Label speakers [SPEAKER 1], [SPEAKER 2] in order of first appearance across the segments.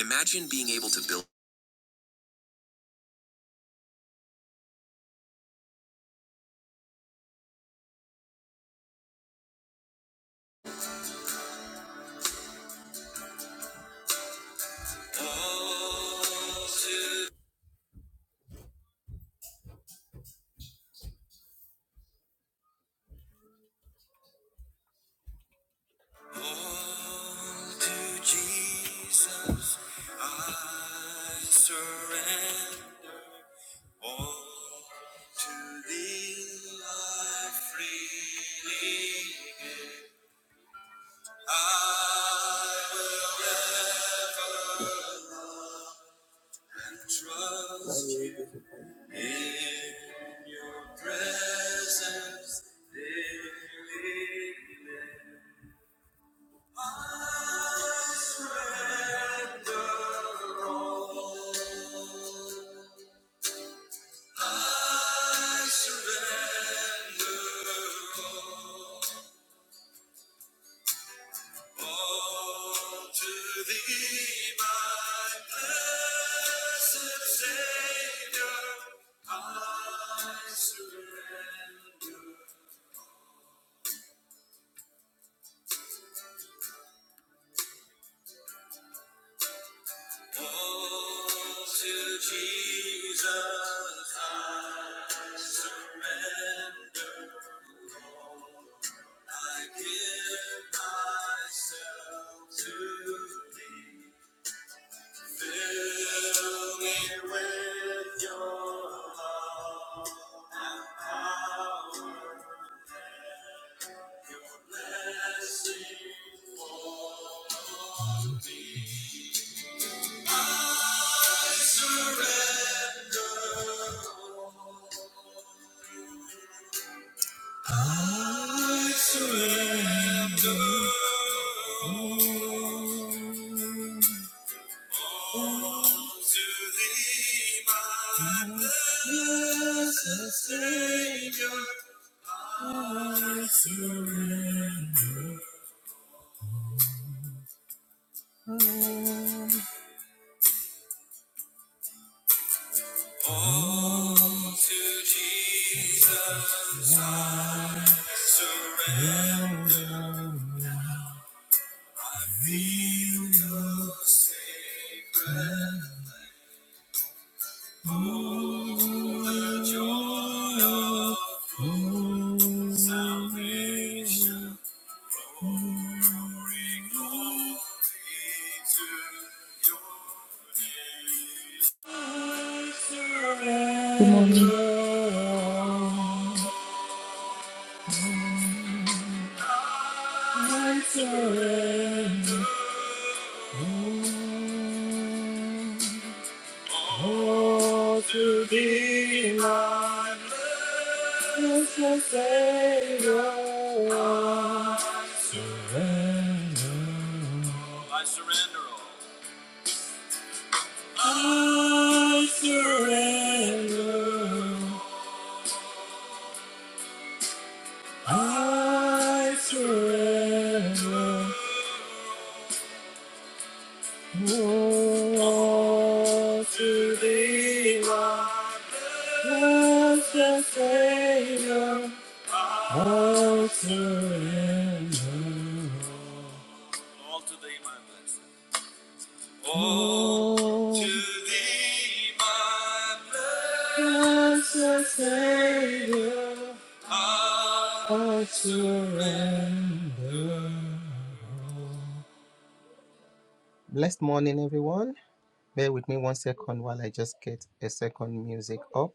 [SPEAKER 1] Imagine being able to build. all to, all to Jesus. I surrender all to thee. I freely give. I trust you in your presence. Daily, I surrender. All to thee, my blessed Savior, I surrender. All to Jesus, surrender. I give myself to thee. Fill me with your love. power. Savior, I surrender. All to Jesus I surrender. Feel your sacred oh, the joy of full salvation. Bring glory to your
[SPEAKER 2] Good
[SPEAKER 1] name.
[SPEAKER 2] morning.
[SPEAKER 1] Surrender. I surrender. Oh, to be my blessed Savior, I surrender. I surrender all. I surrender. I surrender. All to be my blessed Savior. All to thee, my blessed. All to thee, my blessed. Savior. Ah, Blessed morning, everyone. Bear with me one second while I just get a second music up.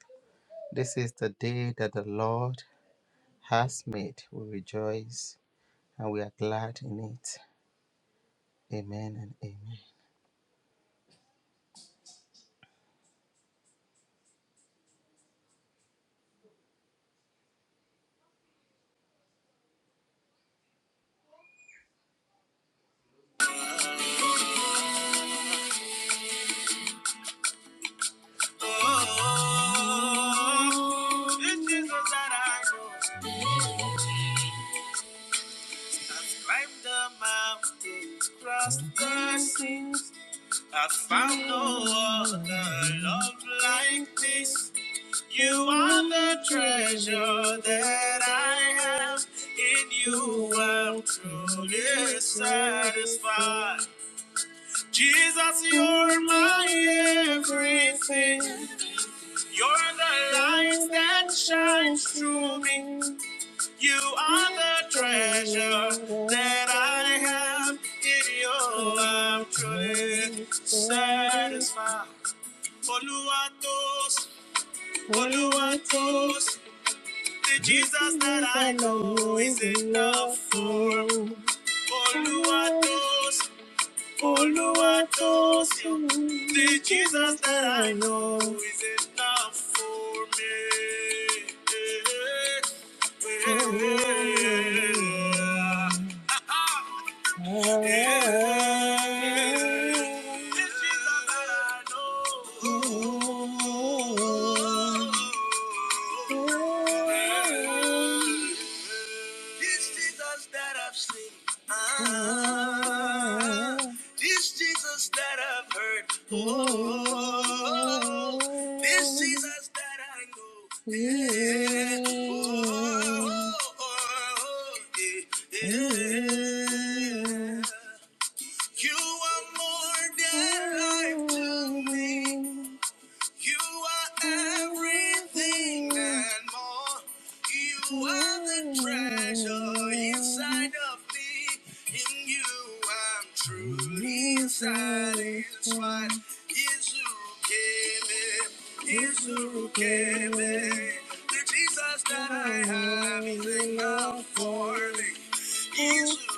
[SPEAKER 1] This is the day that the Lord has made. We rejoice and we are glad in it. Amen and amen. Climb the mountain, blessings. I found no other love like this. You are the treasure that I have. In you, I'm truly satisfied. Jesus, you're my everything. You're the light that shines through me. You are the treasure that I have in you. I'm truly satisfied. Oluwatos, Oluwatos, the Jesus that I know is enough for me. Oluwatos, Oluwatos, the Jesus that I know is enough for me. Yeah, yeah, yeah. You are more than life to me. You are everything and more. You are the treasure inside of me. In you, I'm truly satisfied. Yes, you gave it. Yes, you gave it. The Jesus that I have is enough for me. Jesus that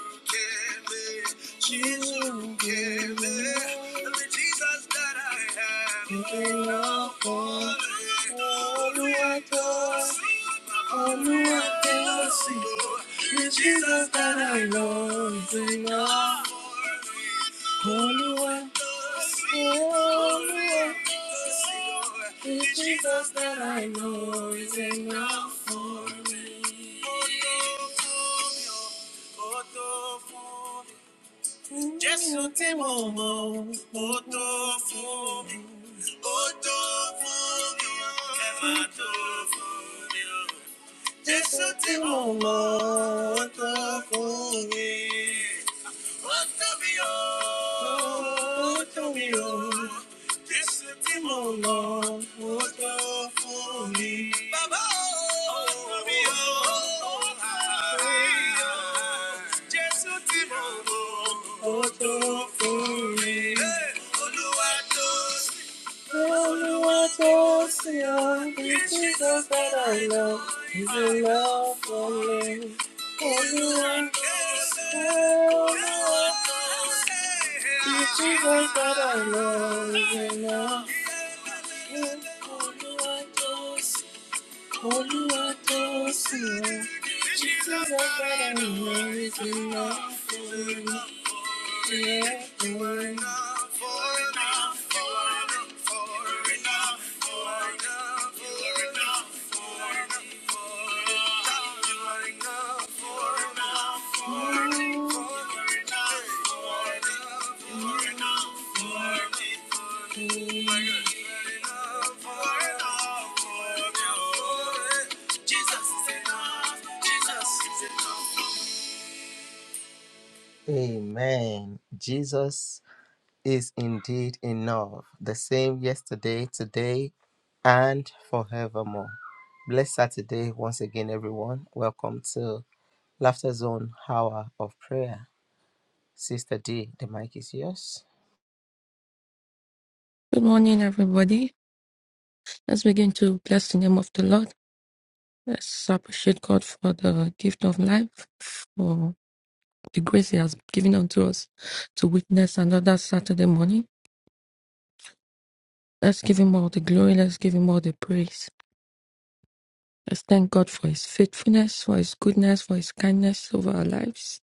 [SPEAKER 1] I know is enough. Holy one, holy one, the Jesus that I know is enough for me. Ó tó Jésù tí mo mọ̀, ó tó fún mi. Ó tó fún mi, ẹ máa tó fún mi o. Jésù tí mo mọ̀, ó tó fún mi. Ó tóbi ó, Jésù tí mo mọ̀, ó tó fún mi. Bàbá ó tóbi ó, Jésù tí mọ̀, ó tó fún mi. Hey, Olúwa Tell me what goes to you, it's Jesus that I love, is the love for me. Only one goes to you. it's Jesus that I love, is the love. Only one goes Olúwa tó sì wá, títí lágbára ìyẹn ìfìlà fún ẹ̀kún. Thank Amen. Jesus is indeed enough, the same yesterday, today, and forevermore. Blessed Saturday once again, everyone. Welcome to Laughter Zone Hour of Prayer. Sister D, the mic is yours.
[SPEAKER 2] Good morning, everybody. Let's begin to bless the name of the Lord. Let's appreciate God for the gift of life, for the grace He has given unto us to witness another Saturday morning. Let's give Him all the glory. Let's give Him all the praise. Let's thank God for His faithfulness, for His goodness, for His kindness over our lives.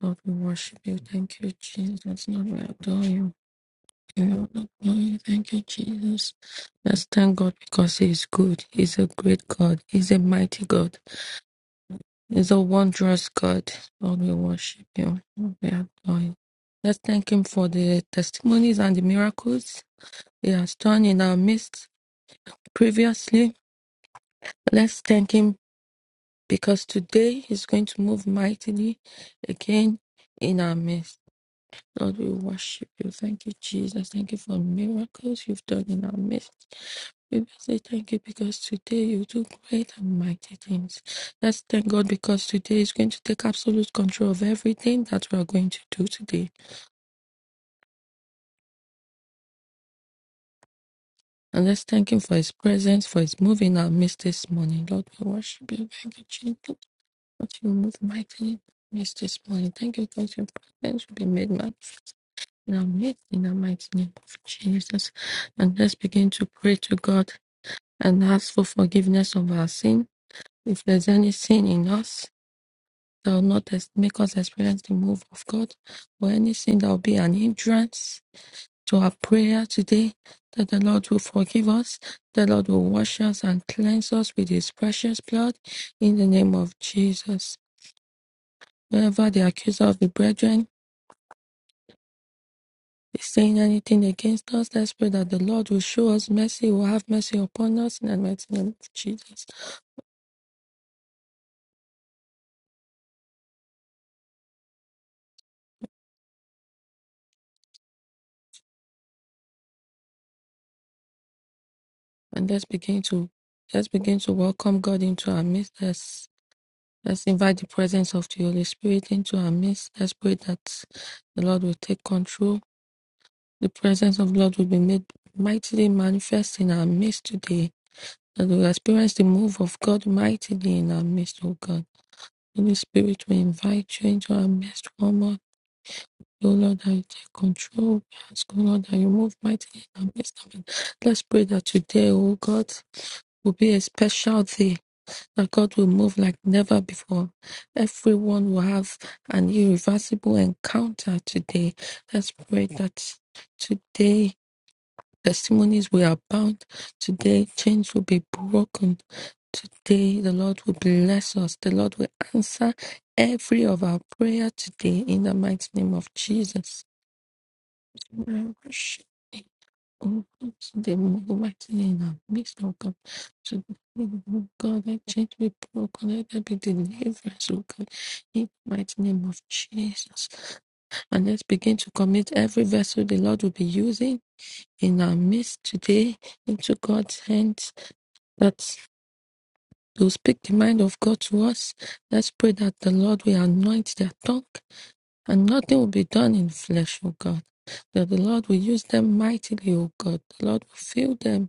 [SPEAKER 2] Lord, we worship you. Thank you, Jesus. Lord, we adore you. Give you all the glory. Thank you, Jesus. Let's thank God because He is good. He's a great God. He's a mighty God. He's a wondrous God. Lord, we worship you. Lord, We adore you. Let's thank Him for the testimonies and the miracles He has done in our midst previously. Let's thank Him because today He's going to move mightily again in our midst. Lord, we worship you. Thank you, Jesus. Thank you for miracles you've done in our midst. We just say thank you because today you do great and mighty things. Let's thank God because today is going to take absolute control of everything that we are going to do today. And let's thank Him for His presence, for His move in our midst this morning. Lord, we worship you. Thank you, Jesus. That you move mightily in our midst this morning. Thank you because your presence will be made manifest in our midst in the mighty name of Jesus. And let's begin to pray to God and ask for forgiveness of our sin. If there's any sin in us, that will not ex- make us experience the move of God, or anything that will be an hindrance to our prayer today, that the Lord will forgive us, the Lord will wash us and cleanse us with His precious blood in the name of Jesus. Whenever the accuser of the brethren is saying anything against us, let's pray that the Lord will show us mercy, will have mercy upon us in the mighty name of Jesus. And let's begin to let's begin to welcome God into our midst. Let's invite the presence of the Holy Spirit into our midst. Let's pray that the Lord will take control. The presence of the Lord will be made mightily manifest in our midst today. That we'll experience the move of God mightily in our midst, O God. Holy Spirit, we invite you into our midst one more. O Lord, that you take control. We ask, O Lord, that you move mightily in our midst. Amen. Let's pray that today, O God, will be a special day that God will move like never before. Everyone will have an irreversible encounter today. Let's pray that today testimonies will abound. Today chains will be broken. Today the Lord will bless us. The Lord will answer every of our prayer today in the mighty name of Jesus. Amen. Oh, oops, the mighty name of mixed up to the God that change be broken, let there be deliverance, oh God, in the mighty name of Jesus. And let's begin to commit every vessel the Lord will be using in our midst today into God's hands that will speak the mind of God to us. Let's pray that the Lord will anoint their tongue and nothing will be done in flesh, O God. That the Lord will use them mightily, O God. The Lord will fill them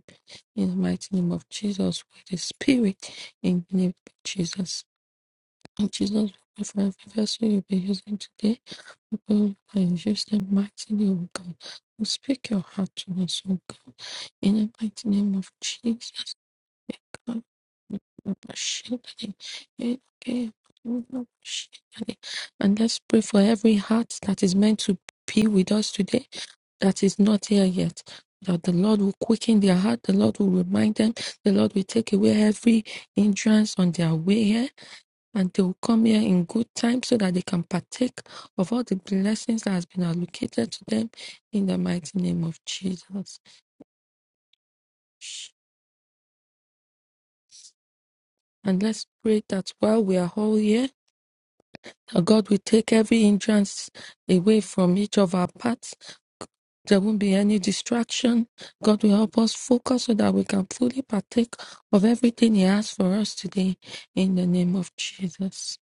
[SPEAKER 2] in the mighty name of Jesus, with the Spirit, in the name of Jesus. And Jesus, for every vessel you'll be using today, we pray use the mighty name of God. We speak your heart to us, O God. In the mighty name of Jesus, God, appreciate it. Eh, eh, we appreciate it. And let's pray for every heart that is meant to be with us today that is not here yet. That the Lord will quicken their heart, the Lord will remind them, the Lord will take away every hindrance on their way here, and they will come here in good time so that they can partake of all the blessings that has been allocated to them in the mighty name of Jesus. And let's pray that while we are all here, that God will take every hindrance away from each of our paths There won't be any distraction. God will help us focus so that we can fully partake of everything He has for us today in the name of Jesus.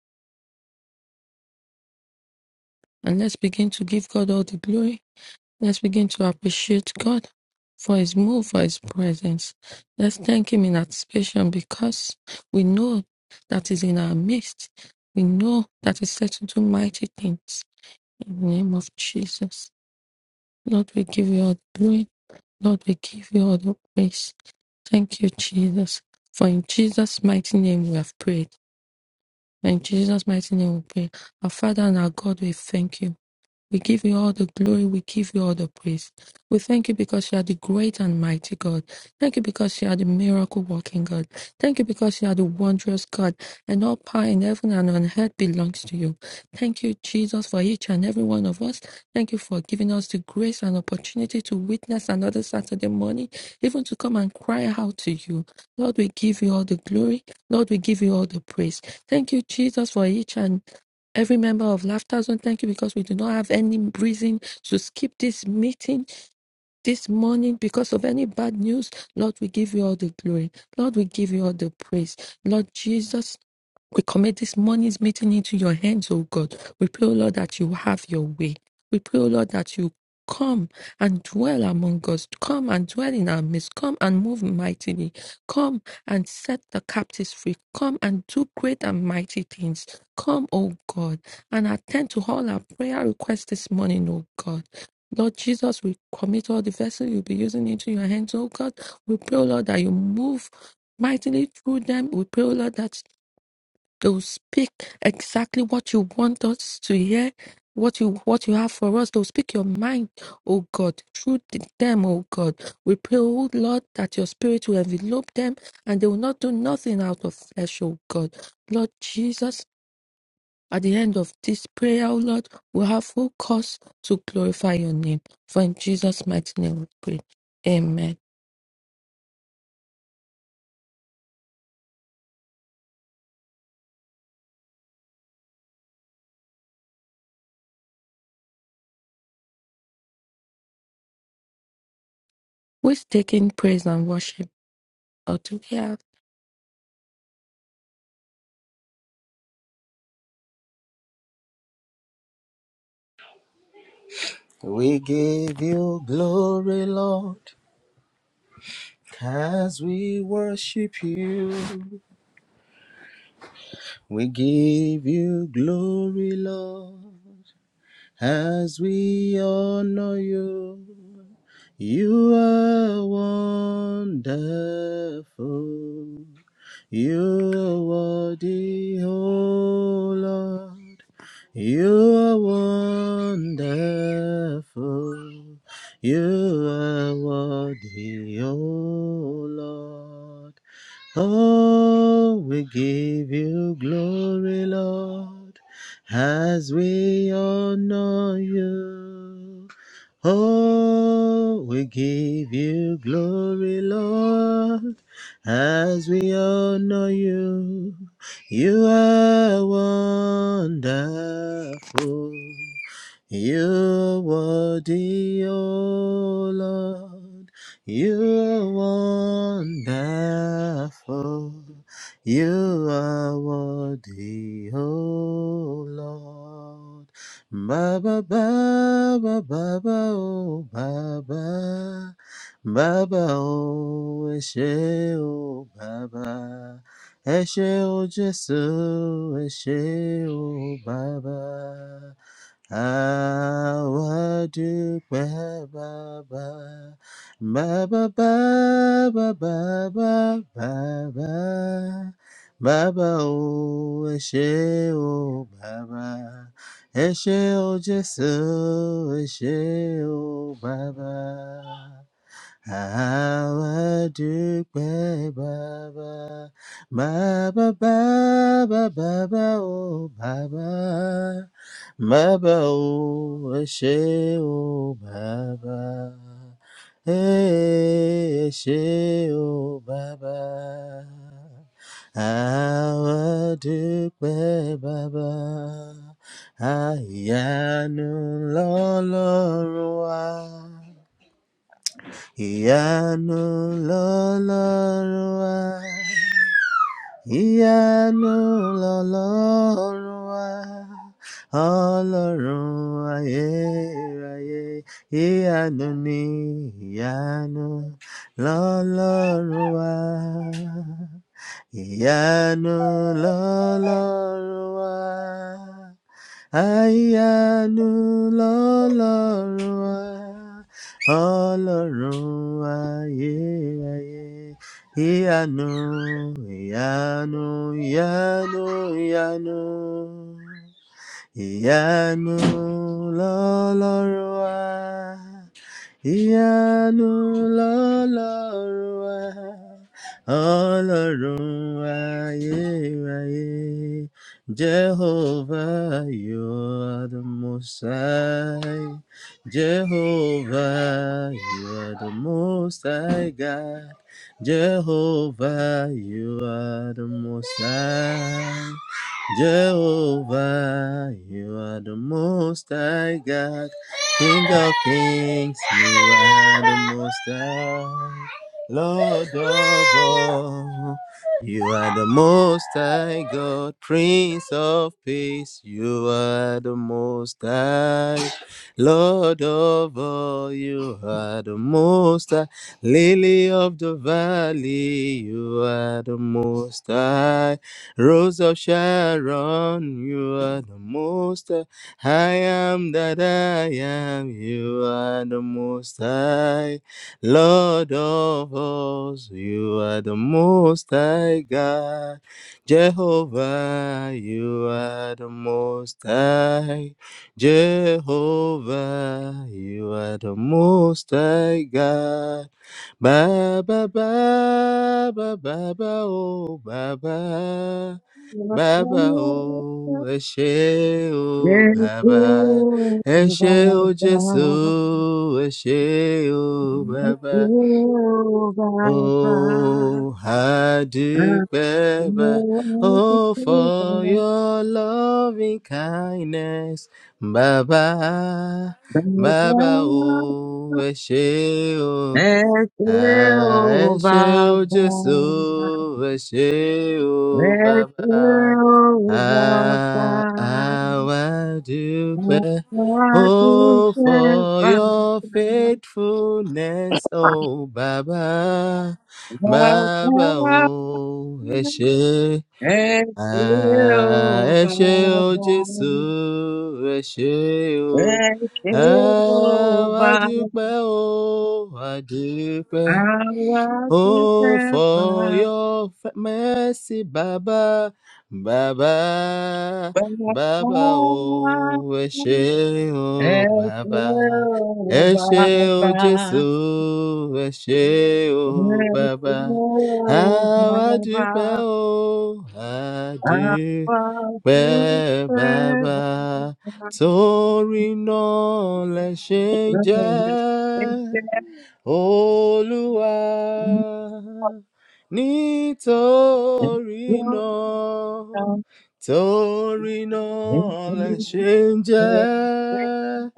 [SPEAKER 2] And let's begin to give God all the glory. Let's begin to appreciate God for His move, for His presence. Let's thank Him in anticipation because we know that He's in our midst. We know that He's set to do mighty things in the name of Jesus. Lord, we give you all the glory. Lord, we give you all the praise. Thank you, Jesus. For in Jesus' mighty name we have prayed. In Jesus' mighty name we pray. Our Father and our God, we thank you. We give you all the glory. We give you all the praise. We thank you because you are the great and mighty God. Thank you because you are the miracle working God. Thank you because you are the wondrous God. And all power in heaven and on earth belongs to you. Thank you, Jesus, for each and every one of us. Thank you for giving us the grace and opportunity to witness another Saturday morning, even to come and cry out to you. Lord, we give you all the glory. Lord, we give you all the praise. Thank you, Jesus, for each and every member of Laughter Zone. Thank you because we do not have any reason to skip this meeting. This morning, because of any bad news, Lord, we give you all the glory. Lord, we give you all the praise. Lord Jesus, we commit this morning's meeting into your hands, O God. We pray, O Lord, that you have your way. We pray, O Lord, that you come and dwell among us. Come and dwell in our midst. Come and move mightily. Come and set the captives free. Come and do great and mighty things. Come, O God, and attend to all our prayer requests this morning, O God. Lord Jesus, we commit all the vessel you'll be using into your hands, oh God. We pray, oh Lord, that you move mightily through them. We pray, oh Lord, that they'll speak exactly what you want us to hear, what you what you have for us. They'll speak your mind, oh God, through th- them, oh God. We pray, oh Lord, that your spirit will envelop them and they will not do nothing out of flesh, oh God. Lord Jesus, at the end of this prayer, O Lord, we have full cause to glorify your name. For in Jesus' mighty name we pray. Amen. We're taking praise and worship. Or do we have
[SPEAKER 1] We give you glory, Lord, as we worship you. We give you glory, Lord, as we honor you. You are wonderful. You are worthy, oh Lord. You are wonderful. You are worthy, oh Lord. Oh, we give you glory, Lord, as we honor you. Oh, we give you glory, Lord, as we honor you. You are wonderful. You are worthy, oh Lord. You are wonderful. You are worthy, oh Lord. Ba ba ba ba ba ba Bàbá, bàbá o, ẹ ṣé o, bàbá. Ẹ ṣé o Jésù, ẹ ṣé o bàbá. Àwa dúpẹ́ bàbá. Bàbá, bàbá, bàbá, bàbá. Bàbá o, ẹ ṣé o bàbá. Ẹ ṣé o Jésù, ẹ ṣé o bàbá. Àwa dúpẹ́ bàbá, bàbá bàbá bàbá o bàbá, bàbá o ẹ ṣé o bàbá, Eh, ẹ ṣé o bàbá. Àwa dúpẹ́ bàbá, àyànú lọ́lọ́run wa. Ìyanu lọ́lọ́run wa. Ìyanu lọ́lọ́run wa. Ọlọ́run ayérayé. Ìyanu ni ìyanu lọ́lọ́run wa. Ìyanu lọ́lọ́run wa. Àyànú lọ́lọ́run wa, ọlọ́run ayérayé. Ìyanu, ìyanu, ìyanu, ìyanu. Ìyanu lọ́lọ́run wa. Ìyanu lọ́lọ́run wa, ọlọ́run ayérayé. Jehovah, you are the most high. Jehovah, you are the most high God. Jehovah, you are the most high. Jehovah, you are the most high God. King of kings, you are the most high. Lord of all, you are the most high God, Prince of peace, you are the most high. Lord of all, you are the most high. Lily of the valley, you are the most high. Rose of Sharon, you are the most high. I am that I am, you are the most high, Lord of hosts, you are the most high God, Jehovah, you are the most high, Jehovah, you are the most high God, Baba, Baba, Baba, oh Baba.
[SPEAKER 3] Thank
[SPEAKER 1] Bàbá o, ẹ ṣé o, bàbá. Ẹ ṣé o, Jésù, ẹ ṣé o, bàbá.
[SPEAKER 3] you.
[SPEAKER 1] O, àdúpẹ́ bá. Oh, for your loving kindness, Bàbá. Bàbá o, ẹ ṣé o. Asheo Jesu, Asheo Baba, Ah, Awadupe, oh, for your faithfulness, oh, Baba, Baba, oh, Ashe,
[SPEAKER 3] And Jehovah,
[SPEAKER 1] Asheo Jesu, Asheo,
[SPEAKER 3] and Jehovah,
[SPEAKER 1] Awadupe, oh, Adupe.
[SPEAKER 3] I want to
[SPEAKER 1] Oh,
[SPEAKER 3] have
[SPEAKER 1] for
[SPEAKER 3] my
[SPEAKER 1] your fa- mercy, Baba, Baba, Baba,
[SPEAKER 3] Jehovah,
[SPEAKER 1] oh, ẹ
[SPEAKER 3] and
[SPEAKER 1] ṣé o, Baba, ẹ ṣé
[SPEAKER 3] Jehovah,
[SPEAKER 1] o, Jésù,
[SPEAKER 3] and
[SPEAKER 1] ẹ ṣé o, Baba, àwa dúpẹ́
[SPEAKER 3] Jehovah,
[SPEAKER 1] o, a
[SPEAKER 3] our
[SPEAKER 1] dúpẹ́ Baba,
[SPEAKER 3] Jehovah, and
[SPEAKER 1] torí náà lẹ ṣe ń
[SPEAKER 3] Jehovah,
[SPEAKER 1] jẹ́. Olúwa nítorí náà torí náà lè ṣe ń jẹ́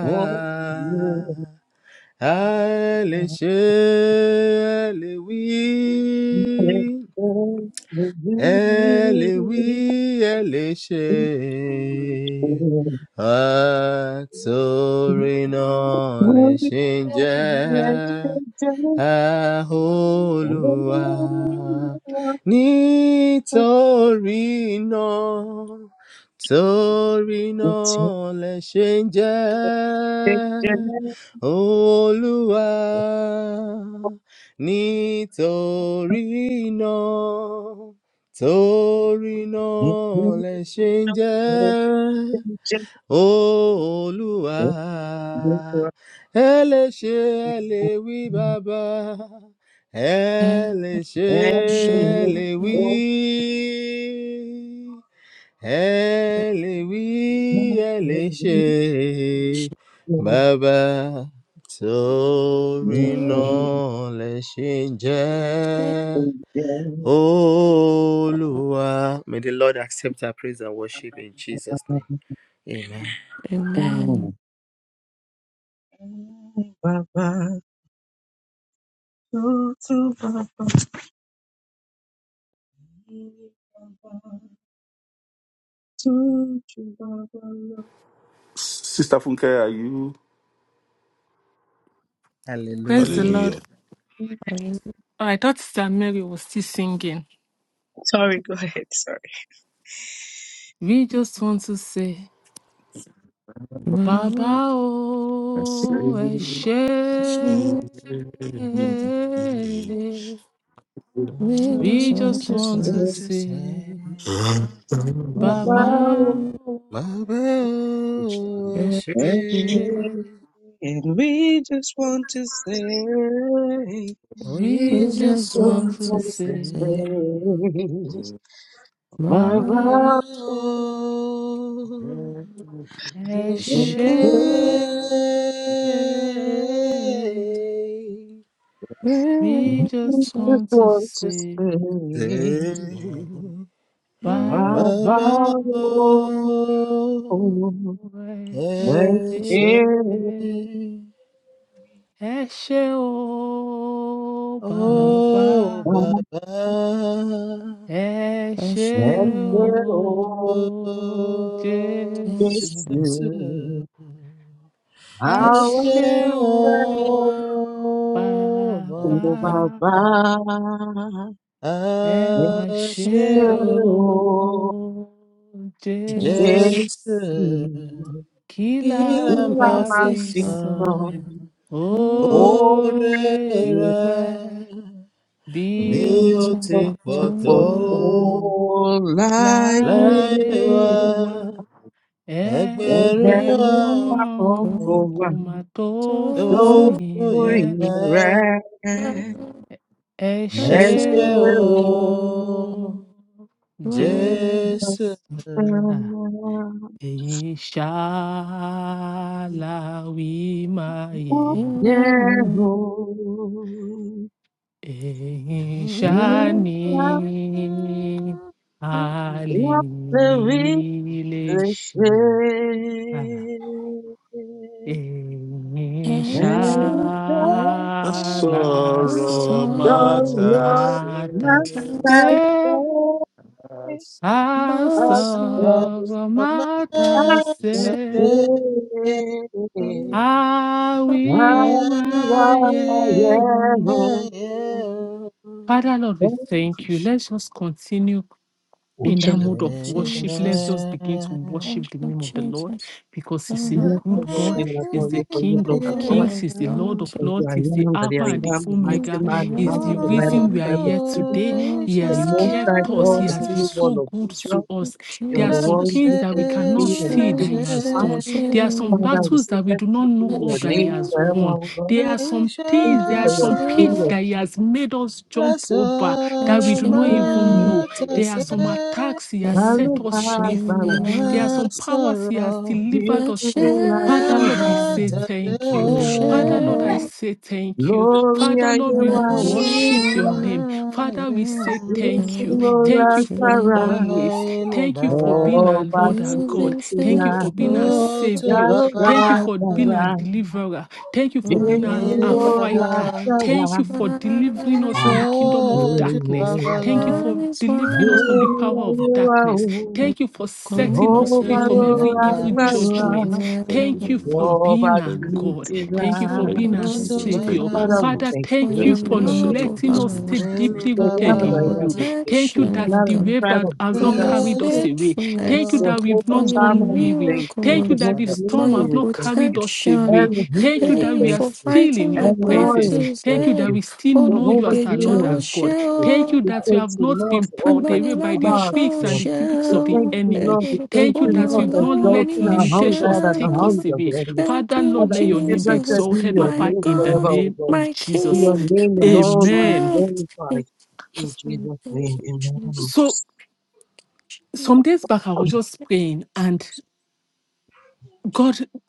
[SPEAKER 3] Oh, you
[SPEAKER 1] a lè ṣe é lè wí Ẹ lè wí, ẹ lè ṣe, àtòrí náà lè ṣe ń jẹ́. Àholúwa, nítorí náà, torí náà lè ṣe ń jẹ́. Olúwa, nítorí náà torí náà lẹ ṣe ń jẹ́ olúwa ẹ lè ṣe ẹ lè wí bàbá ẹ
[SPEAKER 2] uh,
[SPEAKER 1] lè ṣe ẹ
[SPEAKER 2] shall
[SPEAKER 1] lè wí
[SPEAKER 2] worship?
[SPEAKER 1] ẹ lè wí ẹ lè ṣe bàbá torí náà lẹ ṣe ń jẹ́. Oluwa. May the Lord accept our praise and worship in Jesus' name. Amen.
[SPEAKER 3] Oh,
[SPEAKER 2] Amen.
[SPEAKER 3] Sorry,
[SPEAKER 4] Sister Funke, are you?
[SPEAKER 5] Praise the
[SPEAKER 1] Hallelujah.
[SPEAKER 5] Lord.
[SPEAKER 4] Hallelujah.
[SPEAKER 2] Amen.
[SPEAKER 5] Oh, I thought Sister Mary was still singing.
[SPEAKER 3] go ahead. Sorry.
[SPEAKER 5] We just want to say, Baba
[SPEAKER 4] Yes.
[SPEAKER 5] oh, ẹ
[SPEAKER 2] So
[SPEAKER 5] ṣé."
[SPEAKER 1] I
[SPEAKER 2] We just
[SPEAKER 5] We
[SPEAKER 2] want
[SPEAKER 5] just
[SPEAKER 2] to
[SPEAKER 1] just
[SPEAKER 5] want
[SPEAKER 2] sing,
[SPEAKER 5] to
[SPEAKER 1] want to say,
[SPEAKER 5] say, Baba oh, ẹ
[SPEAKER 1] Baba Oshe.
[SPEAKER 5] ṣé."
[SPEAKER 3] And we just want to say, we
[SPEAKER 1] We
[SPEAKER 5] We
[SPEAKER 1] just
[SPEAKER 5] just
[SPEAKER 3] just
[SPEAKER 5] want
[SPEAKER 1] want
[SPEAKER 5] to
[SPEAKER 3] want
[SPEAKER 1] to
[SPEAKER 3] to say,
[SPEAKER 1] say,
[SPEAKER 5] say,
[SPEAKER 2] my
[SPEAKER 3] my
[SPEAKER 1] Baba
[SPEAKER 3] vow.
[SPEAKER 5] Baba oh, ẹ
[SPEAKER 1] worship.
[SPEAKER 2] love,
[SPEAKER 5] ṣé." We
[SPEAKER 3] We
[SPEAKER 2] my
[SPEAKER 5] just
[SPEAKER 3] just
[SPEAKER 5] want to
[SPEAKER 3] want to
[SPEAKER 5] say
[SPEAKER 3] say,
[SPEAKER 1] Say.
[SPEAKER 2] love,
[SPEAKER 3] my
[SPEAKER 5] Baba,
[SPEAKER 1] Baba
[SPEAKER 5] bye.
[SPEAKER 3] vow.
[SPEAKER 5] Ẹ
[SPEAKER 3] Thank
[SPEAKER 1] ẹ ṣé.
[SPEAKER 5] ṣé, ẹ ṣé o
[SPEAKER 2] My
[SPEAKER 5] bàbá,
[SPEAKER 1] bàbá
[SPEAKER 5] ẹ ṣé
[SPEAKER 2] passion
[SPEAKER 1] ó
[SPEAKER 3] you,
[SPEAKER 5] o
[SPEAKER 3] thank
[SPEAKER 5] Jésù,
[SPEAKER 2] is
[SPEAKER 1] Jesus,
[SPEAKER 3] you, yes,
[SPEAKER 5] ẹ
[SPEAKER 1] ẹ
[SPEAKER 2] just
[SPEAKER 3] Our
[SPEAKER 1] ṣé
[SPEAKER 5] ṣé o
[SPEAKER 3] Jehovah,
[SPEAKER 5] bàbá,
[SPEAKER 1] bàbá
[SPEAKER 3] you
[SPEAKER 2] my
[SPEAKER 3] are my
[SPEAKER 1] a
[SPEAKER 5] ẹ
[SPEAKER 3] victim.
[SPEAKER 5] mà ṣé
[SPEAKER 1] ṣé ó
[SPEAKER 2] passion
[SPEAKER 3] Oh,
[SPEAKER 5] o
[SPEAKER 2] is
[SPEAKER 3] you
[SPEAKER 1] Jésù
[SPEAKER 5] Jésù. Kí
[SPEAKER 1] kí la
[SPEAKER 5] la
[SPEAKER 2] in
[SPEAKER 5] bá
[SPEAKER 2] my
[SPEAKER 3] are
[SPEAKER 5] fi
[SPEAKER 2] face.
[SPEAKER 5] san
[SPEAKER 2] I'm
[SPEAKER 5] owó
[SPEAKER 1] Orera
[SPEAKER 5] ewé bí
[SPEAKER 1] mi ò
[SPEAKER 5] ó
[SPEAKER 1] ti
[SPEAKER 5] ti
[SPEAKER 2] my
[SPEAKER 1] pọ̀
[SPEAKER 5] pọ̀ tó
[SPEAKER 1] tó
[SPEAKER 3] for
[SPEAKER 2] soul.
[SPEAKER 3] all I
[SPEAKER 2] I'm
[SPEAKER 5] láyé
[SPEAKER 1] láì
[SPEAKER 5] wa?
[SPEAKER 1] wá
[SPEAKER 3] am. And
[SPEAKER 1] ẹgbẹ̀rún
[SPEAKER 3] there are
[SPEAKER 5] Ẹgbẹ̀rún
[SPEAKER 1] ọkàn
[SPEAKER 3] also
[SPEAKER 5] ọ̀run kò mà tó
[SPEAKER 1] tó
[SPEAKER 2] so
[SPEAKER 5] fún
[SPEAKER 3] those
[SPEAKER 2] far.
[SPEAKER 3] who are
[SPEAKER 1] fòye
[SPEAKER 5] ìwé.
[SPEAKER 3] in
[SPEAKER 1] rà.
[SPEAKER 3] rest. And rare.
[SPEAKER 4] Mm.
[SPEAKER 5] Ẹ
[SPEAKER 2] I'm
[SPEAKER 1] Ẹ
[SPEAKER 5] ṣé
[SPEAKER 1] ṣé
[SPEAKER 2] sure
[SPEAKER 5] o,
[SPEAKER 1] o,
[SPEAKER 2] one
[SPEAKER 1] Jésù.
[SPEAKER 5] Jésù.
[SPEAKER 3] And there
[SPEAKER 5] Ah,
[SPEAKER 3] are
[SPEAKER 5] Èyí ṣáá la wí máa yẹ̀
[SPEAKER 2] in
[SPEAKER 3] Yehovah,
[SPEAKER 2] my
[SPEAKER 5] Eshani alileshi
[SPEAKER 3] Yahweh, we bless thee.
[SPEAKER 2] I'm
[SPEAKER 3] And
[SPEAKER 2] sure
[SPEAKER 4] A
[SPEAKER 5] Eshala
[SPEAKER 2] my
[SPEAKER 4] Sorrow
[SPEAKER 3] the
[SPEAKER 2] soul.
[SPEAKER 4] matter
[SPEAKER 3] Lord
[SPEAKER 4] say
[SPEAKER 3] must
[SPEAKER 5] somatas
[SPEAKER 2] I'm
[SPEAKER 3] say,
[SPEAKER 5] se
[SPEAKER 4] that's
[SPEAKER 3] as
[SPEAKER 2] so
[SPEAKER 3] the
[SPEAKER 4] Thank you,
[SPEAKER 3] Lord
[SPEAKER 1] Ọ̀rọ̀ máa
[SPEAKER 5] asomatas
[SPEAKER 1] jesu
[SPEAKER 5] se
[SPEAKER 1] oro
[SPEAKER 3] say,
[SPEAKER 1] maa
[SPEAKER 3] Yehovah.
[SPEAKER 1] Amen.
[SPEAKER 5] awimayem. Father Lord, we thank you.
[SPEAKER 4] Jesus.
[SPEAKER 5] Let's just continue in that
[SPEAKER 3] Ancient of
[SPEAKER 5] mode of
[SPEAKER 3] days, we thank
[SPEAKER 5] worship, let's
[SPEAKER 2] Jesus,
[SPEAKER 5] just begin to
[SPEAKER 2] thank
[SPEAKER 5] worship the
[SPEAKER 2] you,
[SPEAKER 5] name of the Lord
[SPEAKER 2] Jesus.
[SPEAKER 5] because He's
[SPEAKER 2] Lord,
[SPEAKER 3] you.
[SPEAKER 5] a
[SPEAKER 2] I
[SPEAKER 3] Yes, the
[SPEAKER 5] good
[SPEAKER 3] holy
[SPEAKER 5] God,
[SPEAKER 2] worship
[SPEAKER 3] name of our
[SPEAKER 5] He's
[SPEAKER 2] and
[SPEAKER 5] the
[SPEAKER 3] Lord, for you,
[SPEAKER 5] King
[SPEAKER 3] Lord, our
[SPEAKER 5] of
[SPEAKER 2] Lord,
[SPEAKER 3] God.
[SPEAKER 5] Kings,
[SPEAKER 2] I
[SPEAKER 5] He's the
[SPEAKER 2] exalt
[SPEAKER 5] Lord of
[SPEAKER 3] As
[SPEAKER 2] you.
[SPEAKER 3] I
[SPEAKER 5] Lords, He's the
[SPEAKER 3] am that I
[SPEAKER 5] Alpha and
[SPEAKER 2] King
[SPEAKER 5] the
[SPEAKER 3] am, the
[SPEAKER 2] of kings
[SPEAKER 3] mighty
[SPEAKER 5] Omega,
[SPEAKER 3] man,
[SPEAKER 2] and
[SPEAKER 3] the
[SPEAKER 5] He's the
[SPEAKER 2] Lord
[SPEAKER 3] master,
[SPEAKER 2] of
[SPEAKER 3] the light of the
[SPEAKER 5] reason we
[SPEAKER 2] glory.
[SPEAKER 5] are
[SPEAKER 3] tribe of
[SPEAKER 5] here
[SPEAKER 3] Judah,
[SPEAKER 5] today.
[SPEAKER 2] Lord,
[SPEAKER 5] He
[SPEAKER 3] the
[SPEAKER 2] I
[SPEAKER 5] has
[SPEAKER 3] most
[SPEAKER 2] give
[SPEAKER 3] high
[SPEAKER 5] kept us,
[SPEAKER 3] God,
[SPEAKER 5] He
[SPEAKER 3] the
[SPEAKER 5] has been
[SPEAKER 3] Holy
[SPEAKER 2] praises
[SPEAKER 3] One
[SPEAKER 5] so
[SPEAKER 3] of
[SPEAKER 5] good to
[SPEAKER 3] Israel.
[SPEAKER 2] to
[SPEAKER 5] us. There
[SPEAKER 3] You're
[SPEAKER 5] are
[SPEAKER 3] the
[SPEAKER 5] some
[SPEAKER 2] Jesus.
[SPEAKER 3] one
[SPEAKER 5] things
[SPEAKER 3] who
[SPEAKER 5] that we
[SPEAKER 3] takes the
[SPEAKER 5] cannot
[SPEAKER 3] king and the
[SPEAKER 5] see
[SPEAKER 2] Share,
[SPEAKER 5] that
[SPEAKER 3] king
[SPEAKER 5] He
[SPEAKER 3] to
[SPEAKER 5] has
[SPEAKER 3] pass.
[SPEAKER 2] share,
[SPEAKER 5] done,
[SPEAKER 2] share
[SPEAKER 5] there are some
[SPEAKER 2] with
[SPEAKER 3] Father, we
[SPEAKER 2] you.
[SPEAKER 5] battles
[SPEAKER 3] say,
[SPEAKER 5] that we
[SPEAKER 3] blessed
[SPEAKER 5] do not
[SPEAKER 3] be
[SPEAKER 2] I
[SPEAKER 5] know
[SPEAKER 3] your
[SPEAKER 5] of that He
[SPEAKER 3] name
[SPEAKER 5] has
[SPEAKER 2] share,
[SPEAKER 3] forever,
[SPEAKER 5] won,
[SPEAKER 3] O God.
[SPEAKER 5] there are some
[SPEAKER 3] Thank
[SPEAKER 5] things,
[SPEAKER 3] you
[SPEAKER 5] there
[SPEAKER 2] I
[SPEAKER 5] are
[SPEAKER 3] for your
[SPEAKER 5] some
[SPEAKER 3] victory
[SPEAKER 5] pits
[SPEAKER 3] of
[SPEAKER 2] share,
[SPEAKER 5] that He has made us jump over
[SPEAKER 2] I
[SPEAKER 5] that
[SPEAKER 1] Sọ̀rọ̀
[SPEAKER 5] we do not
[SPEAKER 3] victory.
[SPEAKER 5] even
[SPEAKER 2] share,
[SPEAKER 5] know
[SPEAKER 3] Yes,
[SPEAKER 1] máa
[SPEAKER 3] thank
[SPEAKER 5] there are
[SPEAKER 1] tọ̀sẹ̀,
[SPEAKER 5] some
[SPEAKER 3] you.
[SPEAKER 5] attacks He has
[SPEAKER 2] and
[SPEAKER 5] set us free
[SPEAKER 3] Alubaba,
[SPEAKER 5] from.
[SPEAKER 1] á
[SPEAKER 5] There
[SPEAKER 2] share.
[SPEAKER 5] are some powers He has
[SPEAKER 1] sọ̀rọ̀.
[SPEAKER 5] delivered
[SPEAKER 2] I
[SPEAKER 5] us from. Father,
[SPEAKER 3] Yesulasaba,
[SPEAKER 2] share,
[SPEAKER 5] Lord, I
[SPEAKER 1] Baba,
[SPEAKER 5] say
[SPEAKER 1] so
[SPEAKER 5] thank you.
[SPEAKER 2] I
[SPEAKER 1] to
[SPEAKER 5] Father, Lord, I
[SPEAKER 2] share,
[SPEAKER 1] Baba,
[SPEAKER 5] say
[SPEAKER 3] Glory,
[SPEAKER 5] thank you.
[SPEAKER 3] Glory,
[SPEAKER 5] Father, Lord, we
[SPEAKER 2] I
[SPEAKER 5] worship your
[SPEAKER 2] share,
[SPEAKER 5] name. Father, we say thank you.
[SPEAKER 2] and
[SPEAKER 5] Thank you for
[SPEAKER 3] Yesulasaba.
[SPEAKER 2] share.
[SPEAKER 1] any
[SPEAKER 5] always. Thank you for being our
[SPEAKER 3] Oh,
[SPEAKER 1] Baba,
[SPEAKER 3] but
[SPEAKER 5] Lord,
[SPEAKER 3] it's
[SPEAKER 5] our
[SPEAKER 2] You've
[SPEAKER 5] God.
[SPEAKER 2] been
[SPEAKER 5] Thank you for
[SPEAKER 3] right,
[SPEAKER 5] being our
[SPEAKER 2] faithful,
[SPEAKER 1] so to
[SPEAKER 5] Savior.
[SPEAKER 3] you're
[SPEAKER 5] Thank you
[SPEAKER 1] Baba,
[SPEAKER 3] right,
[SPEAKER 5] for
[SPEAKER 3] you're
[SPEAKER 5] being our
[SPEAKER 3] right.
[SPEAKER 5] deliverer. Thank you for
[SPEAKER 2] From
[SPEAKER 5] being
[SPEAKER 3] Just
[SPEAKER 5] our,
[SPEAKER 2] your
[SPEAKER 1] any
[SPEAKER 5] our
[SPEAKER 2] head
[SPEAKER 3] you're right,
[SPEAKER 5] fighter.
[SPEAKER 1] Baba,
[SPEAKER 2] to
[SPEAKER 3] you're
[SPEAKER 5] Thank you
[SPEAKER 3] right.
[SPEAKER 5] for delivering
[SPEAKER 2] smile,
[SPEAKER 5] us
[SPEAKER 1] so
[SPEAKER 5] from
[SPEAKER 3] I
[SPEAKER 5] the
[SPEAKER 3] think
[SPEAKER 5] kingdom of
[SPEAKER 1] to
[SPEAKER 3] you
[SPEAKER 5] darkness.
[SPEAKER 3] are,
[SPEAKER 5] Thank you
[SPEAKER 1] Baba,
[SPEAKER 2] that
[SPEAKER 5] for
[SPEAKER 2] is why
[SPEAKER 5] delivering us
[SPEAKER 3] you
[SPEAKER 5] from the
[SPEAKER 2] you
[SPEAKER 5] power
[SPEAKER 3] are.
[SPEAKER 5] of
[SPEAKER 3] you
[SPEAKER 5] darkness.
[SPEAKER 3] are.
[SPEAKER 5] Thank you for setting
[SPEAKER 2] going
[SPEAKER 5] us
[SPEAKER 3] Jehovah,
[SPEAKER 5] free
[SPEAKER 1] any
[SPEAKER 5] from
[SPEAKER 3] you're
[SPEAKER 5] every
[SPEAKER 3] right,
[SPEAKER 5] evil
[SPEAKER 1] Baba,
[SPEAKER 2] this
[SPEAKER 3] you're
[SPEAKER 5] judgment.
[SPEAKER 3] right.
[SPEAKER 4] Thank you, Thank you,
[SPEAKER 2] forever.
[SPEAKER 5] Thank you
[SPEAKER 4] Lord.
[SPEAKER 5] for
[SPEAKER 4] Lord.
[SPEAKER 3] Oh,
[SPEAKER 5] being
[SPEAKER 3] but
[SPEAKER 5] our
[SPEAKER 4] Thank you,
[SPEAKER 5] God.
[SPEAKER 3] it's
[SPEAKER 4] Lord.
[SPEAKER 5] Thank you for
[SPEAKER 2] Oh,
[SPEAKER 4] Thank
[SPEAKER 5] being
[SPEAKER 4] you,
[SPEAKER 2] thank
[SPEAKER 5] our
[SPEAKER 2] you,
[SPEAKER 1] so
[SPEAKER 3] right.
[SPEAKER 1] to
[SPEAKER 4] Jesus. Thank
[SPEAKER 5] Savior.
[SPEAKER 4] you,
[SPEAKER 3] Father,
[SPEAKER 2] Jesus,
[SPEAKER 4] Lord.
[SPEAKER 3] we
[SPEAKER 5] Father,
[SPEAKER 4] Most.
[SPEAKER 3] thank
[SPEAKER 2] for
[SPEAKER 3] you.
[SPEAKER 5] thank you
[SPEAKER 2] your
[SPEAKER 4] Thank you,
[SPEAKER 5] for
[SPEAKER 3] Ancient
[SPEAKER 4] Lord.
[SPEAKER 3] of
[SPEAKER 4] Thank
[SPEAKER 2] love
[SPEAKER 3] days, we
[SPEAKER 4] you,
[SPEAKER 5] letting
[SPEAKER 2] over
[SPEAKER 3] thank
[SPEAKER 5] us
[SPEAKER 2] my
[SPEAKER 3] you.
[SPEAKER 4] Lord.
[SPEAKER 2] life,
[SPEAKER 5] stay
[SPEAKER 4] Thank you, Lord.
[SPEAKER 5] deeply
[SPEAKER 3] The
[SPEAKER 2] for
[SPEAKER 3] love
[SPEAKER 5] rooted
[SPEAKER 3] of
[SPEAKER 2] your
[SPEAKER 3] the
[SPEAKER 5] in
[SPEAKER 3] Lord,
[SPEAKER 5] you.
[SPEAKER 1] Baba.
[SPEAKER 3] we thank
[SPEAKER 5] Thank you
[SPEAKER 3] you. The
[SPEAKER 5] that
[SPEAKER 2] protection, oh
[SPEAKER 3] love
[SPEAKER 5] the
[SPEAKER 3] of the
[SPEAKER 2] God,
[SPEAKER 5] wave
[SPEAKER 3] tribe
[SPEAKER 5] that
[SPEAKER 3] of
[SPEAKER 5] has
[SPEAKER 2] for
[SPEAKER 5] not
[SPEAKER 3] Judah,
[SPEAKER 2] your
[SPEAKER 3] we thank
[SPEAKER 5] carried
[SPEAKER 3] you.
[SPEAKER 5] us away. Thank you
[SPEAKER 2] faithfulness,
[SPEAKER 5] that
[SPEAKER 1] Ah,
[SPEAKER 5] we've
[SPEAKER 2] for
[SPEAKER 3] Jehovah
[SPEAKER 5] not
[SPEAKER 2] your
[SPEAKER 5] gone
[SPEAKER 3] Shammah, we
[SPEAKER 5] weary.
[SPEAKER 3] thank you.
[SPEAKER 5] Thank you
[SPEAKER 2] miracles,
[SPEAKER 5] that the
[SPEAKER 1] Father,
[SPEAKER 3] Jehovah
[SPEAKER 1] we
[SPEAKER 2] for
[SPEAKER 5] storm
[SPEAKER 1] thank
[SPEAKER 3] Nissi,
[SPEAKER 2] your
[SPEAKER 5] have
[SPEAKER 1] you.
[SPEAKER 3] we
[SPEAKER 5] not
[SPEAKER 3] thank
[SPEAKER 5] carried
[SPEAKER 3] you.
[SPEAKER 5] us away.
[SPEAKER 2] protection.
[SPEAKER 3] Elohim,
[SPEAKER 5] Thank you
[SPEAKER 3] we
[SPEAKER 5] that
[SPEAKER 2] Hey,
[SPEAKER 5] we
[SPEAKER 3] thank
[SPEAKER 5] are
[SPEAKER 2] for
[SPEAKER 3] you.
[SPEAKER 5] still in
[SPEAKER 2] fighting
[SPEAKER 5] your
[SPEAKER 2] my
[SPEAKER 3] Elroy,
[SPEAKER 5] presence.
[SPEAKER 3] we
[SPEAKER 2] battles.
[SPEAKER 5] Thank
[SPEAKER 3] thank
[SPEAKER 5] you
[SPEAKER 2] Hey,
[SPEAKER 5] that
[SPEAKER 3] you.
[SPEAKER 5] we still
[SPEAKER 2] oh,
[SPEAKER 5] know
[SPEAKER 2] you
[SPEAKER 5] you
[SPEAKER 3] Jehovah
[SPEAKER 5] as
[SPEAKER 2] big
[SPEAKER 5] our Lord
[SPEAKER 3] Jireh,
[SPEAKER 5] our
[SPEAKER 3] we
[SPEAKER 5] God.
[SPEAKER 3] thank you.
[SPEAKER 2] Joshua.
[SPEAKER 5] Thank you
[SPEAKER 3] We
[SPEAKER 5] that we
[SPEAKER 3] thank
[SPEAKER 5] have
[SPEAKER 3] you,
[SPEAKER 5] not
[SPEAKER 3] Lord,
[SPEAKER 5] been
[SPEAKER 3] for all
[SPEAKER 5] pulled
[SPEAKER 3] that
[SPEAKER 5] away
[SPEAKER 3] you
[SPEAKER 5] by the
[SPEAKER 2] agbanilágbà
[SPEAKER 3] are
[SPEAKER 2] tó
[SPEAKER 5] tricks
[SPEAKER 3] to
[SPEAKER 5] and
[SPEAKER 3] us.
[SPEAKER 5] the
[SPEAKER 2] ṣe
[SPEAKER 5] gimmicks
[SPEAKER 3] We
[SPEAKER 5] of
[SPEAKER 2] o
[SPEAKER 5] the
[SPEAKER 3] thank you,
[SPEAKER 5] enemy.
[SPEAKER 3] Lord. We thank
[SPEAKER 5] Thank you
[SPEAKER 3] you,
[SPEAKER 5] that
[SPEAKER 3] Lord,
[SPEAKER 5] we've
[SPEAKER 3] for
[SPEAKER 5] not
[SPEAKER 2] olùrànlọ́wọ́ mi
[SPEAKER 5] let
[SPEAKER 3] exalting
[SPEAKER 2] ò
[SPEAKER 3] our
[SPEAKER 2] ṣe
[SPEAKER 3] hunger
[SPEAKER 5] limitations
[SPEAKER 3] and the
[SPEAKER 5] take
[SPEAKER 2] o.
[SPEAKER 5] us
[SPEAKER 3] hunger of
[SPEAKER 5] away.
[SPEAKER 3] the enemies.
[SPEAKER 2] Thank
[SPEAKER 5] Father,
[SPEAKER 2] you,
[SPEAKER 5] Lord,
[SPEAKER 3] Father,
[SPEAKER 5] let
[SPEAKER 3] we
[SPEAKER 5] your
[SPEAKER 3] say,
[SPEAKER 5] name be
[SPEAKER 2] Jesus,
[SPEAKER 3] blessed be
[SPEAKER 5] exalted
[SPEAKER 3] your
[SPEAKER 5] up
[SPEAKER 2] my
[SPEAKER 5] high
[SPEAKER 3] name
[SPEAKER 5] in the
[SPEAKER 2] God,
[SPEAKER 3] forever, O
[SPEAKER 5] name
[SPEAKER 3] God.
[SPEAKER 2] my
[SPEAKER 5] of
[SPEAKER 3] May
[SPEAKER 5] Jesus.
[SPEAKER 3] your
[SPEAKER 2] King,
[SPEAKER 3] name
[SPEAKER 2] my
[SPEAKER 3] alone be
[SPEAKER 5] Amen.
[SPEAKER 2] strength. Thank
[SPEAKER 3] glorified.
[SPEAKER 2] you,
[SPEAKER 3] In
[SPEAKER 2] Lord.
[SPEAKER 3] Jesus'
[SPEAKER 2] Thank
[SPEAKER 3] name,
[SPEAKER 2] you,
[SPEAKER 3] amen.
[SPEAKER 2] Jesus.
[SPEAKER 5] So
[SPEAKER 2] Thank
[SPEAKER 5] some
[SPEAKER 2] you,
[SPEAKER 5] days back, I was just praying,
[SPEAKER 2] Jesus.
[SPEAKER 5] and God, the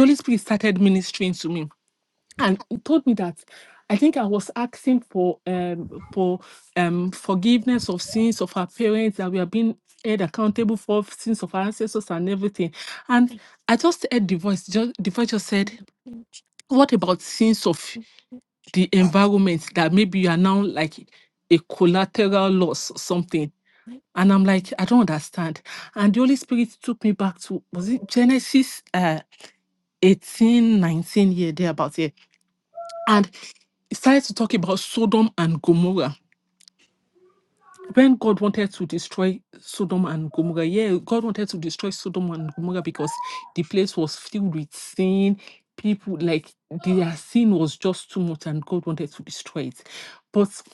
[SPEAKER 5] Holy Spirit started ministering to me. and he told me that I think I was asking for um for um forgiveness of sins of our parents that we have been held accountable for sins of our ancestors and everything. And I just heard the voice, just the voice just said,
[SPEAKER 2] Thank
[SPEAKER 5] What about sins of the environment that maybe you are now like a collateral loss or something? And
[SPEAKER 2] you,
[SPEAKER 5] I'm like, I don't understand. And the Holy Spirit took me back to was it Genesis uh 18, 19 here, there about here. And started to talk about Sodom and Gomorrah. When God wanted to destroy Sodom and Gomorrah, yeah, God wanted to destroy Sodom and Gomorrah because the place was filled with sin. People like their sin was just too much, and God wanted to destroy it. But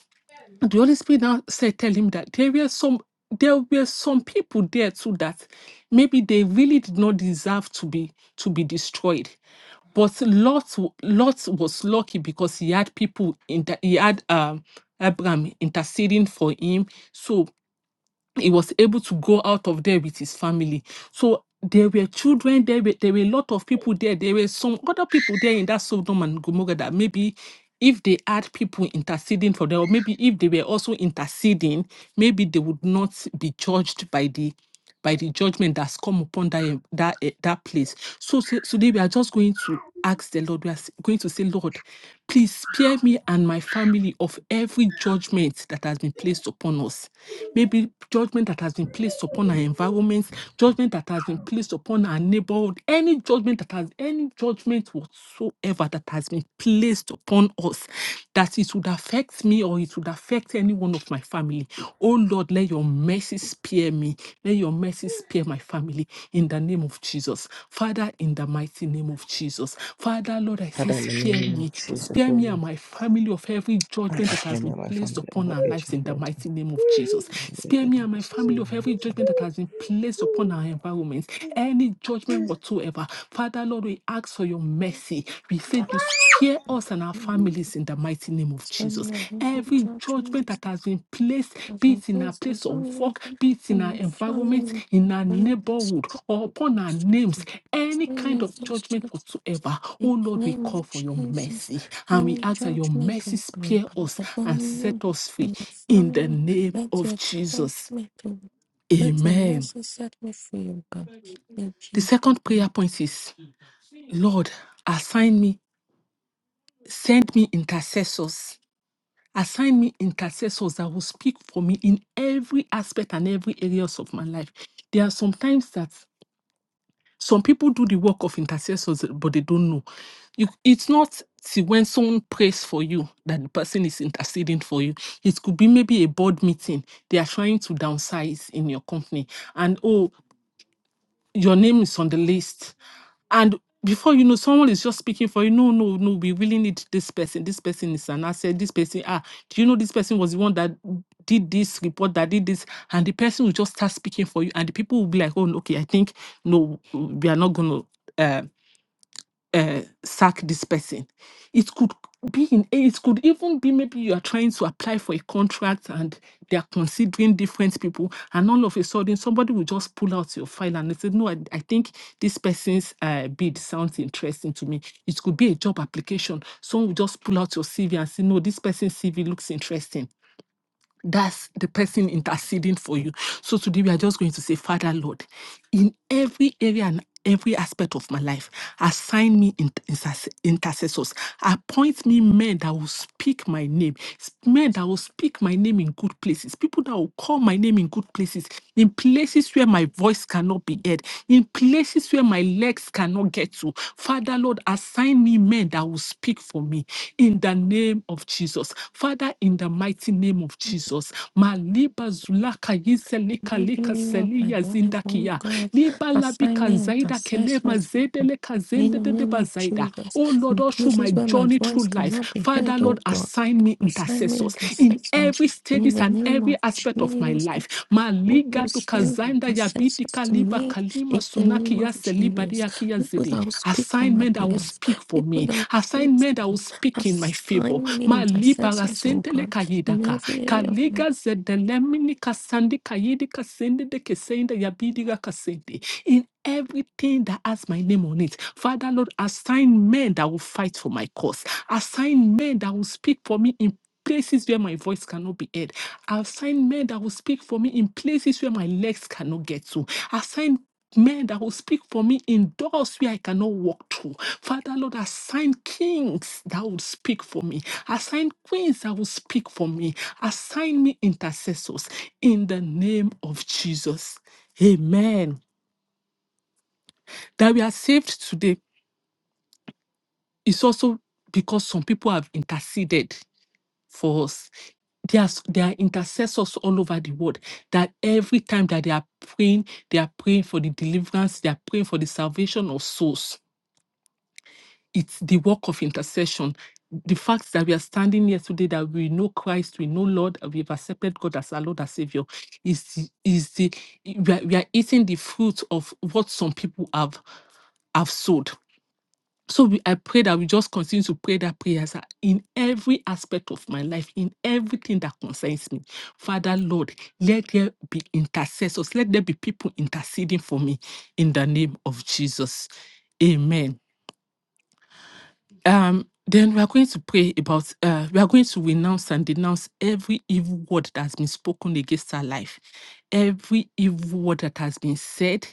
[SPEAKER 5] the Holy Spirit now said, tell him that there were some there were some people there too that maybe they really did not deserve to be to be destroyed. But Lot, w- Lot was lucky because he had people in the, he had um Abraham interceding for him. So he was able to go out of there with his family. So there were children, there were, there were a lot of people there. There were some other people there in that Sodom and Gomorrah that maybe if they had people interceding for them, or maybe if they were also interceding, maybe they would not be judged by the by the judgment that's come upon that eh, that eh, that place. So so today we are just going to ask the Lord. We are going to say, Lord, please spare me and my family of every judgment that has been placed upon us. Maybe judgment that has been placed upon our environments, judgment that has been placed upon our neighborhood, any judgment that has any judgment whatsoever that has been placed upon us that that it would affect me or it would affect any one of my family. Oh Lord, let your mercy spare me. Let your mercy spare my family in the name of Jesus. Father, in the mighty name of Jesus. Father, Lord, I say,
[SPEAKER 1] Father, in the
[SPEAKER 5] spare
[SPEAKER 1] name of
[SPEAKER 5] me. Spare me
[SPEAKER 1] Jesus,
[SPEAKER 5] and my family of every
[SPEAKER 1] Lord,
[SPEAKER 5] judgment
[SPEAKER 1] I
[SPEAKER 5] that
[SPEAKER 1] hear
[SPEAKER 5] has
[SPEAKER 1] my
[SPEAKER 5] been
[SPEAKER 1] life,
[SPEAKER 5] placed
[SPEAKER 1] family,
[SPEAKER 5] upon
[SPEAKER 1] over
[SPEAKER 5] our
[SPEAKER 1] each
[SPEAKER 5] lives
[SPEAKER 1] head,
[SPEAKER 5] in the
[SPEAKER 1] Lord, and
[SPEAKER 5] mighty name of Jesus.
[SPEAKER 1] my way,
[SPEAKER 5] Spare
[SPEAKER 1] and
[SPEAKER 5] me and
[SPEAKER 1] every
[SPEAKER 5] my
[SPEAKER 1] second
[SPEAKER 5] family
[SPEAKER 1] my
[SPEAKER 5] of
[SPEAKER 1] life,
[SPEAKER 5] every
[SPEAKER 1] Lord.
[SPEAKER 5] judgment that has been placed upon our environment. Any judgment whatsoever. Father, Lord, we ask for your mercy. We say you spare us and our
[SPEAKER 2] Lord.
[SPEAKER 5] families in the mighty name of
[SPEAKER 2] Spend
[SPEAKER 5] Jesus.
[SPEAKER 2] your holy
[SPEAKER 5] Every judgment
[SPEAKER 2] judgment
[SPEAKER 5] that has been placed,
[SPEAKER 2] of
[SPEAKER 5] be
[SPEAKER 2] my
[SPEAKER 5] it in our
[SPEAKER 2] friends, my
[SPEAKER 5] place of
[SPEAKER 2] family,
[SPEAKER 5] work, be it
[SPEAKER 2] and
[SPEAKER 5] in our
[SPEAKER 2] my
[SPEAKER 5] environment, in our
[SPEAKER 2] family.
[SPEAKER 5] neighborhood, or upon our names, any
[SPEAKER 2] Many
[SPEAKER 5] kind
[SPEAKER 2] of
[SPEAKER 5] of
[SPEAKER 2] these
[SPEAKER 5] judgment
[SPEAKER 2] judgments
[SPEAKER 5] whatsoever. Oh
[SPEAKER 2] in the
[SPEAKER 5] Lord, we
[SPEAKER 2] name of
[SPEAKER 5] call for your
[SPEAKER 2] Jesus,
[SPEAKER 5] mercy and we
[SPEAKER 2] any
[SPEAKER 5] ask that your
[SPEAKER 2] judgment
[SPEAKER 5] mercy
[SPEAKER 2] on them,
[SPEAKER 5] spare us and
[SPEAKER 2] upon you
[SPEAKER 5] set us free
[SPEAKER 2] and your
[SPEAKER 5] in the
[SPEAKER 2] family,
[SPEAKER 5] name
[SPEAKER 2] let
[SPEAKER 5] of
[SPEAKER 2] your
[SPEAKER 5] Jesus.
[SPEAKER 2] judgment, O God. let the
[SPEAKER 5] Amen.
[SPEAKER 2] mercy set me free, O God, in
[SPEAKER 5] The
[SPEAKER 2] Jesus'
[SPEAKER 5] second
[SPEAKER 2] name.
[SPEAKER 5] prayer point is Lord, assign me, send me intercessors. Assign me intercessors that will speak for me in every aspect and every areas of my life. There are some times that some people do the work of intercessors, but they don't know. You, it's not till when someone prays for you that the person is interceding for you. It could be maybe a board meeting. They are trying to downsize in your company. And oh, your name is on the list. And before you know, someone is just speaking for you. No, no, no, we really need this person. This person is an asset. This person, ah, do you know this person was the one that did this report, that did this? And the person will just start speaking for you. And the people will be like, oh, no, okay, I think, no, we are not going to. uh, uh, sack this person. It could be in it could even be maybe you are trying to apply for a contract and they are considering different people, and all of a sudden somebody will just pull out your file and they say, No, I, I think this person's uh, bid sounds interesting to me. It could be a job application. Someone will just pull out your CV and say, No, this person's CV looks interesting. That's the person interceding for you. So today we are just going to say, Father Lord, in every area and every aspect of my life, assign me in- interse- intercessors. Appoint me men that will speak my name, s- men that will speak my name in good places, people that will call my name in good places, in places where my voice cannot be heard, in places where my legs cannot get to. Father Lord, assign me men that will speak for me In in the name of Jesus. Father, in the mighty name of Jesus. Maliba zulaka yiselika
[SPEAKER 2] Every
[SPEAKER 5] lika
[SPEAKER 2] area of my
[SPEAKER 5] seliya
[SPEAKER 2] life, oh
[SPEAKER 5] zindakia.
[SPEAKER 2] God,
[SPEAKER 5] Liba labika
[SPEAKER 2] assignment,
[SPEAKER 5] zaida kelema
[SPEAKER 2] intercessions, God,
[SPEAKER 5] zedeleka
[SPEAKER 2] in the name
[SPEAKER 5] zendedeba
[SPEAKER 2] of
[SPEAKER 5] zaida.
[SPEAKER 2] Jesus,
[SPEAKER 5] Oh Lord,
[SPEAKER 2] in
[SPEAKER 5] all through
[SPEAKER 2] places
[SPEAKER 5] my
[SPEAKER 2] where my
[SPEAKER 5] journey
[SPEAKER 2] voice
[SPEAKER 5] through life,
[SPEAKER 2] cannot be heard,
[SPEAKER 5] Father
[SPEAKER 2] oh
[SPEAKER 5] Lord,
[SPEAKER 2] God,
[SPEAKER 5] assign me
[SPEAKER 2] assign me
[SPEAKER 5] intercessors in
[SPEAKER 2] intercessions,
[SPEAKER 5] every
[SPEAKER 2] in
[SPEAKER 5] stages
[SPEAKER 2] the
[SPEAKER 5] and
[SPEAKER 2] name
[SPEAKER 5] every
[SPEAKER 2] of
[SPEAKER 5] aspect of my
[SPEAKER 2] Jesus.
[SPEAKER 5] life.
[SPEAKER 2] People
[SPEAKER 5] Maliga to
[SPEAKER 2] send
[SPEAKER 5] kazanda ya biti
[SPEAKER 2] intercessors to
[SPEAKER 5] kaliba
[SPEAKER 2] me
[SPEAKER 5] kalima
[SPEAKER 2] in the name
[SPEAKER 5] sunaki ya
[SPEAKER 2] of
[SPEAKER 5] seliba
[SPEAKER 2] Jesus.
[SPEAKER 5] ya kia
[SPEAKER 2] People
[SPEAKER 5] zidi
[SPEAKER 2] that will speak on my
[SPEAKER 5] assignment that will
[SPEAKER 2] behalf.
[SPEAKER 5] speak for
[SPEAKER 2] People
[SPEAKER 5] me,
[SPEAKER 2] that will pray,
[SPEAKER 5] assignment that will speak in my favor.
[SPEAKER 2] assign me
[SPEAKER 5] Ma libara
[SPEAKER 2] intercessors, oh
[SPEAKER 5] sentele
[SPEAKER 2] God, in
[SPEAKER 5] kayidaka,
[SPEAKER 2] every area of my
[SPEAKER 5] kaliga zedelemini kasandi kayidi kasende de kesende yabidira kasende. In everything that has my name on it, Father Lord, assign men that will fight for my cause, assign men that will speak for me in places where my voice cannot be heard. Assign men that will speak for me in places where my legs cannot get to. Assign men that will speak for me in doors where I cannot walk through. Father, Lord, assign kings that will speak for me. Assign queens that will speak for me. Assign me intercessors in the name of Jesus. Amen. That we are saved today is also because some people have interceded for us. There are, s- there are intercessors all over the world that every time that they are praying, they are praying for the deliverance, they are praying for the salvation of souls it's the work of intercession. The fact that we are standing here today, that we know Christ, we know Lord, and we've accepted God as our Lord and Savior, is the, is the we are, we are eating the fruit of what some people have have sowed. So we, I pray that we just continue to pray that prayers in every aspect of my life, in everything that concerns me. Father Lord, let there be intercessors. Let there be people interceding for me in the name of Jesus. Amen um, then we are going to pray about, uh, we are going to renounce and denounce every evil word that has been spoken against our life, every evil word that has been said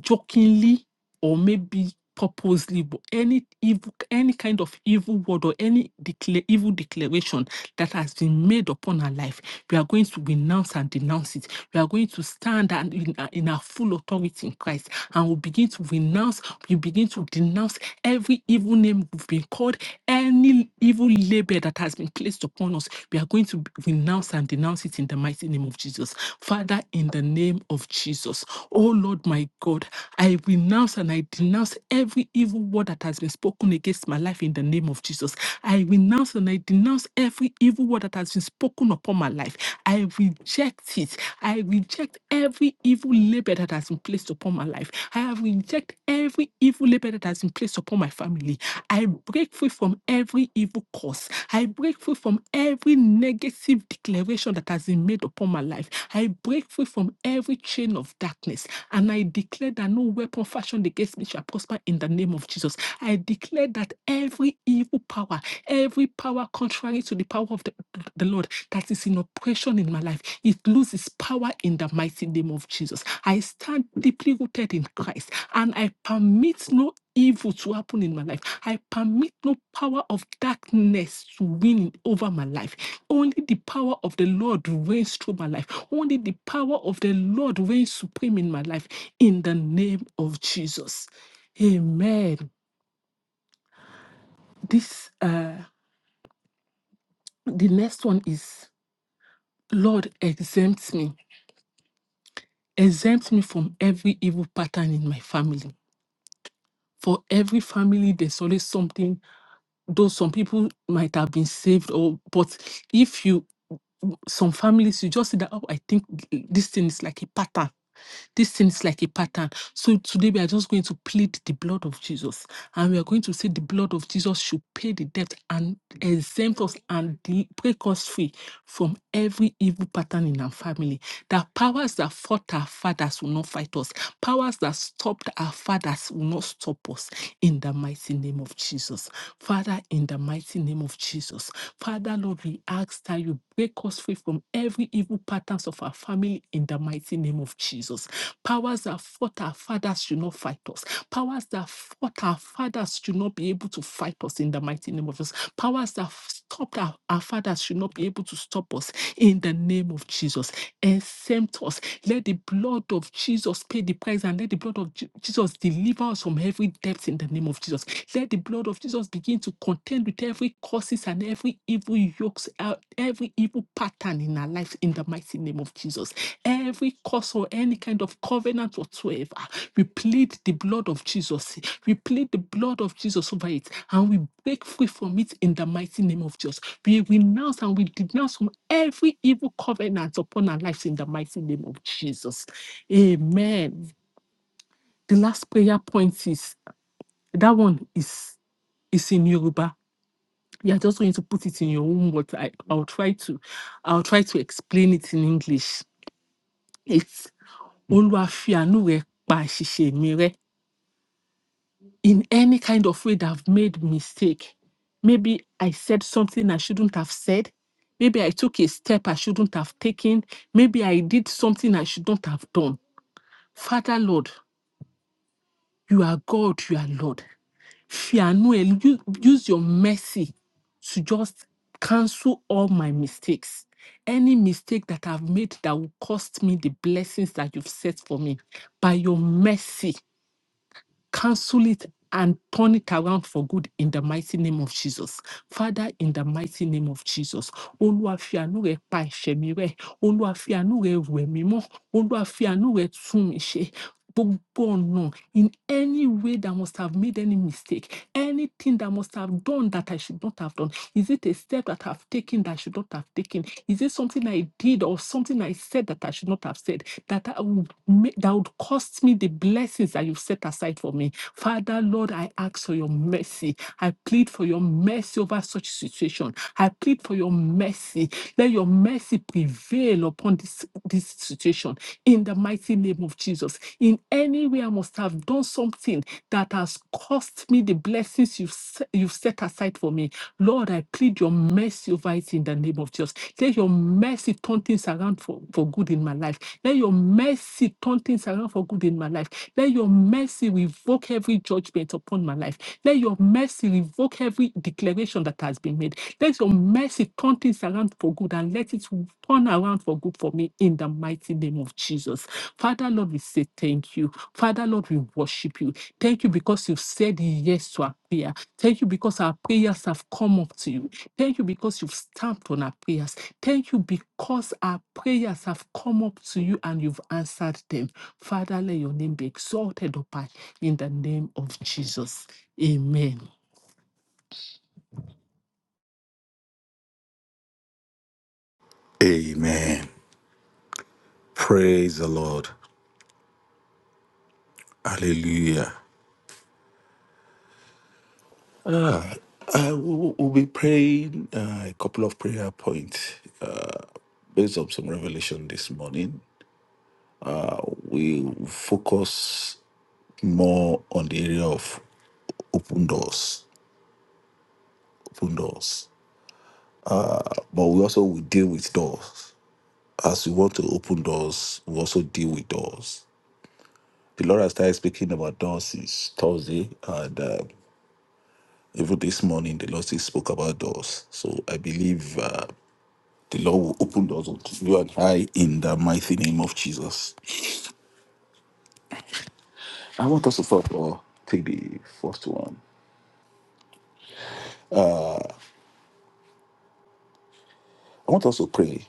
[SPEAKER 5] jokingly or maybe purposely, but any evil, any kind of evil word or any decla- evil declaration that has been made upon our life, we are going to renounce and denounce it we are going to stand and in, our- in our full authority in Christ and we begin to renounce, we begin to denounce every evil name we've been called, any evil label that has been placed upon us. We are going to renounce and denounce it in the mighty name of Jesus. Father, in the name of Jesus, oh Lord my God, I renounce and I denounce every evil word that has been spoken against my life in the name of Jesus. I renounce and I denounce every evil word that has been spoken upon my life. I reject it. I reject every evil labor that has been placed upon my life. I have rejected every evil labor that has been placed upon my family. I break free from every evil curse. I break free from every negative declaration that has been made upon my life. I break free from every chain of darkness. And I declare that no weapon fashioned against me shall prosper in the name of Jesus. I declare that every evil power, every power contrary to the power of the, the Lord, that is in oppression in my life, it loses power in the mighty name of Jesus. I stand deeply rooted in Christ and I permit no evil to happen in my life. I permit no power of darkness to win over my life. Only the power of the Lord reigns through my life. Only the power of the Lord reigns supreme in my life in the name of Jesus. Amen. This uh the next one is Lord exempt me exempt me from every evil pattern in my family. For every family, there's always something though some people might have been saved or but if you some families you just see that oh i think th- this thing is like a pattern this thing is like a pattern so today we are just going to plead the blood of jesus and we are going to say the blood of jesus should pay the debt and exempt us and del- break us free from every evil pattern in our family that powers that fought our fathers will not fight us powers that stopped our fathers will not stop us in the mighty name of jesus Father, in the mighty name of Jesus, Father, Lord, we ask that you break us free from every evil patterns of our family in the mighty name of Jesus. Powers that fought our fathers should not fight us. Powers that fought our fathers should not be able to fight us in the mighty name of Jesus. Powers that stopped our, our fathers should not be able to stop us in the name of Jesus and tempt us. Let the blood of Jesus pay the price and let the blood of Je- Jesus deliver us from every debt in the name of Jesus. Let the blood of Jesus begin to contend with every curses and every evil yokes, uh, every evil pattern in our lives in the mighty name of Jesus. Every curse or any kind of covenant whatsoever, we plead the blood of Jesus. We plead the blood of Jesus over it and we break free from it in the mighty name of Jesus. We renounce and we denounce from every evil covenant upon our lives in the mighty name of Jesus. Amen. The last prayer point is that one is is in Yoruba. You are just going to put it in your own words. I, I'll try to I'll try to explain it in English. It's. Olúwa fi àánú rẹ pa àṣìṣe mi rẹ́. In any kind of way that I've made mistake, maybe I said something I shouldn't have said, maybe I took a step I shouldn't have taken, maybe I did something I shouldn't have done. Father Lord, you are God, you are Lord. Fi àánú ẹ u- use your mercy to just cancel all my mistakes. Any mistake that I've made that will cost me the blessings that you've set for me, by your mercy, cancel it and turn it around for good in the mighty name of Jesus. Father, in the mighty name of Jesus. Olúwa fi àánú rẹ̀ pa ẹ̀ṣẹ̀ mi rẹ́. Olúwa fi àánú rẹ̀ wẹ̀ mí mọ́. Olúwa fi àánú rẹ̀ tún mi ṣe gbogbo ọ̀nà in any way that must have made any mistake anything that must have done that I should not have done is it a step that I've taken that I should not have taken is it something I did or something I said that I should not have said that I would make, that would cost me the blessings that you've set aside for me Father Lord I ask for your mercy I plead for your mercy over such situation I plead for your mercy let your mercy prevail upon this this situation in the mighty name of Jesus. In any way I must have done something that has cost me the blessings you've, se- you've set aside for me. Lord, I plead your mercy over it in the name of Jesus. Let your mercy turn things around for, for good in my life. Let your mercy turn things around for good in my life. Let your mercy revoke every judgment upon my life. Let your mercy revoke every declaration that has been made. Let your mercy turn things around for good and let it turn around for good for me in the mighty name of Jesus. Father, Lord, we say thank you. Father, Lord, we worship you. Thank you because you've said yes to our prayer. Thank you because our prayers have come up to you. Thank you because you've stamped on our prayers. Thank you because our prayers have come up to you and you've answered them. Father, let your name be exalted up high in the name of Jesus. Amen.
[SPEAKER 4] Amen. Praise the Lord. Hallelujah. Ah, I will, will be praying uh, a couple of prayer points uh, based on some revelation this morning. Uh, We will focus more on the area of open doors, open doors. But we also will deal with doors. As we want to open doors, we also deal with doors. The Lord has started speaking about doors since Thursday, and uh, even this morning, the Lord still spoke about doors. So I believe. Uh, The Lord will open doors unto you and I in the mighty name of Jesus. I want us to first of all take the first one. I want us to pray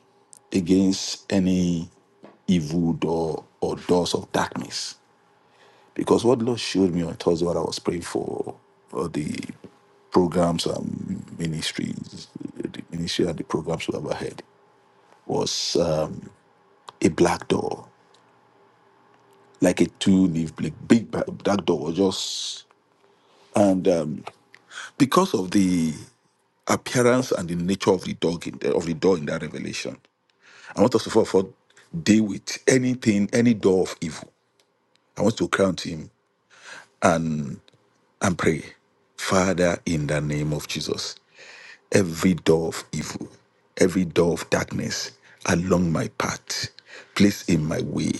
[SPEAKER 4] against any evil door or doors of darkness. Because what the Lord showed me on Thursday what I was praying for uh, the programs and ministries, the ministry and the programs we have ahead was um, a black door, like a two-leaf big, big black black door, just and um, because of the appearance and the nature of the dog in the, of the door in that revelation. I want us to fall for deal with anything, any door of evil. I want to crown him and pray. Father, in the name of Jesus, every door of evil, every door of darkness along my path, place in my way,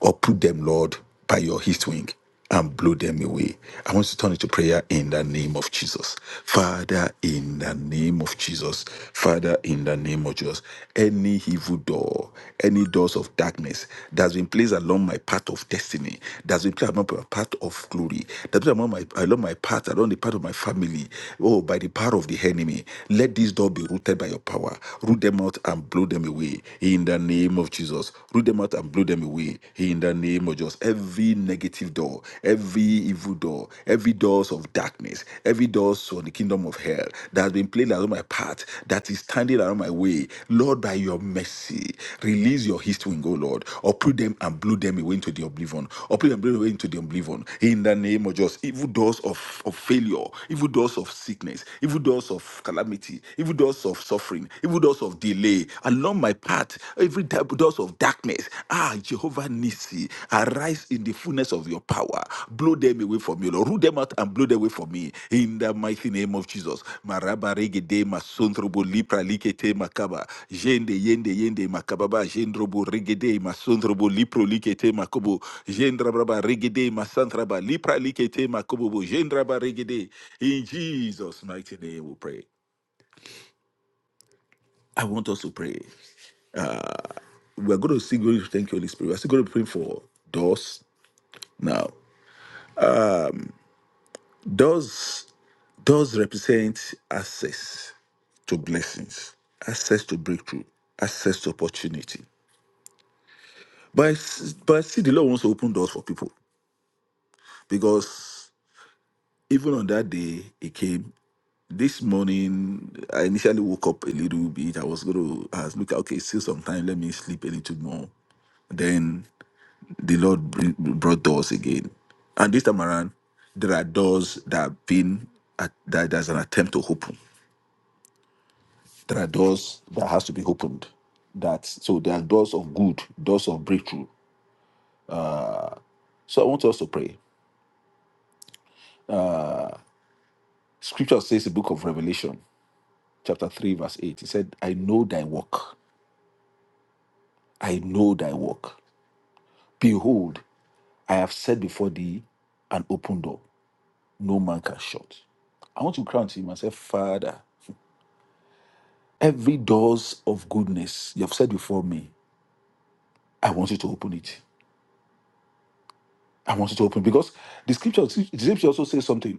[SPEAKER 4] or put them, Lord, by your heat wing and blow them away. I want to turn into prayer in the name of Jesus. Father, in the name of Jesus. Father, in the name of Jesus. Any evil door, any doors of darkness that's been placed along my path of destiny, that's been placed along my path of glory, that's been along my, along my path, along the path of my family, oh, by the power of the enemy. Let this door be rooted by your power. Root them out and blow them away in the name of Jesus. Root them out and blow them away in the name of Jesus. Every negative door, every evil door, every doors of darkness, every door doors for the kingdom of hell that has been played around my path, that is standing around my way. Lord, by your mercy, release your east wind, O Lord, uproot them and blow them away into the oblivion, uproot them blew away into the oblivion. In the name of Jesus, evil doors of, of failure, evil doors of sickness, evil doors of calamity, evil doors of suffering, evil doors of delay, along my path, every type- doors of darkness. Ah, your Jehovah Nissi, arise in the fullness of your power. Blow them away from me, Lord. Root them out and blow them away from me. In the mighty name of Jesus. Maraba regede masondrobo lipra likete makaba. Jende yende yende makababa. Jendrobo regede masondrobo lipro likete makobo. Jendrabraba regede masantraba lipra likete makobobo. Jendraba regede. In Jesus' mighty name we pray. I want us to pray. We're going to sing, thank you, Holy Spirit. We're still going to pray for doors now. Does does represent access to blessings, access to breakthrough, access to opportunity. But I s- but I see the Lord wants to open doors for people because even on that day it came. This morning I initially woke up a little bit. I was going to ask, look, okay, still some time. Let me sleep a little more. Then the Lord bring, brought doors again, and this time around there are doors that have been at, that there's an attempt to open. There are doors that has to be opened. That so there are doors of good, doors of breakthrough. So I want us to pray. Scripture says the book of Revelation, chapter 3, verse 8. It said, I know thy work. I know thy work. Behold, I have set before thee an open door, no man can shut. I want to cry unto him and say, Father, every doors of goodness you have said before me, I want you to open it. I want you to open because the scripture, the scripture also says something.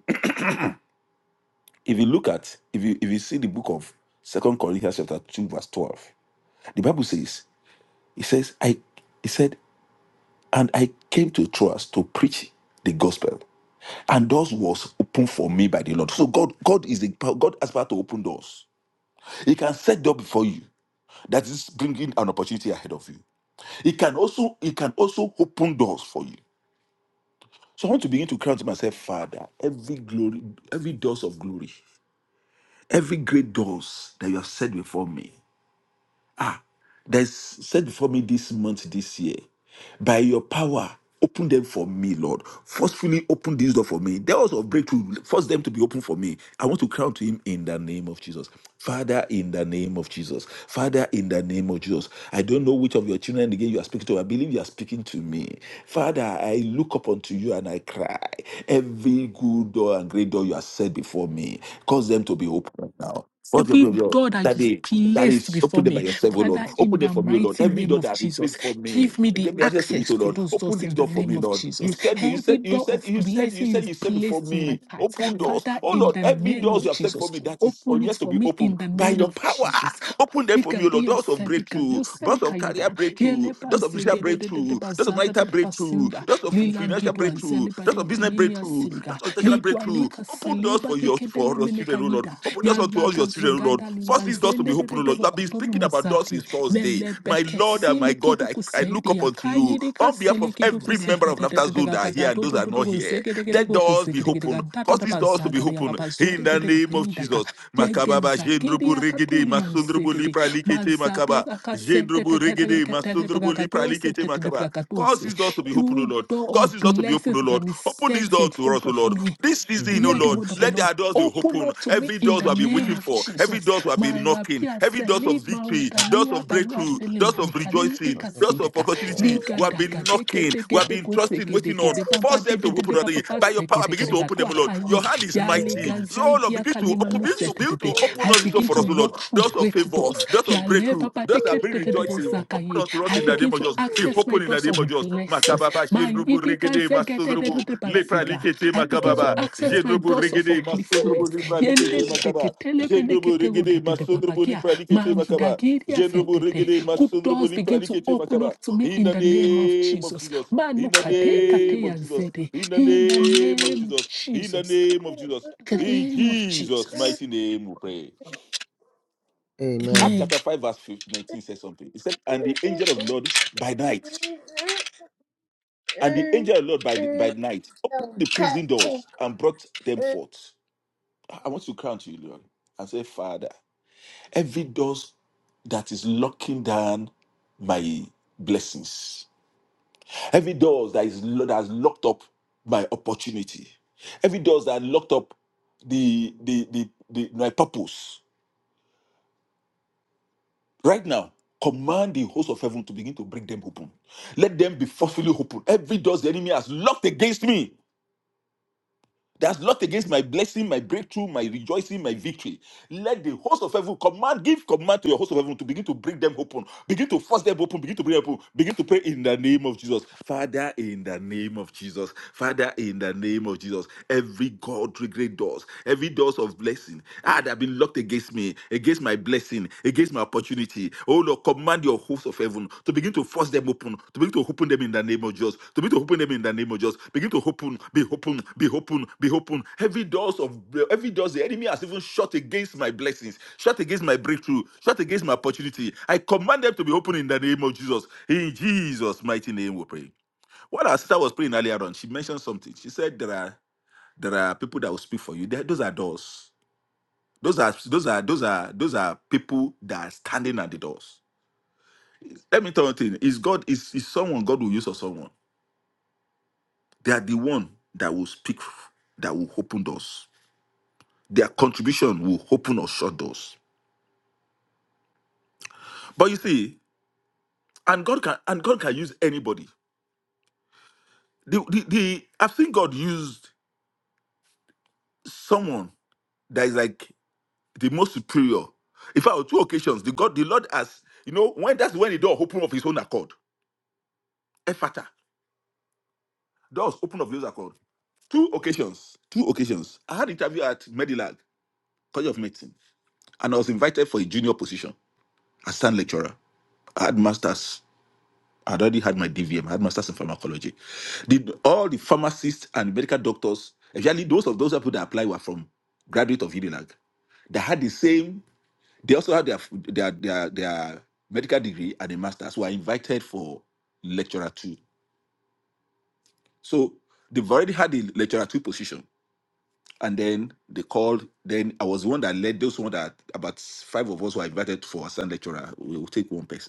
[SPEAKER 4] If you look at, if you if you see the book of Second Corinthians chapter two verse twelve, the Bible says, "It says I," he said, "and I came to Troas to preach the gospel, and doors was opened for me by the Lord." So God, God is the God has power to open doors. He can set door before you. That is bringing an opportunity ahead of you. He can also, he can also open doors for you. So I want to begin to cry to myself, Father, every glory, every doors of glory, every great doors that you have set before me. that's set before me this month, this year. By your power, open them for me, Lord. Forcefully open this door for me. Doors of breakthrough, force them to be open for me. I want to crown to him in the name of Jesus. Father, in the name of Jesus. Father, in the name of Jesus. I don't know which of your children again you are speaking to. I believe you are speaking to me. Father, I look up unto you and I cry. Every good door and great door you have set before me, cause them to be open right now. Cause them
[SPEAKER 5] Every
[SPEAKER 4] to be
[SPEAKER 5] door that is
[SPEAKER 4] open. That
[SPEAKER 5] placed
[SPEAKER 4] is, open
[SPEAKER 5] before
[SPEAKER 4] them by
[SPEAKER 5] me,
[SPEAKER 4] yourself, oh Lord.
[SPEAKER 5] Father, in
[SPEAKER 4] Open them
[SPEAKER 5] the
[SPEAKER 4] for me, oh Lord.
[SPEAKER 5] mighty
[SPEAKER 4] Every
[SPEAKER 5] name
[SPEAKER 4] door that
[SPEAKER 5] of
[SPEAKER 4] has been
[SPEAKER 5] Jesus,
[SPEAKER 4] placed for me,
[SPEAKER 5] give me the
[SPEAKER 4] give me access to it,
[SPEAKER 5] access
[SPEAKER 4] oh
[SPEAKER 5] to
[SPEAKER 4] Lord.
[SPEAKER 5] those
[SPEAKER 4] Open
[SPEAKER 5] doors
[SPEAKER 4] this
[SPEAKER 5] in the
[SPEAKER 4] door for
[SPEAKER 5] name
[SPEAKER 4] me,
[SPEAKER 5] of
[SPEAKER 4] Lord. You
[SPEAKER 5] Jesus.
[SPEAKER 4] said, you
[SPEAKER 5] Every
[SPEAKER 4] said, you
[SPEAKER 5] door
[SPEAKER 4] said,
[SPEAKER 5] of
[SPEAKER 4] you said, you
[SPEAKER 5] blessing
[SPEAKER 4] said,
[SPEAKER 5] is
[SPEAKER 4] you said before
[SPEAKER 5] placed in
[SPEAKER 4] me.
[SPEAKER 5] my path,
[SPEAKER 4] Open doors,
[SPEAKER 5] Father,
[SPEAKER 4] oh
[SPEAKER 5] in
[SPEAKER 4] Lord.
[SPEAKER 5] the
[SPEAKER 4] Every
[SPEAKER 5] name
[SPEAKER 4] doors
[SPEAKER 5] of
[SPEAKER 4] you have said for
[SPEAKER 5] Jesus,
[SPEAKER 4] me that is or
[SPEAKER 5] open it
[SPEAKER 4] yet to
[SPEAKER 5] for
[SPEAKER 4] be
[SPEAKER 5] me in
[SPEAKER 4] opened
[SPEAKER 5] the
[SPEAKER 4] by
[SPEAKER 5] name
[SPEAKER 4] your
[SPEAKER 5] of
[SPEAKER 4] power.
[SPEAKER 5] Jesus.
[SPEAKER 4] Open them for me,
[SPEAKER 5] Bika
[SPEAKER 4] oh Lord.
[SPEAKER 5] dia
[SPEAKER 4] Doors of
[SPEAKER 5] senika,
[SPEAKER 4] breakthrough,
[SPEAKER 5] yo
[SPEAKER 4] doors
[SPEAKER 5] senika
[SPEAKER 4] of career
[SPEAKER 5] ida.
[SPEAKER 4] breakthrough,
[SPEAKER 5] Yele ba
[SPEAKER 4] doors of ministerial
[SPEAKER 5] de de de de
[SPEAKER 4] breakthrough,
[SPEAKER 5] ba
[SPEAKER 4] doors of
[SPEAKER 5] de
[SPEAKER 4] marital
[SPEAKER 5] de ba
[SPEAKER 4] breakthrough, doors of
[SPEAKER 5] Lila
[SPEAKER 4] financial
[SPEAKER 5] gidwa
[SPEAKER 4] breakthrough,
[SPEAKER 5] zeli ba
[SPEAKER 4] doors
[SPEAKER 5] diwa
[SPEAKER 4] of business
[SPEAKER 5] ya
[SPEAKER 4] breakthrough,
[SPEAKER 5] siliga.
[SPEAKER 4] doors of educational
[SPEAKER 5] Ligwa
[SPEAKER 4] breakthrough.
[SPEAKER 5] lika
[SPEAKER 4] Open doors
[SPEAKER 5] seliba
[SPEAKER 4] for your
[SPEAKER 5] deke
[SPEAKER 4] for
[SPEAKER 5] dele
[SPEAKER 4] your
[SPEAKER 5] mene
[SPEAKER 4] children, oh Lord.
[SPEAKER 5] kanyida.
[SPEAKER 4] Open doors unto all
[SPEAKER 5] Yalaga
[SPEAKER 4] your children, oh
[SPEAKER 5] zugada
[SPEAKER 4] Lord cause these doors to be
[SPEAKER 5] libazende de
[SPEAKER 4] open,
[SPEAKER 5] de
[SPEAKER 4] O
[SPEAKER 5] de
[SPEAKER 4] Lord. You have been
[SPEAKER 5] kotono
[SPEAKER 4] speaking about doors
[SPEAKER 5] muzati.
[SPEAKER 4] since Thursday.
[SPEAKER 5] Lele
[SPEAKER 4] My
[SPEAKER 5] beke
[SPEAKER 4] Lord and my
[SPEAKER 5] sili
[SPEAKER 4] God,
[SPEAKER 5] kidu
[SPEAKER 4] I, I look
[SPEAKER 5] kuseidi
[SPEAKER 4] up
[SPEAKER 5] ya
[SPEAKER 4] unto you
[SPEAKER 5] kayiri ka
[SPEAKER 4] on behalf
[SPEAKER 5] sili
[SPEAKER 4] of
[SPEAKER 5] kidu
[SPEAKER 4] every member
[SPEAKER 5] kuseke
[SPEAKER 4] of
[SPEAKER 5] de de
[SPEAKER 4] Laughter
[SPEAKER 5] de de
[SPEAKER 4] Zone that are here
[SPEAKER 5] gagada
[SPEAKER 4] and
[SPEAKER 5] do
[SPEAKER 4] those
[SPEAKER 5] do
[SPEAKER 4] that are
[SPEAKER 5] do do
[SPEAKER 4] not here.
[SPEAKER 5] kuzeke de de de
[SPEAKER 4] Let doors be
[SPEAKER 5] kuzeke de de
[SPEAKER 4] open.
[SPEAKER 5] gagada da
[SPEAKER 4] Cause these doors to be
[SPEAKER 5] bazaga de ya
[SPEAKER 4] open
[SPEAKER 5] babazo
[SPEAKER 4] in
[SPEAKER 5] de de
[SPEAKER 4] the
[SPEAKER 5] de
[SPEAKER 4] name of
[SPEAKER 5] kayida ka.
[SPEAKER 4] Jesus. Makababa,
[SPEAKER 5] Yegeza kiri
[SPEAKER 4] Jendrubu
[SPEAKER 5] ya
[SPEAKER 4] Regede,
[SPEAKER 5] katuni
[SPEAKER 4] Masundrubu
[SPEAKER 5] manzete de.
[SPEAKER 4] Lipra Likete
[SPEAKER 5] Mazabi
[SPEAKER 4] Makaba.
[SPEAKER 5] akasente de
[SPEAKER 4] Jendrubu
[SPEAKER 5] de de
[SPEAKER 4] Regede,
[SPEAKER 5] ketele
[SPEAKER 4] Masundrubu Lipra
[SPEAKER 5] bagadose
[SPEAKER 4] Likete
[SPEAKER 5] de de de
[SPEAKER 4] Makaba. Cause
[SPEAKER 5] bagadose.
[SPEAKER 4] these doors to be open, O
[SPEAKER 5] You
[SPEAKER 4] Lord.
[SPEAKER 5] door
[SPEAKER 4] Cause
[SPEAKER 5] of
[SPEAKER 4] these doors to be open,
[SPEAKER 5] blessings
[SPEAKER 4] O
[SPEAKER 5] that
[SPEAKER 4] Lord.
[SPEAKER 5] I'm
[SPEAKER 4] Open these
[SPEAKER 5] set
[SPEAKER 4] doors
[SPEAKER 5] in
[SPEAKER 4] to
[SPEAKER 5] front
[SPEAKER 4] us, O
[SPEAKER 5] of
[SPEAKER 4] Lord.
[SPEAKER 5] me.
[SPEAKER 4] This
[SPEAKER 1] In
[SPEAKER 4] season,
[SPEAKER 1] the
[SPEAKER 4] O
[SPEAKER 5] Hear the
[SPEAKER 1] name
[SPEAKER 4] Lord,
[SPEAKER 1] of
[SPEAKER 5] word of the
[SPEAKER 1] Jesus,
[SPEAKER 4] let
[SPEAKER 5] Lord.
[SPEAKER 4] their doors be
[SPEAKER 5] Open
[SPEAKER 4] open.
[SPEAKER 5] up to me
[SPEAKER 4] Every
[SPEAKER 5] in
[SPEAKER 4] doors
[SPEAKER 5] the
[SPEAKER 4] we have been
[SPEAKER 5] name
[SPEAKER 4] waiting
[SPEAKER 5] of
[SPEAKER 4] for, every
[SPEAKER 5] Jesus.
[SPEAKER 4] doors we have been knocking,
[SPEAKER 5] Marabia
[SPEAKER 4] every doors of
[SPEAKER 5] seli
[SPEAKER 4] victory, doors
[SPEAKER 5] marutalia
[SPEAKER 4] of
[SPEAKER 5] balua
[SPEAKER 4] breakthrough, doors of
[SPEAKER 5] telemani kali di
[SPEAKER 4] rejoicing,
[SPEAKER 1] also,
[SPEAKER 4] doors of
[SPEAKER 5] kasidega
[SPEAKER 4] opportunity,
[SPEAKER 1] girls,
[SPEAKER 5] liga
[SPEAKER 4] we
[SPEAKER 1] and
[SPEAKER 4] have been
[SPEAKER 5] daga deke
[SPEAKER 4] knocking, we
[SPEAKER 5] deke
[SPEAKER 4] have been
[SPEAKER 5] deko
[SPEAKER 4] trusting,
[SPEAKER 5] seke
[SPEAKER 4] waiting
[SPEAKER 5] deke
[SPEAKER 4] on.
[SPEAKER 5] de bamba
[SPEAKER 4] Force
[SPEAKER 5] de
[SPEAKER 4] them to
[SPEAKER 5] de de
[SPEAKER 4] open
[SPEAKER 5] de
[SPEAKER 4] another
[SPEAKER 5] baba
[SPEAKER 4] day.
[SPEAKER 5] ba
[SPEAKER 4] By your
[SPEAKER 5] seke
[SPEAKER 4] power,
[SPEAKER 5] deke
[SPEAKER 4] begin to
[SPEAKER 5] deka
[SPEAKER 4] open them, O
[SPEAKER 5] tua
[SPEAKER 4] Lord. Your
[SPEAKER 5] kai
[SPEAKER 4] hand is
[SPEAKER 1] in
[SPEAKER 5] ya
[SPEAKER 1] the
[SPEAKER 4] mighty.
[SPEAKER 1] name
[SPEAKER 5] liga
[SPEAKER 1] of Jesus,
[SPEAKER 4] Lord,
[SPEAKER 5] zaidi
[SPEAKER 4] Lord,
[SPEAKER 5] ya
[SPEAKER 4] begin to
[SPEAKER 5] kalima
[SPEAKER 4] open,
[SPEAKER 1] I have
[SPEAKER 4] begin to,
[SPEAKER 1] said,
[SPEAKER 5] musete
[SPEAKER 4] begin
[SPEAKER 5] de
[SPEAKER 4] to
[SPEAKER 5] de.
[SPEAKER 1] Lord,
[SPEAKER 4] open
[SPEAKER 5] I
[SPEAKER 4] us door
[SPEAKER 5] begin
[SPEAKER 4] for
[SPEAKER 5] to
[SPEAKER 4] us,
[SPEAKER 1] Lord,
[SPEAKER 4] O Lord.
[SPEAKER 5] walk through
[SPEAKER 4] Doors of
[SPEAKER 5] great
[SPEAKER 4] favor,
[SPEAKER 5] doors.
[SPEAKER 4] doors of
[SPEAKER 5] Ya le
[SPEAKER 4] breakthrough,
[SPEAKER 5] baba
[SPEAKER 4] doors that
[SPEAKER 5] deke
[SPEAKER 4] bring
[SPEAKER 5] de de
[SPEAKER 1] bless
[SPEAKER 5] deko
[SPEAKER 1] us
[SPEAKER 4] rejoicing.
[SPEAKER 1] all for
[SPEAKER 4] Open
[SPEAKER 5] zakaye.
[SPEAKER 4] unto us
[SPEAKER 5] I
[SPEAKER 4] in the name
[SPEAKER 5] begin
[SPEAKER 4] of
[SPEAKER 5] to
[SPEAKER 4] Jesus.
[SPEAKER 1] this.
[SPEAKER 4] Be
[SPEAKER 5] access my
[SPEAKER 4] open in the
[SPEAKER 5] doors
[SPEAKER 4] name
[SPEAKER 5] of
[SPEAKER 4] of Jesus.
[SPEAKER 5] blessings.
[SPEAKER 4] Makababa,
[SPEAKER 5] My
[SPEAKER 4] Jendrubu,
[SPEAKER 5] yidika
[SPEAKER 4] Regede, Masodrubu, Lepra,
[SPEAKER 5] zegedededebasiga.
[SPEAKER 4] Likete,
[SPEAKER 5] I begin
[SPEAKER 1] In
[SPEAKER 5] to
[SPEAKER 4] Makababa,
[SPEAKER 1] the
[SPEAKER 5] access my
[SPEAKER 4] Jendrubu,
[SPEAKER 5] doors of
[SPEAKER 4] Regede, Masodrubu,
[SPEAKER 5] upliftment.
[SPEAKER 4] Lepra, Likete, Makaba. Jendrobo regede masondrobo li
[SPEAKER 5] Yendedeketelemeneketegodededebakagia.
[SPEAKER 4] pralikete
[SPEAKER 5] My
[SPEAKER 4] makaba.
[SPEAKER 5] widagiria
[SPEAKER 4] Jendrobo
[SPEAKER 5] setete.
[SPEAKER 4] regede
[SPEAKER 5] Good
[SPEAKER 4] masondrobo
[SPEAKER 5] doors
[SPEAKER 4] li
[SPEAKER 5] begin to
[SPEAKER 4] pralikete
[SPEAKER 5] open
[SPEAKER 4] makaba.
[SPEAKER 5] up to me
[SPEAKER 4] In
[SPEAKER 5] in
[SPEAKER 4] the
[SPEAKER 5] the name of
[SPEAKER 4] name of
[SPEAKER 5] Jesus.
[SPEAKER 4] Jesus. In the name of
[SPEAKER 5] Manukadekateya
[SPEAKER 4] Jesus.
[SPEAKER 5] zede.
[SPEAKER 4] In the
[SPEAKER 5] In the
[SPEAKER 4] name of
[SPEAKER 5] name of
[SPEAKER 4] Jesus. In the
[SPEAKER 5] Jesus.
[SPEAKER 4] name of Jesus.
[SPEAKER 5] The
[SPEAKER 4] In
[SPEAKER 5] name of
[SPEAKER 4] Jesus'
[SPEAKER 1] name-
[SPEAKER 5] Jesus.
[SPEAKER 4] mighty name we pray. Acts
[SPEAKER 1] Amen.
[SPEAKER 5] Amen.
[SPEAKER 4] chapter 5, verse 15, 19 says something. It said, And the angel of the Lord by night, and the angel of the Lord by, the- by night opened the prison doors and brought them forth. I I want to crown to you, Lord, and say, Father. every doors that is locking down my blessings, every doors that is lo- that has locked up my opportunity, every doors that locked up the the, the the my purpose. Right now, command the host of heaven to begin to break them open. Let them be forcefully open. Every doors the enemy has locked against me That's lot against my blessing, my breakthrough, my rejoicing, my victory. Let the host of heaven command, give command to your host of heaven to begin to break them open, begin to force them open, begin to break them open, begin to pray in the name of Jesus. Father, in the name of Jesus. Father, in the name of Jesus. Every God great doors, every doors of blessing, ah, that have been locked against me, against my blessing, against my opportunity. Oh Lord, command your hosts of heaven to begin to force them open, to begin to open them in the name of Jesus, to begin to open them in the name of Jesus, begin to open, be open, be open, be open. Every doors of every doors the enemy has even shut against my blessings, shut against my breakthrough, shut against my opportunity. I command them to be open in the name of Jesus. In Jesus' mighty name, we pray. What our sister was praying earlier on, she mentioned something. She said there are there are people that will speak for you. There- those are doors. Those are those are those are those are people that are standing at the doors let me tell you one thing. Is God is is someone God will use or someone? They are the one that will speak that will open doors. Their contribution will open or shut doors. But you see, and God can and God can use anybody. The, the, the I've seen God used someone that is like the most superior. In fact, on two occasions, the God, the Lord has, you know, when that's when the door opened of his own accord. Ephata. Doors open of his own accord. Two occasions. Two occasions. I had an interview at Medilag, College of Medicine. and I was invited for a junior position as stand lecturer. I had masters. I had already had my DVM. I had masters in pharmacology. Did all the pharmacists and medical doctors, actually those of those people that apply were from graduate of UNILAG. They had the same. They also had their their their, their medical degree and a masters. Were invited for lecturer two. So they've already had the lecturer two position. And then they called. Then I was the one that led those one that about five of us were invited for a stand lecturer. We will take one person.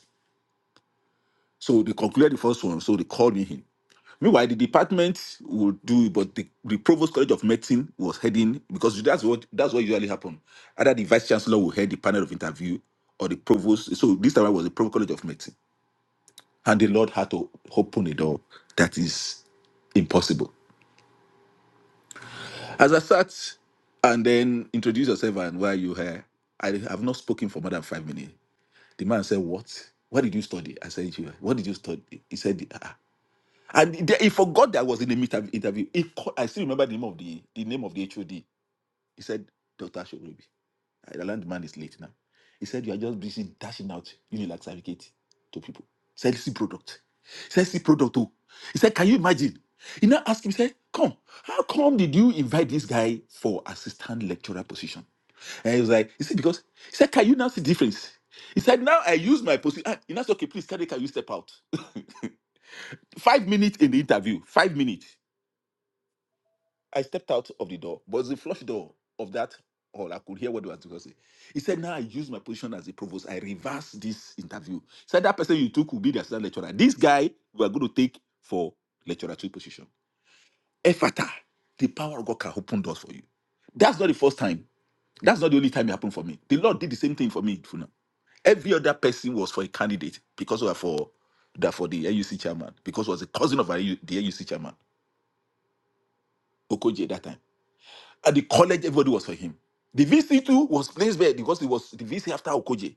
[SPEAKER 4] So they concluded the first one, so they called me in. Meanwhile, the department would do, but the, the provost college of medicine was heading because that's what that's what usually happen. Either the vice chancellor will head the panel of interview or the provost. So this time I was the provost college of medicine, and the Lord had to open a door that is impossible. As I sat and then introduced yourself and why are you here, I have not spoken for more than five minutes. The man said, "What? What did you study?" I said, "You. What did you study?" He said, "Ah." And he he forgot that I was in the meet- interview. He called, I still remember the name of the the name of the HOD. He said, Dr. I learned the man is late now. He said, You are just busy dashing out Unilag certificate to people. He said, see product. He said, see product too. He said, Can you imagine? He now asked him, he said, Come, how come did you invite this guy for assistant lecturer position? And he was like, He said, Because he said, Can you now see difference? He said, Now I use my position. He now said, Okay, please, Kade, can you step out? five minutes in the interview, five minutes. I stepped out of the door, but it's the flush door of that hall. I could hear what they were discussing. He said, Now I use my position as a provost. I reverse this interview. He said, That person you took will be the assistant lecturer. This guy we are going to take for lecturer two position. Effata, the power of God can open doors for you. That's not the first time. That's not the only time it happened for me. The Lord did the same thing for me. Funa. Every other person was for a candidate because we were for that for the AUC chairman, because it was a cousin of our the AUC chairman, Okoje, that time. At the college, everybody was for him. The VC too was placed there because it was the VC after Okoje.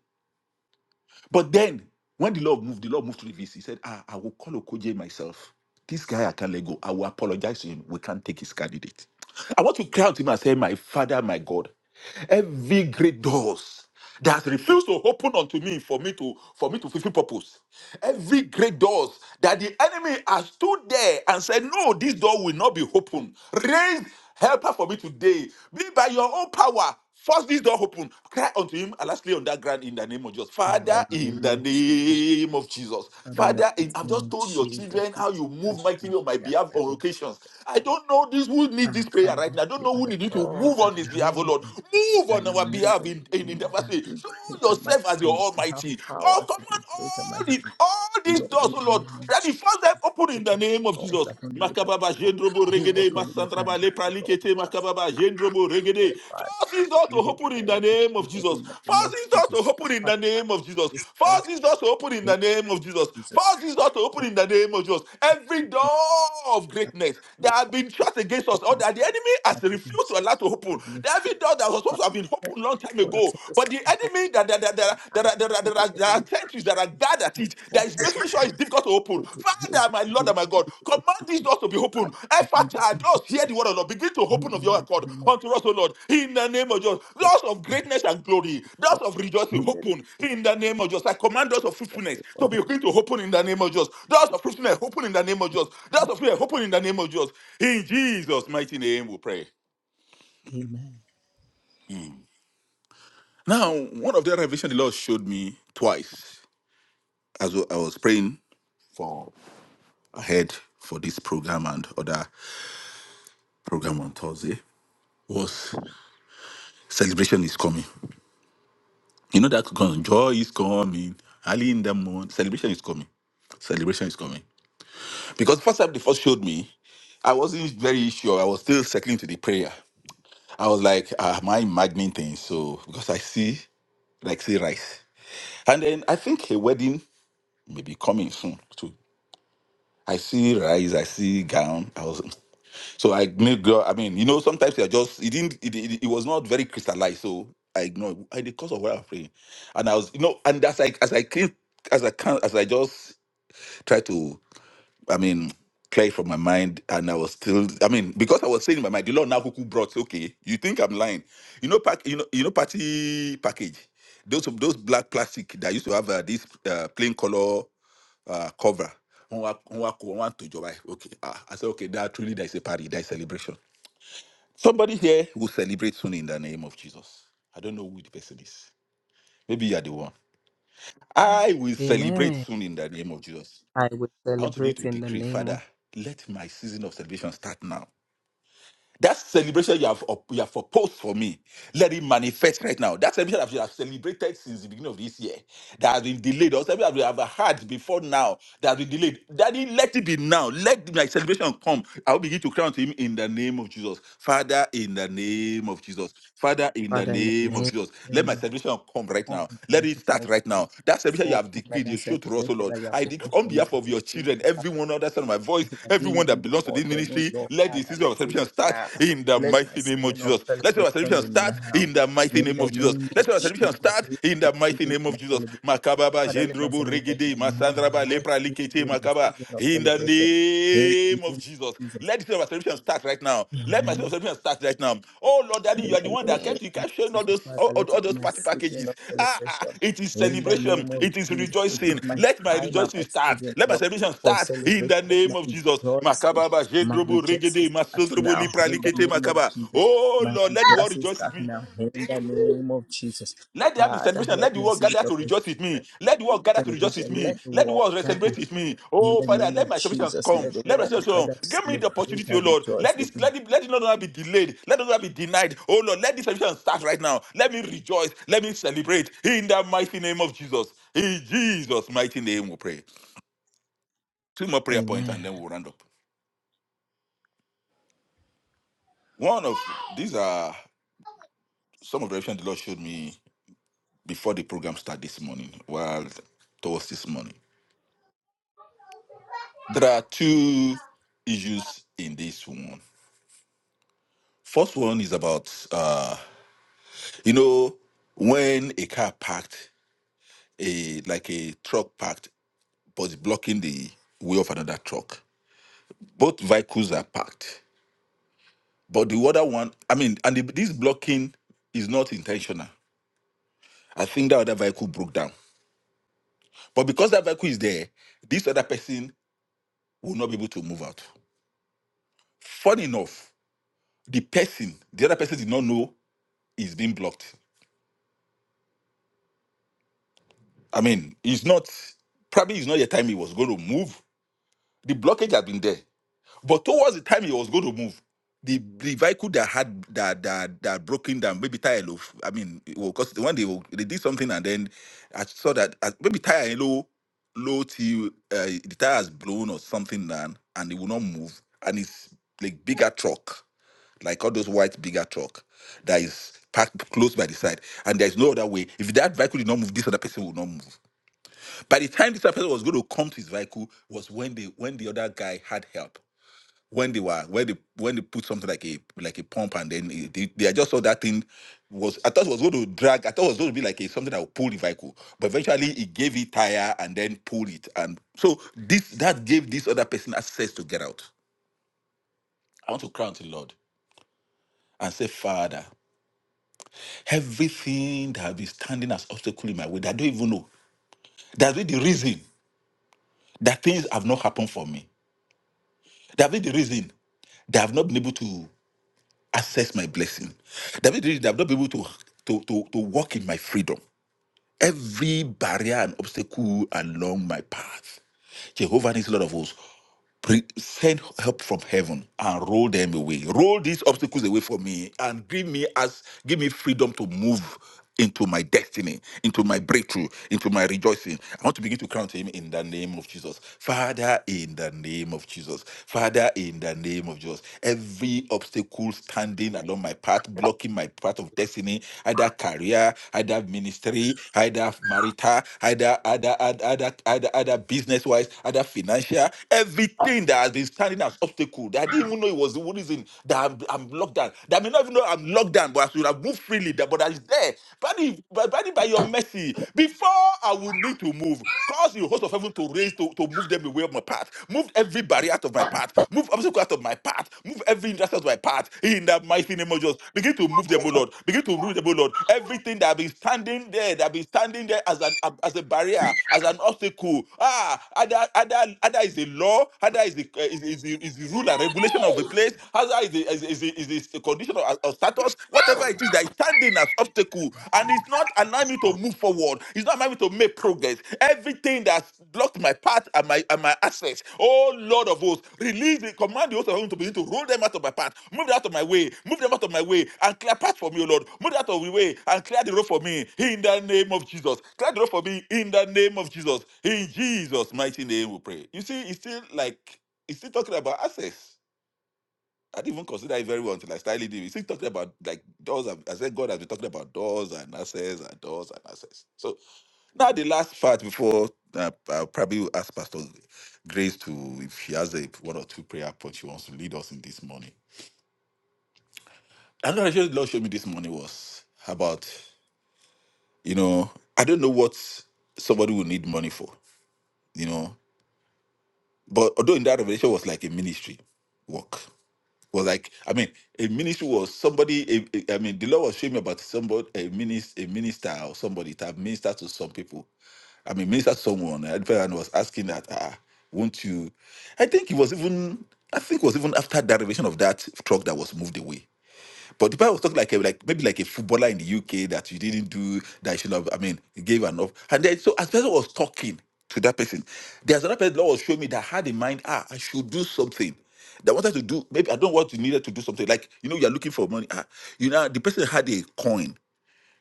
[SPEAKER 4] But then, when the Lord moved, the Lord moved to the VC. He said, ah, I will call Okoje myself. This guy I can't let go. I will apologize to him. We can't take his candidate. I want to cry out to him and say, My father, my God, every great doors that refused to open unto me for me to for me to fulfill purpose. Every great doors that the enemy has stood there and said, No, this door will not be open. Raise helper for me today. Be by your own power. First, this door open. Cry unto him, and lastly on that ground in the name of Jesus. Father, in the name of Jesus.
[SPEAKER 1] Father, in the
[SPEAKER 4] Father, in,
[SPEAKER 1] mighty
[SPEAKER 4] I've just
[SPEAKER 1] name of
[SPEAKER 4] told your
[SPEAKER 1] Jesus,
[SPEAKER 4] children
[SPEAKER 1] we
[SPEAKER 4] how you move
[SPEAKER 1] bless you.
[SPEAKER 4] mightily on my
[SPEAKER 1] We are
[SPEAKER 4] behalf
[SPEAKER 1] the
[SPEAKER 4] on occasions. I
[SPEAKER 1] Lord.
[SPEAKER 4] don't know this who need
[SPEAKER 1] Ah,
[SPEAKER 4] this prayer right
[SPEAKER 1] Father,
[SPEAKER 4] now. I don't
[SPEAKER 1] you
[SPEAKER 4] know
[SPEAKER 1] are
[SPEAKER 4] who
[SPEAKER 1] the
[SPEAKER 4] need you to move on this behalf, oh
[SPEAKER 1] God.
[SPEAKER 4] Lord. Move
[SPEAKER 1] that
[SPEAKER 4] on
[SPEAKER 1] you
[SPEAKER 4] our
[SPEAKER 1] know and
[SPEAKER 4] behalf in, in, in
[SPEAKER 1] you
[SPEAKER 4] the first
[SPEAKER 1] that
[SPEAKER 4] way.
[SPEAKER 1] do
[SPEAKER 4] Show
[SPEAKER 1] great and mighty
[SPEAKER 4] yourself as your
[SPEAKER 1] things. We have
[SPEAKER 4] almighty. Oh,
[SPEAKER 1] power
[SPEAKER 4] come
[SPEAKER 1] to
[SPEAKER 4] on
[SPEAKER 1] do
[SPEAKER 4] all
[SPEAKER 1] great and
[SPEAKER 4] all
[SPEAKER 1] mighty
[SPEAKER 4] these,
[SPEAKER 1] things.
[SPEAKER 4] all these
[SPEAKER 1] Lord,
[SPEAKER 4] doors,
[SPEAKER 1] in
[SPEAKER 4] oh
[SPEAKER 1] the
[SPEAKER 4] Lord,
[SPEAKER 1] name of
[SPEAKER 4] that the
[SPEAKER 1] Jesus,
[SPEAKER 4] first open in the
[SPEAKER 1] open
[SPEAKER 4] name of
[SPEAKER 1] doors
[SPEAKER 4] Jesus.
[SPEAKER 1] that only you can
[SPEAKER 4] Makababa, Jendrobo,
[SPEAKER 1] do what
[SPEAKER 4] Regede,
[SPEAKER 1] only you
[SPEAKER 4] Masandraba,
[SPEAKER 1] can do. Lord,
[SPEAKER 4] Lepralikete, Makababa, Jendrobo, Regede.
[SPEAKER 1] Father,
[SPEAKER 4] Force these doors to
[SPEAKER 1] you hope
[SPEAKER 4] open in
[SPEAKER 1] for
[SPEAKER 4] the
[SPEAKER 1] it.
[SPEAKER 4] name of
[SPEAKER 1] Lord,
[SPEAKER 4] Jesus.
[SPEAKER 1] in the name
[SPEAKER 4] Force
[SPEAKER 1] of
[SPEAKER 4] these doors to
[SPEAKER 1] Jesus.
[SPEAKER 4] open in
[SPEAKER 1] Father,
[SPEAKER 4] the name of Jesus. Force these doors to open in
[SPEAKER 1] in
[SPEAKER 4] the name of Jesus.
[SPEAKER 1] Jesus,
[SPEAKER 4] Force these doors to open
[SPEAKER 1] Lord,
[SPEAKER 4] in the name of Jesus. Every door of greatness that
[SPEAKER 1] you
[SPEAKER 4] have been shut against
[SPEAKER 1] power
[SPEAKER 4] us, or that the enemy has
[SPEAKER 1] and
[SPEAKER 4] refused to allow to open.
[SPEAKER 1] signal
[SPEAKER 4] Every door that was supposed to have been
[SPEAKER 1] every
[SPEAKER 4] opened long time ago, but the enemy that there, there, there, there, are- there, are- there, are- there are countries that are bad at it, that is making sure it's difficult to open.
[SPEAKER 1] to
[SPEAKER 4] Father, my Lord and my God, command these doors to be open.
[SPEAKER 1] in
[SPEAKER 4] Effort,
[SPEAKER 1] this name,
[SPEAKER 4] doors, hear the word of the Lord. Begin to open of your accord unto us, O Lord, in the name of Jesus. Doors of greatness and glory, doors
[SPEAKER 1] Lord.
[SPEAKER 4] of
[SPEAKER 1] In
[SPEAKER 4] rejoicing,
[SPEAKER 1] the name
[SPEAKER 4] open in the name of Jesus. I command doors of
[SPEAKER 1] of
[SPEAKER 4] fruitfulness
[SPEAKER 1] the
[SPEAKER 4] to
[SPEAKER 1] Lord.
[SPEAKER 4] begin to open in the name of Jesus. Doors of fruitfulness, open in the name of Jesus. Doors of fruitfulness, open in the name of Jesus. In Jesus' mighty name, we pray.
[SPEAKER 1] Amen.
[SPEAKER 4] Now, one of the revelation the Lord showed me twice as well, I was praying for ahead for this program and other program on Thursday was celebration is coming. You know that con- joy is coming. Early in the morning, celebration is coming. Celebration is coming. Because first time they first showed me, I wasn't very sure. I was still settling to the prayer. I was like, ah, am I imagining things? So because I see like see rice. And then I think a wedding may be coming soon too. I see rice, I see gown. I was So I made girl. I mean, you know, sometimes they are just it didn't it, it, it was not very crystallized. So I ignored it. in the course of what I'm praying, and I was you know, and as I as I keep as I can as I just try to I mean clear it from my mind, and I was still I mean because I was saying in my mind the Lord now who brought okay, you think I'm lying, you know pack you know you know party package those those black plastic that used to have uh, this uh, plain color uh, cover. Wọ́n wá wọ́n wá kó- wọ́n wá tòjọba ẹ̀. Okay, ah, I said okay, that truly there is a party, there is celebration Somebody here will celebrate soon in the name of Jesus. I don't know who the person is. Maybe you are the one. I will celebrate
[SPEAKER 1] Amen.
[SPEAKER 4] soon in the name of Jesus.
[SPEAKER 1] I will
[SPEAKER 4] I want to be
[SPEAKER 1] celebrate
[SPEAKER 4] able to
[SPEAKER 1] in the
[SPEAKER 4] decree,
[SPEAKER 1] name of
[SPEAKER 4] Father, let my season of celebration start now. That celebration you have up- you have proposed for me, let it manifest right now. That celebration that you have celebrated since the beginning of this year, that has been delayed, or something that we have had before now, that has been delayed. Daddy, let it be now. Let my celebration come. I will begin to crown to him in the name of Jesus. Father, in the name of Jesus. Father, in the name of Jesus. Let my celebration come right now. Let let it start right now. That salvation you have decreed, you show to us, O Lord. I decree on behalf of your children, everyone under the sound of my voice, everyone that belongs to this ministry, let the season of salvation start in the mighty name of Jesus. Let your salvation start in the mighty name of Jesus. Let your
[SPEAKER 1] Jesus,
[SPEAKER 4] salvation start
[SPEAKER 1] let
[SPEAKER 4] in
[SPEAKER 1] the
[SPEAKER 4] the mighty
[SPEAKER 1] season of
[SPEAKER 4] name
[SPEAKER 1] my
[SPEAKER 4] of Jesus.
[SPEAKER 1] celebration.
[SPEAKER 4] Makababa,
[SPEAKER 1] Father, let my
[SPEAKER 4] Jendrobo,
[SPEAKER 1] celebration be
[SPEAKER 4] Regede,
[SPEAKER 1] now.
[SPEAKER 4] Masandraba,
[SPEAKER 1] Let
[SPEAKER 4] Lepra,
[SPEAKER 1] it
[SPEAKER 4] Likete,
[SPEAKER 1] be my
[SPEAKER 4] Makaba.
[SPEAKER 1] season of
[SPEAKER 4] In the
[SPEAKER 1] celebration.
[SPEAKER 4] name
[SPEAKER 1] In the
[SPEAKER 4] name of
[SPEAKER 1] name
[SPEAKER 4] Jesus.
[SPEAKER 1] of Jesus.
[SPEAKER 4] Let the season of acceleration start right now. Let my season
[SPEAKER 1] Amen.
[SPEAKER 4] of acceleration start right now. Oh Lord, Daddy, you
[SPEAKER 1] In
[SPEAKER 4] are the
[SPEAKER 1] the
[SPEAKER 4] one that
[SPEAKER 1] name
[SPEAKER 4] kept
[SPEAKER 1] of
[SPEAKER 4] you kept showing all
[SPEAKER 1] Jesus,
[SPEAKER 4] those
[SPEAKER 1] Father,
[SPEAKER 4] all, all-
[SPEAKER 1] let
[SPEAKER 4] all
[SPEAKER 1] it be
[SPEAKER 4] those
[SPEAKER 1] my
[SPEAKER 4] party
[SPEAKER 1] season
[SPEAKER 4] packages.
[SPEAKER 1] of
[SPEAKER 4] Ah, ah,
[SPEAKER 1] celebration.
[SPEAKER 4] it is
[SPEAKER 1] In the
[SPEAKER 4] celebration.
[SPEAKER 1] name of
[SPEAKER 4] It is
[SPEAKER 1] Jesus, it
[SPEAKER 4] rejoicing.
[SPEAKER 1] is my
[SPEAKER 4] Let my
[SPEAKER 1] time and
[SPEAKER 4] rejoicing
[SPEAKER 1] my
[SPEAKER 4] start.
[SPEAKER 1] season,
[SPEAKER 4] Let my
[SPEAKER 1] Lord,
[SPEAKER 4] celebration
[SPEAKER 1] for
[SPEAKER 4] start in
[SPEAKER 1] celebration.
[SPEAKER 4] the
[SPEAKER 1] Let my
[SPEAKER 4] name of Jesus.
[SPEAKER 1] rejoicing,
[SPEAKER 4] Makababa,
[SPEAKER 1] my
[SPEAKER 4] Jedrobo,
[SPEAKER 1] rejoicing
[SPEAKER 4] Regede,
[SPEAKER 1] start
[SPEAKER 4] Masodrobo,
[SPEAKER 1] now.
[SPEAKER 4] Lipra,
[SPEAKER 1] In the
[SPEAKER 4] Likete,
[SPEAKER 1] name of
[SPEAKER 4] Makaba.
[SPEAKER 1] Jesus,
[SPEAKER 4] Oh
[SPEAKER 1] my
[SPEAKER 4] Lord, let the world
[SPEAKER 1] rejoicing
[SPEAKER 4] rejoice with
[SPEAKER 1] start
[SPEAKER 4] me.
[SPEAKER 1] now. In the name of Jesus.
[SPEAKER 4] Let there be
[SPEAKER 1] Father,
[SPEAKER 4] celebration. Let
[SPEAKER 1] let
[SPEAKER 4] the
[SPEAKER 1] my
[SPEAKER 4] world
[SPEAKER 1] season
[SPEAKER 4] gather
[SPEAKER 1] of
[SPEAKER 4] to rejoice with me. Let the world gather to rejoice with
[SPEAKER 1] celebration.
[SPEAKER 4] me.
[SPEAKER 1] Let the
[SPEAKER 4] Let the
[SPEAKER 1] world
[SPEAKER 4] world celebrate
[SPEAKER 1] gather
[SPEAKER 4] with me.
[SPEAKER 1] in
[SPEAKER 4] Oh
[SPEAKER 1] the
[SPEAKER 4] Father,
[SPEAKER 1] name
[SPEAKER 4] let
[SPEAKER 1] of
[SPEAKER 4] my celebration
[SPEAKER 1] Jesus.
[SPEAKER 4] come.
[SPEAKER 1] Let the
[SPEAKER 4] Let my
[SPEAKER 1] world
[SPEAKER 4] celebration
[SPEAKER 1] gather to
[SPEAKER 4] come. Give me the
[SPEAKER 1] celebrate
[SPEAKER 4] opportunity, oh
[SPEAKER 1] and
[SPEAKER 4] Lord.
[SPEAKER 1] rejoice
[SPEAKER 4] Let
[SPEAKER 1] with
[SPEAKER 4] this,
[SPEAKER 1] me.
[SPEAKER 4] let it, let it not be delayed. Let it not be denied. Oh Lord, let this celebration start right now. Let me rejoice. Let me celebrate in the mighty name of Jesus. In Jesus' mighty name, we pray. Two more prayer points,
[SPEAKER 1] Amen.
[SPEAKER 4] and then we'll round up. One of these are some of the revelation the Lord showed me before the program started this morning. Well, towards this morning. There are two issues in this one. First one is about uh, you know when a car parked, a like a truck parked, but it's blocking the way of another truck. Both vehicles are parked, but the other one, I mean, and the, this blocking is not intentional. I think that other vehicle broke down, but because that vehicle is there, this other person will not be able to move out. Funny enough, the person, the other person did not know is being blocked I mean, it's not probably it's not the time he was going to move. The blockage had been there, but towards the time he was going to move, the, the vehicle that had that that that broken down, maybe tire low. I mean, because when they were- they did something and then I saw that uh, maybe tire low low till uh, the tire has blown or something down and it will not move and it's like bigger truck like all those white bigger truck that is parked close by the side and there's no other way if that vehicle did not move this other person will not move by the time this person was going to come to his vehicle was when they when the other guy had help. When they were when they when they put something like a like a pump and then it- they, they just saw that thing was I thought it was going to drag I thought it was going to be like a, something that would pull the vehicle but eventually it gave it tire and then pulled it and so this that gave this other person access to get out. I want to cry unto the Lord and say, Father, everything that has been standing as obstacle in my way, that I don't even know. That's been the reason that things have not happened for me. That's been the reason. They have not been able to access my blessing. They have not they have not been able to, to, to, to walk in my freedom. Every barrier and obstacle along my path. Jehovah needs a lot of us. Pre- send help from heaven and roll them away. Roll these obstacles away from me and give me as give me freedom to move into my destiny, into my breakthrough, into my rejoicing. I want to begin to crown to him in the name of Jesus. Father, in the name of Jesus. Father, in the name of Jesus. Every obstacle standing along my path, blocking my path of destiny, either career, either ministry, either marital, either other other other other business wise, other financial, everything that has been standing as obstacle that I didn't even know it was the reason that I'm, I'm locked down. That I may not even know I'm locked down, but I should have moved freely. That but that is there. Buddy, by, by, by your mercy, before I would need to move, cause the host of heaven to raise to, to move them away of my path. Move every barrier out of my path path, move obstacle out of my path, move every hindrance out of my path. In the mighty name of Jesus, begin to move them, O Lord. Begin to move them, O Lord. Everything that have been standing there, that have been standing there as an as a barrier, as an obstacle. Ah, other other other is the law, other is the uh, is, is, the, is the rule and regulation of the place, other is the is, is, the, is the condition of, of status, whatever it is that is standing as obstacle, and it's not allowing me allowing me to move forward. It's not allowing me to make progress. Everything that's blocked my path and my and my access. Oh Lord of hosts, release the command the host of heaven to begin to roll them out of my path, move them out of my way, move them out of my way, and clear path for me, O Lord. Move them out of the way and clear the road for me in the name of Jesus. Clear the road for me in the name of Jesus. In Jesus' mighty name we pray. You see, it's still like it's still talking about access I didn't even consider it very well until I started leading. We still talking about like doors. and- I said God has been talking about doors and access and doors and access. So now the last part before uh, I'll probably ask Pastor Grace to if she has a one or two prayer points she wants to lead us in this morning. Another thing the Lord showed me this morning was about you know I don't know what somebody will need money for you know, but although in that revelation was like a ministry work was like I mean, a ministry was somebody. A, a, I mean, the Lord was showing me about somebody, a minister, a minister or somebody to have ministered to some people. I mean, minister to someone. And the fellow was asking that, ah, won't you? I think it was even. I think it was even after that revelation of that truck that was moved away. But the Bible was talking like a, like maybe like a footballer in the UK that you didn't do that you should have. I mean, you gave an off. And then so as person was talking to that person, there's another person the Lord was showing me that had in mind, ah, I should do something. That wanted to do maybe I don't want to needed to do something like you know you're looking for money. Ah, you know the person had a coin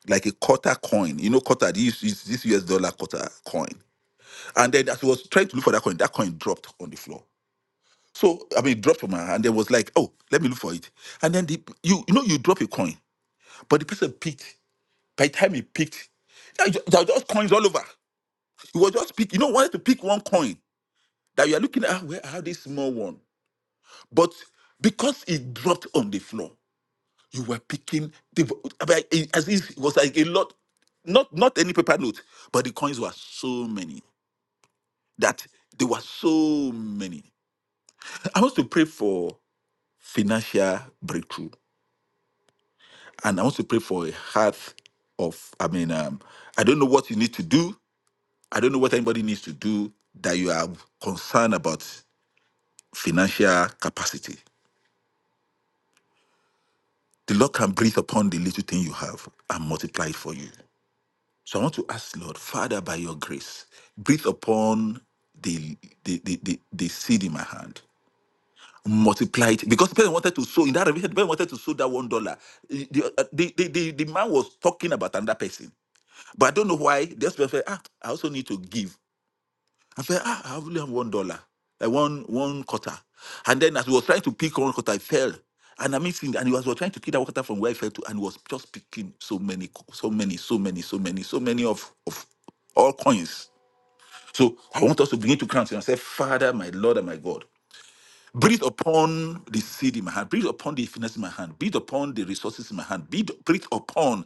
[SPEAKER 4] like a quarter coin. You know quarter this is this US dollar quarter coin. And then as he was trying to look for that coin, that coin dropped on the floor. So I mean, it dropped from her, hand and then was like, "Oh, let me look for it." And then the, you, you know, you drop a coin. But the person picked. By the time he picked, there was ju- there were just coins all over. He was just pick. You know, wanted to pick one coin that you are looking at. "Ah, Where I have this small one, but because it dropped on the floor, you were picking the I mean, it- as if it was like a lot. Not not any paper note, but the coins were so many that there were so many. I want to pray for financial breakthrough, and I want to pray for a heart of. I mean, um, I don't know what you need to do I don't know what anybody needs to do that you are concerned about financial capacity. The Lord can breathe upon the little thing you have and multiply it for you. So I want to ask, Lord, Father, by your grace, breathe upon the the, the, the, the seed in my hand. Multiply it because the person wanted to sow in that revelation. The person wanted to sow that one dollar. The, uh, the, the, the, the man was talking about another person, but I don't know why. This person, said, ah, I also need to give. I said, ah, I only have one dollar, uh, one one quarter. And then as he was trying to pick one quarter, I fell. And I missed sin- and he was, was trying to kill that quarter from where I fell to, and he was just picking so many, co- so many, so many, so many, so many of, of all coins. So I want us to begin to crown him and say, Father, my Lord and my God. Breathe upon the seed in my hand. Breathe upon the finance in my hand. Breathe upon the resources in my hand. Breathe, breathe upon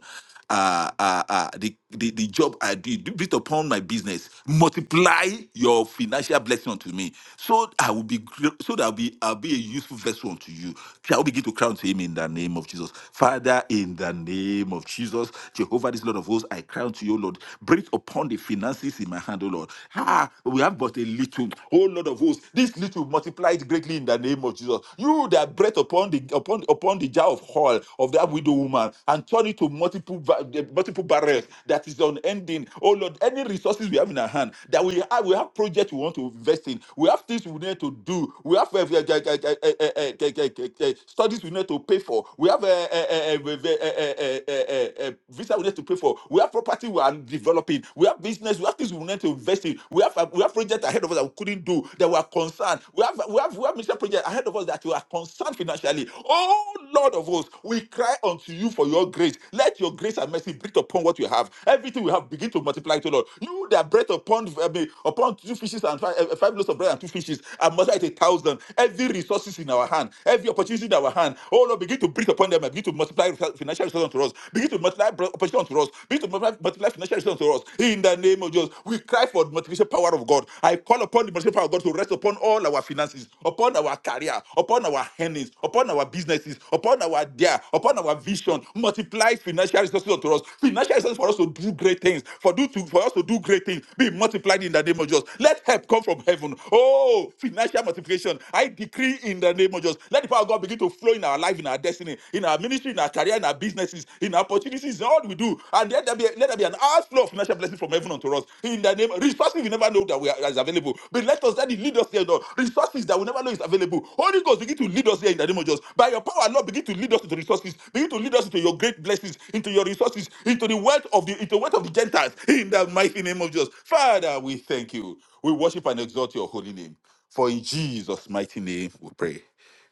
[SPEAKER 4] uh, uh, uh, the, the, the job I do. Do- Breathe upon my business. Multiply your financial blessing unto me, so I will be gr- so that I'll be I'll be a useful vessel unto you. Shall we begin to crown to him in the name of Jesus, Father? In the name of Jesus, Jehovah, this Lord of hosts, I crown to you, Lord. Breathe upon the finances in my hand, O Lord. Ah, we have but a little, oh Lord. Lord of hosts, this little multiplied greatly in the name of Jesus. You that breath upon the upon upon the jar of oil of that widow woman and turn it to multiple ba- eh, multiple barrels that is unending. Oh Lord, any resources we have in our hand that we have, we have projects we want to invest in, we have things we need to do, we have eh, eh, eh, eh, eh, eh, eh, eh, eh, eh, eh, eh, studies we need to pay for, we have eh, eh, eh, eh, eh, eh, eh, eh, eh, eh, eh, visa we need to pay for, we have property we are developing, we have business, we have things we need to invest in, we have uh, we have projects ahead of us that we couldn't do that we are concerned. We have we have we have mission projects ahead of us that we are concerned financially. Oh Lord of hosts, we cry unto you for your grace. Let your grace and mercy breathe upon what we have. Everything we have begin to multiply to Lord. You that bread upon I mean, upon two fishes and five, eh, five loaves of bread and two fishes and multiply it a thousand. Every resources in our hand, every opportunity in our hand. Oh Lord, begin to breathe upon them and begin to multiply financial resources unto us. Begin to multiply opportunity unto us. Begin to multiply multiply financial resources unto us. In the name of Jesus, we cry for the multiplication power of God. I call upon the multiplication power of God to rest upon all our finances, upon our career, upon our earnings, upon our businesses, upon our dare, upon our vision. Multiply financial resources unto us. Financial resources for us to do great things, for, do to, for us to do great things. Be multiplied in the name of Jesus. Let help come from heaven. Oh, financial multiplication. I decree in the name of Jesus. Let the power of God begin to flow in our life, in our destiny, in our ministry, in our career, in our businesses, in our opportunities, in all we do. And let there be, let there be an outflow of financial blessings from heaven unto us. In the name, resources we never know that we are, is available. But let us, let it lead us here, Lord. Resources that we never know is available. Holy Ghost, begin to lead us here in the name of Jesus. By your power, Lord, begin to lead us into resources. Begin to lead us into your great blessings, into your resources, into the wealth of the, into the wealth of the Gentiles. In the mighty name of Jesus. Father, we thank you. We worship and exalt your holy name. For in Jesus' mighty name we pray.